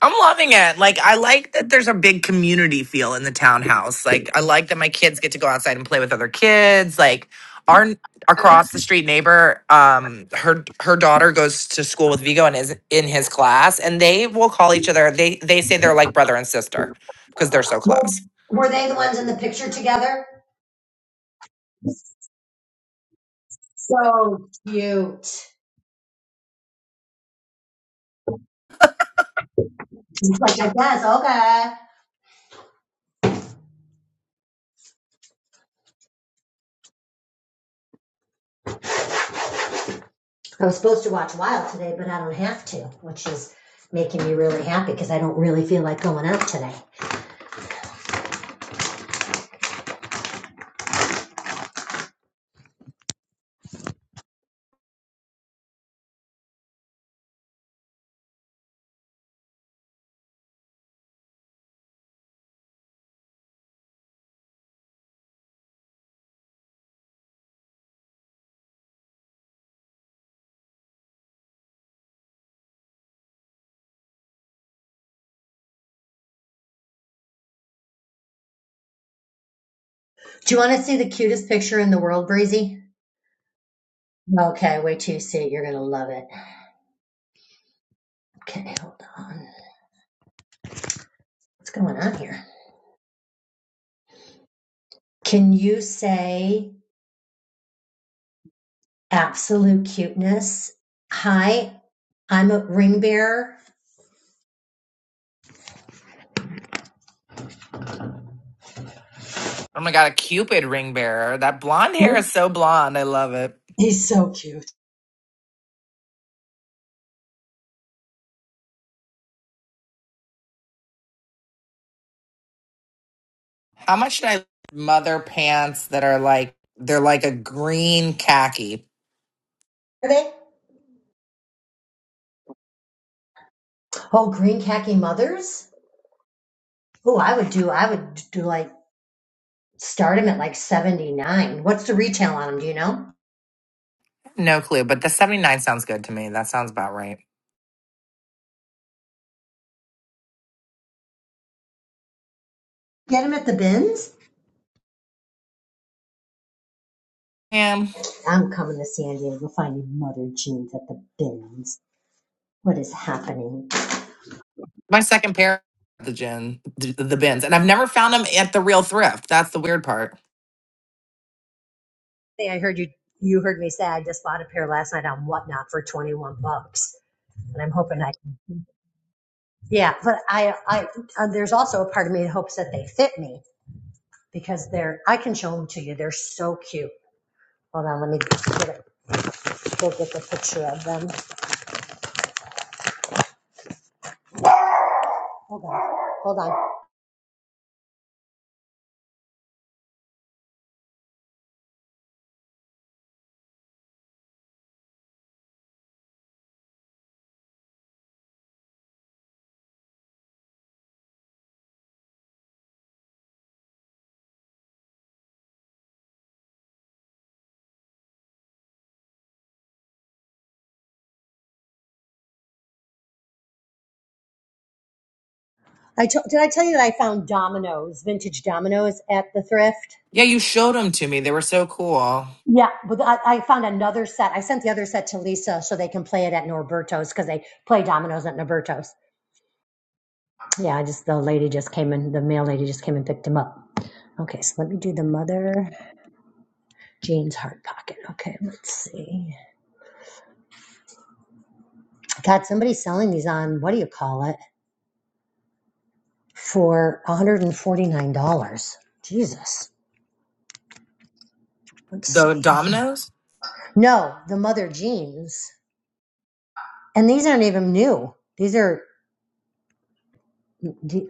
I'm loving it. Like I like that there's a big community feel in the townhouse. Like I like that my kids get to go outside and play with other kids. Like our across the street neighbor, um, her her daughter goes to school with Vigo and is in his class, and they will call each other. They they say they're like brother and sister because they're so
Well,
close.
were they the ones in the picture together? So cute. She's like, I guess, okay. I was supposed to watch Wild today, but I don't have to, which is making me really happy because I don't really feel like going out today. Do you want to see the cutest picture in the world, Breezy? Okay, wait till you see it. You're going to love it. Okay, hold on. What's going on here? Can you say absolute cuteness? Hi, I'm a ring bearer.
Oh my god, a cupid ring bearer. That blonde hair is so blonde. I love it.
He's so cute.
How much should I mother pants that are like they're like a green khaki
Are they? Oh, green khaki mothers? Oh, I would do, I would do like, start him at like 79. What's the retail on them? Do you know?
No clue, but the 79 sounds good to me. That sounds about right.
Get him at the bins?
And
I'm coming to San Diego finding mother jeans at the bins. What is happening?
my second pair, the gin, the, the bins. And I've never found them at the real thrift. That's the weird part.
Hey, I heard you, you heard me say I just bought a pair last night on Whatnot for 21 bucks. And I'm hoping I Yeah, but I, I, uh, there's also a part of me that hopes that they fit me because they're, I can show them to you. They're so cute. Hold on, let me get a, go get the picture of them. Hold on, hold on. I to, did I tell you that I found dominoes, vintage dominoes at the thrift?
Yeah, you showed them to me. They were so cool.
Yeah, but I, I found another set. I sent the other set to Lisa so they can play it at Norberto's because they play dominoes at Norberto's. Yeah, I just the lady just came in, the mail lady just came and picked them up. Okay, so let me do the mother Jean's heart pocket. Okay, let's see. God, somebody's selling these on what do you call it for $149. Jesus. Let's
The
see.
dominoes?
No, the mother jeans. And these aren't even new. These are,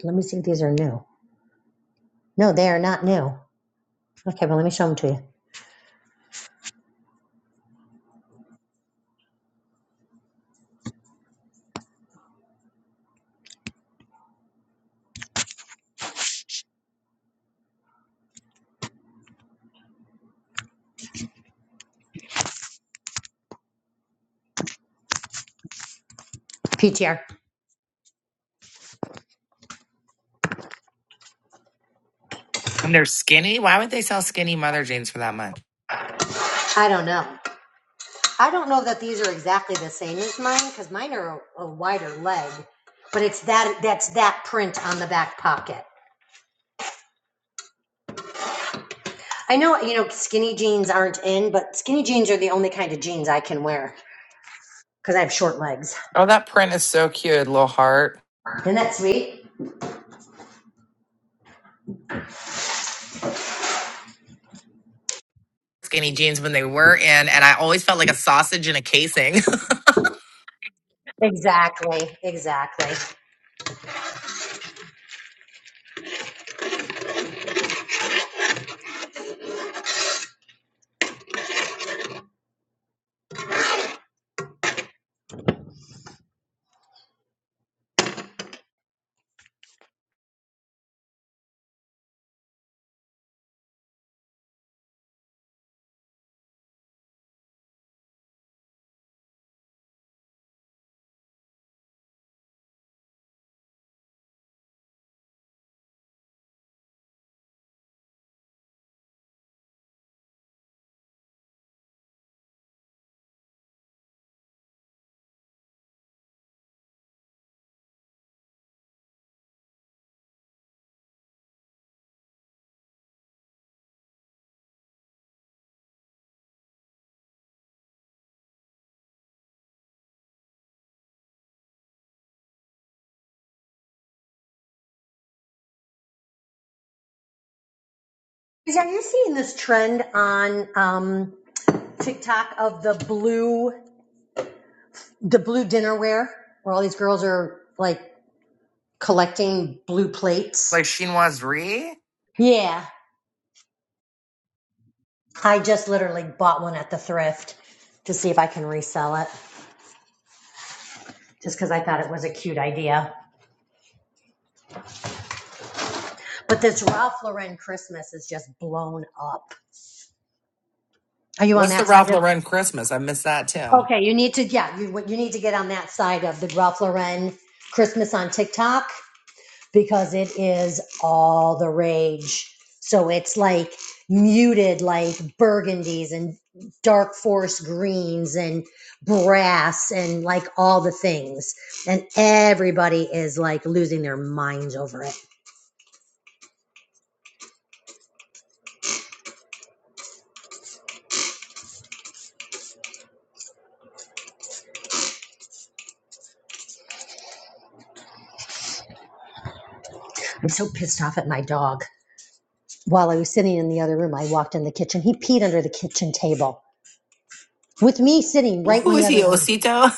let me see if these are new. No, they are not new. Okay, well, let me show them to you. PTR.
And they're skinny. Why would they sell skinny mother jeans for that much?
I don't know. I don't know that these are exactly the same as mine because mine are a, a wider leg, but it's that that's that print on the back pocket. I know, you know, skinny jeans aren't in, but skinny jeans are the only kind of jeans I can wear. because I have short legs.
Oh, that print is so cute. Little heart.
Isn't that sweet?
Skinny jeans when they were in, and I always felt like a sausage in a casing.
Exactly, exactly. Is- Are you seeing this trend on um, TikTok of the blue, the blue dinnerware, where all these girls are like collecting blue
like
plates?
chinoiserie?
Yeah, I just literally bought one at the thrift to see if I can resell it, just because I thought it was a cute idea. But this Ralph Lauren Christmas is just blown up. Are you on
What's the
that
Ralph
side?
Lauren Christmas? I missed that too.
Okay, you need to, yeah, you, you need to get on that side of the Ralph Lauren Christmas on TikTok because it is all the rage. So it's like muted, like burgundies and dark forest greens and brass and like all the things. And everybody is like losing their minds over it. I'm so pissed off at my dog. While I was sitting in the other room, I walked in the kitchen. He peed under the kitchen table with me sitting right in
Who
the
is he,
other room.
Osito?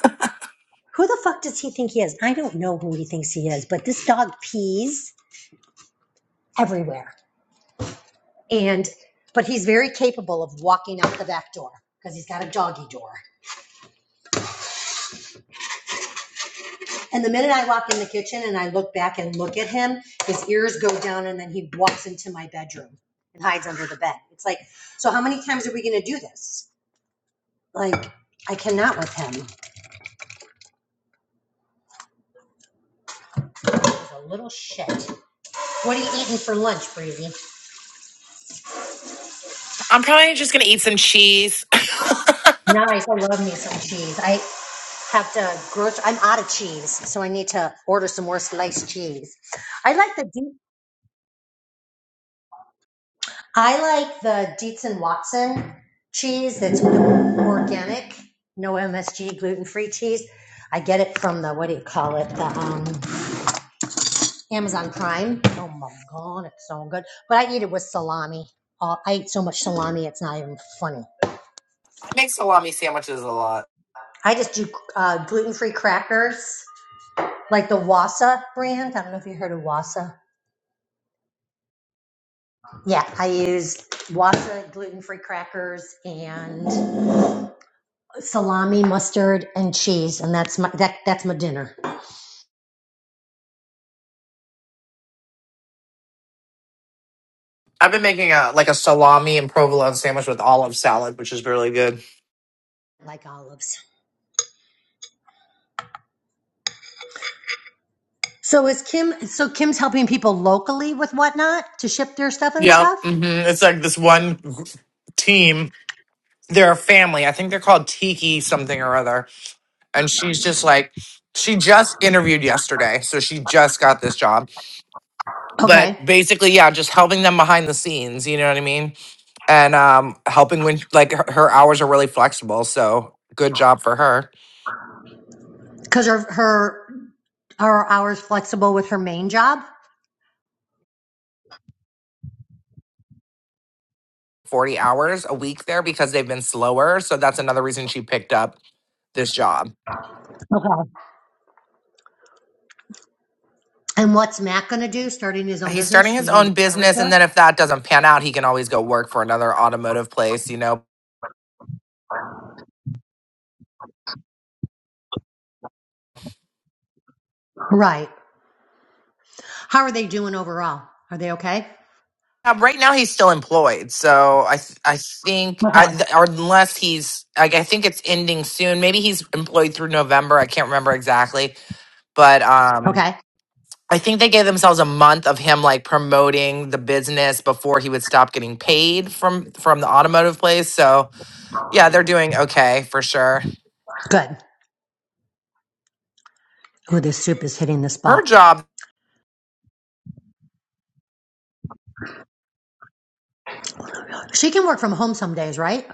Who the fuck does he think he is? I don't know who he thinks he is, but this dog pees everywhere. And but he's very capable of walking out the back door because he's got a doggy door. And the minute I walk in the kitchen and I look back and look at him, his ears go down and then he walks into my bedroom and hides under the bed. It's like, so how many times are we going to do this? Like, I cannot with him. He's a little shit. What are you eating for lunch, Breezy?
I'm probably just gonna eat some cheese. I
Nice. I love me some cheese. I have to grocery. I'm out of cheese, so I need to order some more sliced cheese. I like the De- I like the Dietz and Watson cheese that's organic, no MSG, gluten free cheese. I get it from the what do you call it? The um, Amazon Prime. Oh my god, it's so good. But I eat it with salami. Uh, I eat so much salami, it's not even funny.
make salami sandwiches a lot.
I just do uh, gluten free crackers, like the Wassa brand. I don't know if you heard of Wassa Yeah, I use Wasa gluten-free crackers and salami, mustard, and cheese, and that's my that that's my dinner.
I've been making a like a salami and provolone sandwich with olive salad, which is really good.
Like olives. So is Kim? So Kim's helping people locally with whatnot to ship their stuff and
Yep,
stuff.
hmm it's like this one gr- team. They're a family. I think they're called Tiki something or other. And she's just like, she just interviewed yesterday, so she just got this job. But
Okay,
basically, yeah, just helping them behind the scenes. You know what I mean? And um, helping when like her, her hours are really flexible. So good job for her.
because her her her hours flexible with her main job.
40 hours a week there because they've been slower. So that's another reason she picked up this job.
And what's Matt going to do? Starting his own
He's starting
business?
his
He's going to
own
do car
business.
repair.
And then if that doesn't pan out, he can always go work for another automotive place, you know.
Right. How are they doing overall? Are they okay?
Uh, Right now, he's still employed. So I, th- I think, I,
Okay.
th- or unless he's, like, I think it's ending soon. Maybe he's employed through November. I can't remember exactly. But um,
Okay.
I think they gave themselves a month of him like promoting the business before he would stop getting paid from from the automotive place. So Yeah, they're doing okay for sure.
Good. Oh, this soup is hitting the
Her
spot.
job,
She can work from home some days, right?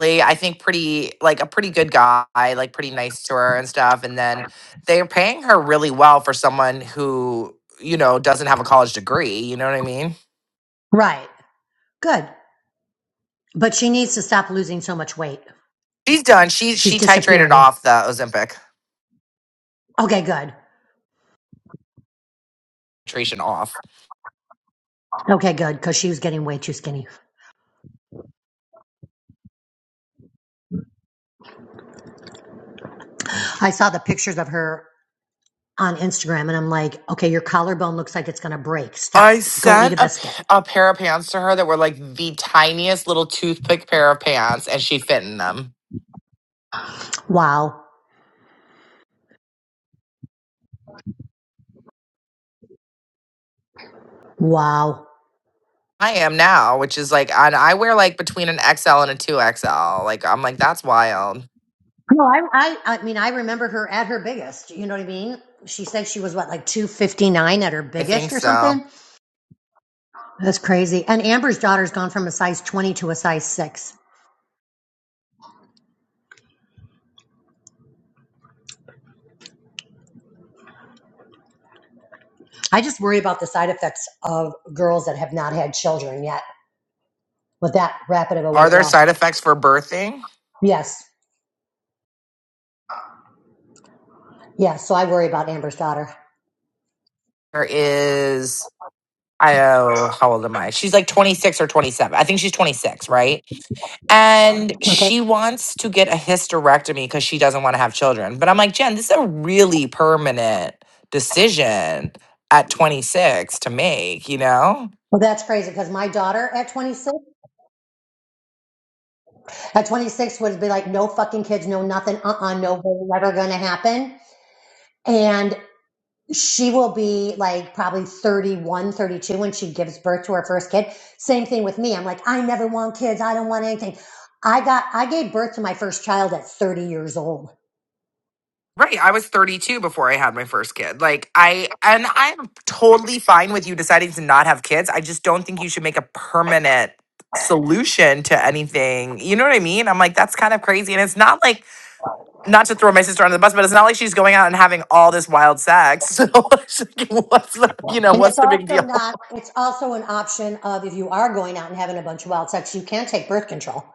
Lee, I think, pretty like a pretty good guy, like pretty nice to her and stuff. And then they're paying her really well for someone who you know doesn't have a college degree. You know what I mean?
Right. Good. But she needs to stop losing so much weight.
She's done. She
She's
she titrated
disappearing.
off the Ozempic
Okay, good.
titration off.
Okay, good. Because she was getting way too skinny. I saw the pictures of her on Instagram and I'm like, okay, your collarbone looks like it's going to break. Stop.
I
Go eat
sent
a
a,
biscuit.
p- a pair of pants to her that were like the tiniest little toothpick pair of pants, and she fit in them.
Wow. Wow.
I am now, which is like, and I wear like between an XL and a 2XL. Like, I'm like, that's wild.
No, I, I, I mean, I remember her at her biggest. You know what I mean? She said she was what, like 259 at her
I think
biggest or
so.
something? That's crazy. And Amber's daughter's gone from a size 20 to a size six. I just worry about the side effects of girls that have not had children yet with that rapid of a
Are
weight
there
loss.
side effects for birthing?
Yes. Yes. So I worry about Amber's daughter.
There is. I oh, how old am I? She's like 26 or 27. I think she's 26, right? And
Okay.
she wants to get a hysterectomy because she doesn't want to have children. But I'm like, Jen, this is a really permanent decision at 26 to make, you know?
Well, that's crazy because my daughter at 26, at 26 would be like, no fucking kids, no nothing, uh uh no way, never going to happen. And she will be like probably 31, 32 when she gives birth to her first kid. Same thing with me. I'm like, I never want kids. I don't want anything. I got, I gave birth to my first child at 30 years old.
Right. I was 32 before I had my first kid. Like, I, and I'm totally fine with you deciding to not have kids. I just don't think you should make a permanent solution to anything. You know what I mean? I'm like, that's kind of crazy. And it's not like, not to throw my sister under the bus, but it's not like she's going out and having all this wild sex. So, it's like, what's the, you know,
And
what's
it's
the big
also
deal?
not, it's also an option of if you are going out and having a bunch of wild sex, you can take birth control.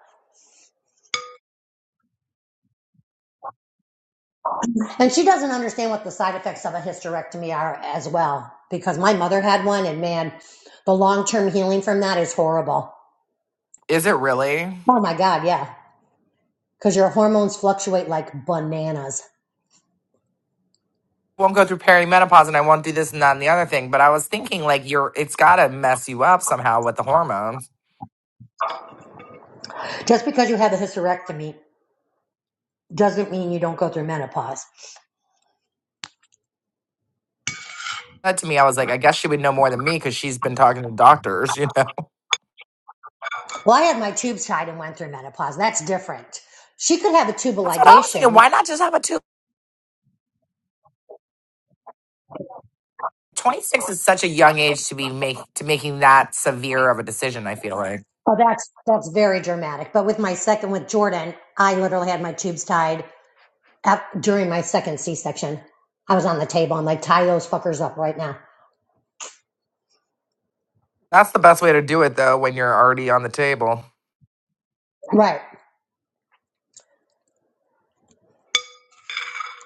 And she doesn't understand what the side effects of a hysterectomy are as well, because my mother had one and man, the long term healing from that is horrible.
Is it really?
Oh my God, yeah. Because your hormones fluctuate like bananas.
Won't go through perimenopause and I won't do this and that and the other thing. But I was thinking, like, you're, it's got to mess you up somehow with the hormones.
Just because you have a hysterectomy doesn't mean you don't go through menopause.
that to me, I was like, I guess she would know more than me because she's been talking to doctors, you know.
Well, I had my tubes tied and went through menopause. That's different. She could have a tubal
That's what I was thinking.
ligation
Why not just have a two? 26 is such a young age to be make to making that severe of a decision, I feel like.
Oh, that's that's very dramatic. But with my second, with Jordan, I literally had my tubes tied at, during my second C-section. I was on the table. I'm like, tie those fuckers up right now.
That's the best way to do it though when you're already on the table.
Right.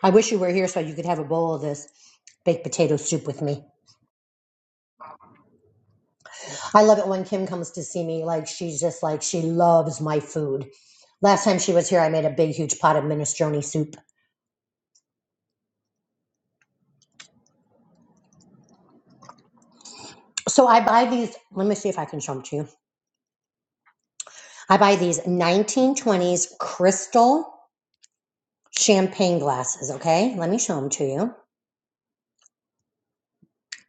I wish you were here so you could have a bowl of this baked potato soup with me. I love it when Kim comes to see me. Like she's just like she loves my food. Last time she was here, I made a big, huge pot of minestrone soup. So I buy these. Let me see if I can show them to you. I buy these 1920s crystal champagne glasses. Okay, let me show them to you.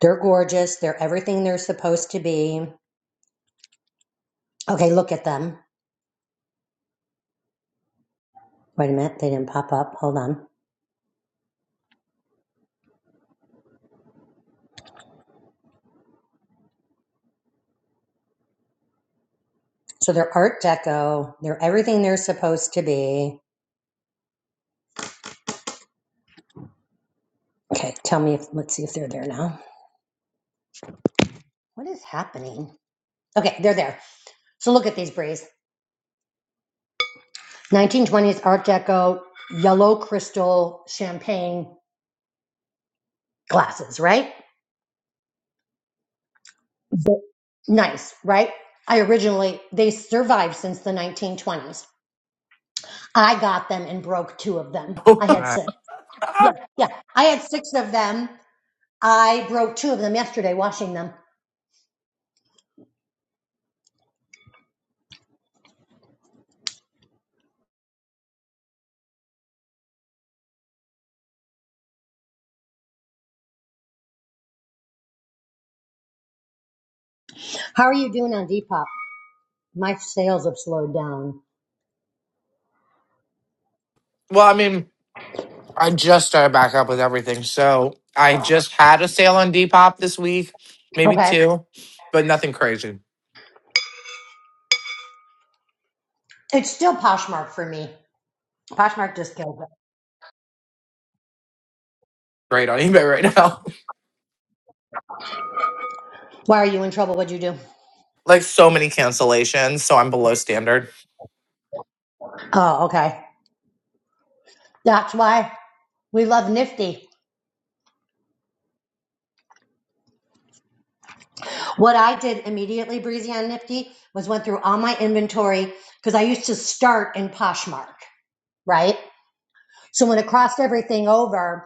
They're gorgeous. They're everything they're supposed to be. Okay, look at them. Wait a minute, they didn't pop up. Hold on. So they're Art Deco. They're everything they're supposed to be. Okay, tell me if let's see if they're there now. What is happening? Okay, they're there. So look at these breeze. 1920s Art Deco yellow crystal champagne glasses, right? Nice, right? I originally they survived since the 1920s. I got them and broke two of them. I had
Right.
six. Yeah, yeah. I had six of them. I broke two of them yesterday washing them. How are you doing on Depop? My sales have slowed down.
Well, I mean, I just started back up with everything. So I just had a sale on Depop this week, maybe
Okay.
two, but nothing crazy.
It's still Poshmark for me. Poshmark just kills it.
Great on eBay right now.
Why are you in trouble? What'd you do?
like so many cancellations. So I'm below standard.
Oh, okay. That's why we love Nifty. What I did immediately, Breezy on Nifty, was went through all my inventory because I used to start in Poshmark, right? So when it crossed everything over,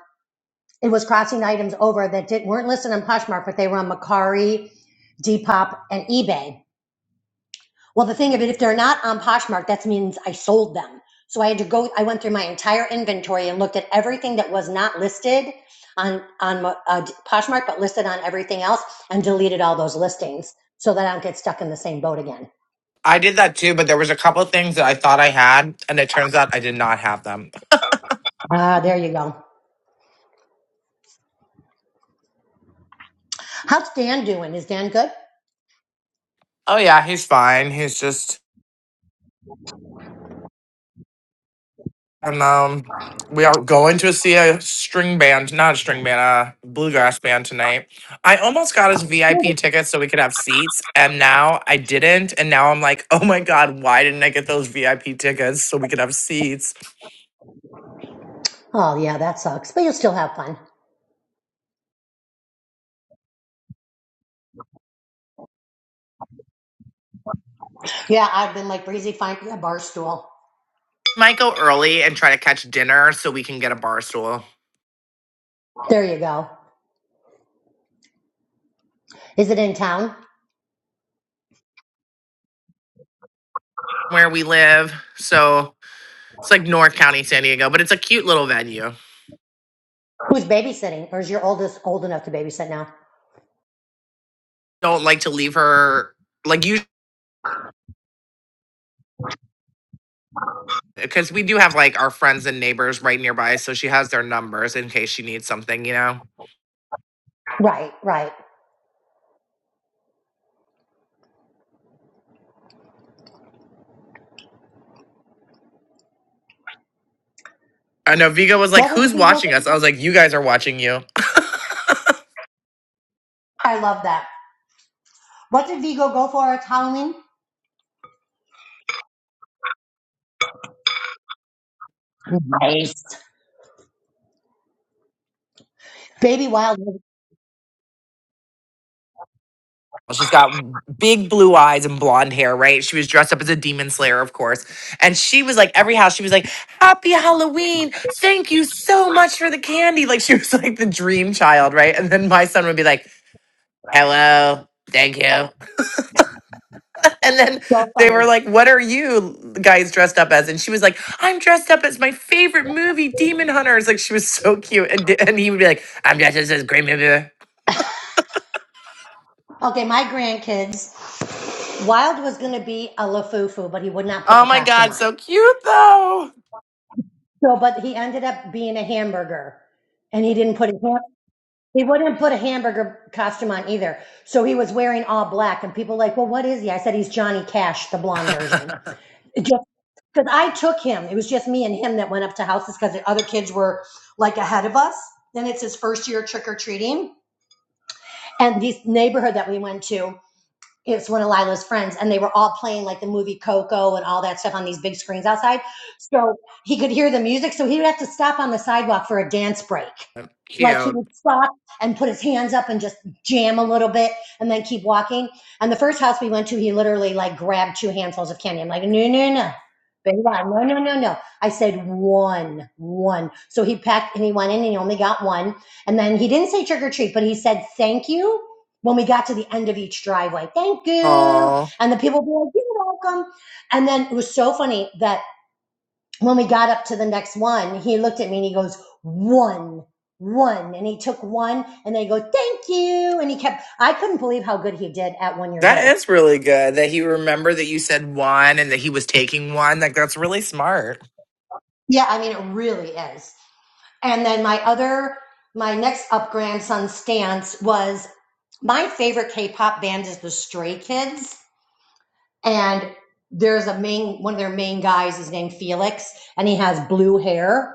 It was crossing items over that did, weren't listed on Poshmark, but they were on Macari, Depop, and eBay. Well, the thing of it, if they're not on Poshmark, that means I sold them. So I had to go. I went through my entire inventory and looked at everything that was not listed on on uh, Poshmark, but listed on everything else, and deleted all those listings so that I don't get stuck in the same boat again.
I did that too, but there was a couple things that I thought I had, and it turns out I did not have them.
Ah, uh, there you go. How's Dan doing? Is Dan good?
Oh yeah, he's fine. He's just and um we are going to see a string band, not a string band, a bluegrass band tonight. I almost got us VIP tickets so we could have seats, and now I didn't, and now I'm like, oh my god, why didn't I get those VIP tickets so we could have seats?
Oh yeah, that sucks, but you'll still have fun. Yeah, I've been like breezy, fine, a bar stool.
Might go early and try to catch dinner so we can get a bar stool
There you go. Is it in town?
where we live. So it's like North County, San Diego, but it's a cute little venue.
Who's babysitting? Or is your oldest old enough to babysit now?
don't like to leave her like you because we do have like our friends and neighbors right nearby, so she has their numbers in case she needs something, you know.
Right, right.
I know Vigo was like,
What was
"Who's
Vigo
watching us?" I
for?
was like, "You guys are watching you."
I love that. What did Vigo go for at Halloween? Nice. Baby Wild was
She's got big blue eyes and blonde hair, right? She was dressed up as a demon slayer, of course. And she was like, every house, she was like, Happy Halloween. Thank you so much for the candy. Like, she was like the dream child, right? And then my son would be like, Hello. Thank you. And then
so
they were
fun.
like, What are you guys dressed up as? And she was like, I'm dressed up as my favorite movie, Demon Hunters. Like, she was so cute. And, d- and he would be like, I'm dressed as this great movie.
Okay, my grandkids. Wild was going to be a LaFufu, but he would not put
Oh
the
my
costume
God,
on.
so cute though.
So, but he ended up being a hamburger, and he didn't put a ham- he wouldn't put a hamburger costume on either. So he was wearing all black, and people were like, "Well, what is he?" I said, "He's Johnny Cash, the blonde version." Just Because I took him. It was just me and him that went up to houses because the other kids were like ahead of us. Then it's his first year trick or treating. And this neighborhood that we went to, it's one of Lila's friends, and they were all playing like the movie Coco and all that stuff on these big screens outside. So he could hear the music. So he would have to stop on the sidewalk for a dance break. Like he
cute.
would stop and put his hands up and just jam a little bit and then keep walking. And the first house we went to, he literally like grabbed two handfuls of candy. I'm like, no, no, no. Baby, no, no, no, no. no." I said one, one. So he packed and he went in and he only got one. And then he didn't say trick or treat, but he said thank you when we got to the end of each driveway. Thank you.
Oh,
And the people were like, you're welcome. And then it was so funny that when we got up to the next one, he looked at me and he goes, one, one. And he took one and they go, thank you. And he kept, I couldn't believe how good he did at one years
that
old.
is really good that he remembered that you said one and that he was taking one. Like, that's really smart.
Yeah, I mean, it really is. And then my other, my next up grandson stance was my favorite K-pop band is the Stray Kids. And there's a main, one of their main guys is named Felix and he has blue hair.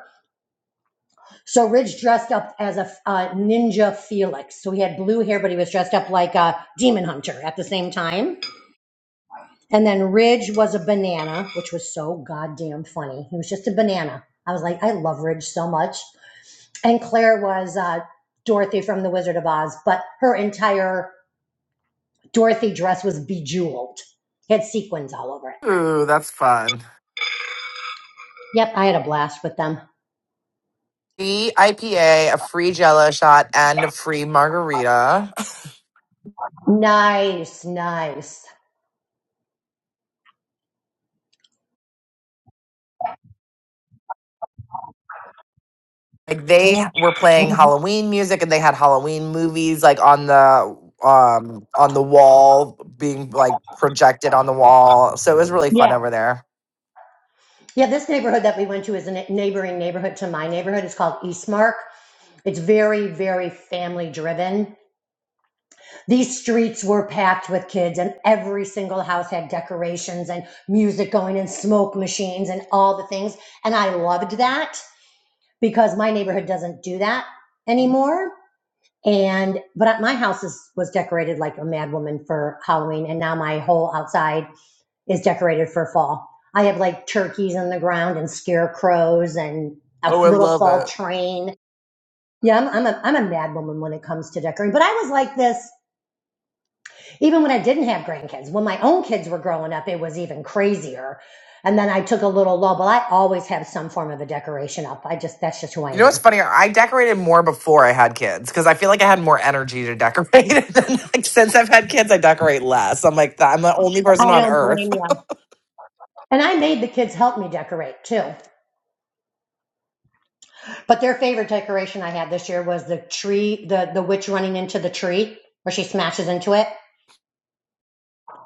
So Ridge dressed up as a uh, ninja Felix. So he had blue hair, but he was dressed up like a demon hunter at the same time. And then Ridge was a banana, which was so goddamn funny. He was just a banana. I was like, I love Ridge so much. And Claire was uh, Dorothy from The Wizard of Oz, but her entire Dorothy dress was bejeweled. It had sequins all over it.
Ooh, that's fun.
Yep, I had a blast with them.
The IPA, a a free jello shot, and a free margarita.
Nice, nice.
Like they were playing Halloween music and they had Halloween movies like on the um on the wall being like projected on the wall. So it was really fun over there.
Yeah, this neighborhood that we went to is a ne- neighboring neighborhood to my neighborhood. It's called Eastmark. It's very, very family driven. These streets were packed with kids, and every single house had decorations and music going and smoke machines and all the things. And I loved that because my neighborhood doesn't do that anymore. And but my house is, was decorated like a mad woman for Halloween, and now my whole outside is decorated for fall. I have like turkeys on the ground and scarecrows and a
Oh, I
little
love
fall
it.
train Yeah, I'm, I'm a I'm a mad woman when it comes to decorating. But I was like this even when I didn't have grandkids. When my own kids were growing up, it was even crazier. And then I took a little lull, but I always have some form of a decoration up. I just that's just who
You know
I
what's
am.
funny? I decorated more before I had kids because I feel like I had more energy to decorate. and then, like since I've had kids, I decorate less. I'm like I'm the only person on earth.
And I made the kids help me decorate too. But their favorite decoration I had this year was the tree, the the witch running into the tree where she smashes into it.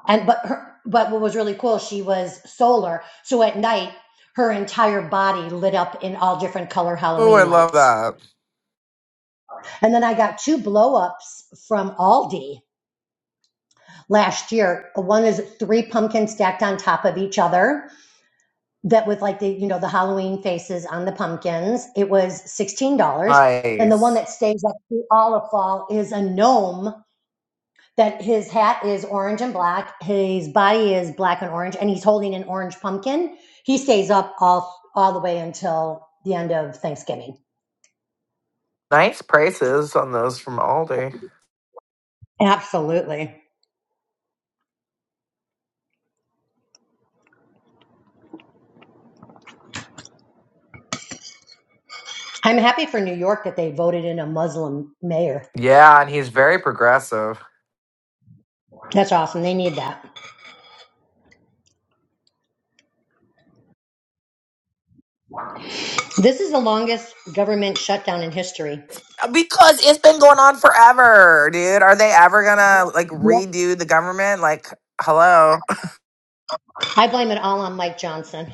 and but her, but what was really cool she was solar so at night her entire body lit up in all different color
Oh, I
halloween
love
lights
that.
and then i got two blow ups from aldi last year one is three pumpkins stacked on top of each other that with like the you know the halloween faces on the pumpkins it was $16 and the one
Nice,
that stays up through all of fall is a gnome that his hat is orange and black, his body is black and orange, and he's holding an orange pumpkin. He stays up all all the way until the end of Thanksgiving.
nice prices on those from Aldi.
Absolutely. I'm happy for New York that they voted in a Muslim mayor.
Yeah, and he's very progressive.
That's awesome. They need that. This is the longest government shutdown in history.
Because it's been going on forever, dude. Are they ever gonna like redo the government? Like, hello.
I blame it all on Mike Johnson.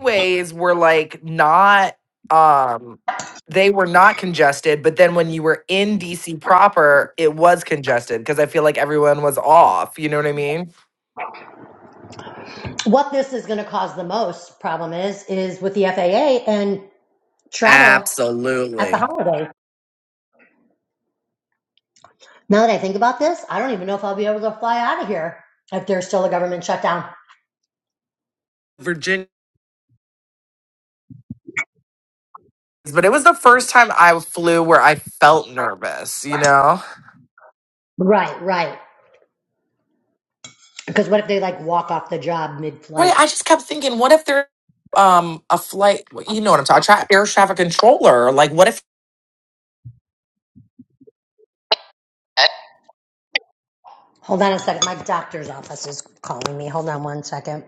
Ways were like not um they were not congested, but then when you were in DC proper, it was congested because I feel like everyone was off. You know what I mean?
What this is going to cause the most problem is is with the FAA and travel at the
Absolutely.
holidays. Now that I think about this, I don't even know if I'll be able to fly out of here if there's still a government shutdown.
Virginia. But it was the first time I flew where I felt nervous, you know?
Right, right. Because what if they like walk off the job mid
Right. I
flight?
just kept thinking, what if they're um a flight? You know what I'm talking? Tra- air traffic controller. Like, what if
Hold on a second. My doctor's office is calling me. Hold on one second.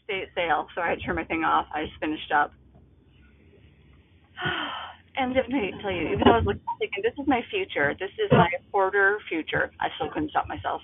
Estate sale. Sorry, I turned my thing off. I just finished up. And let me tell you, even though I was looking, thinking, this is my future. This is my quarter future. I still couldn't stop myself.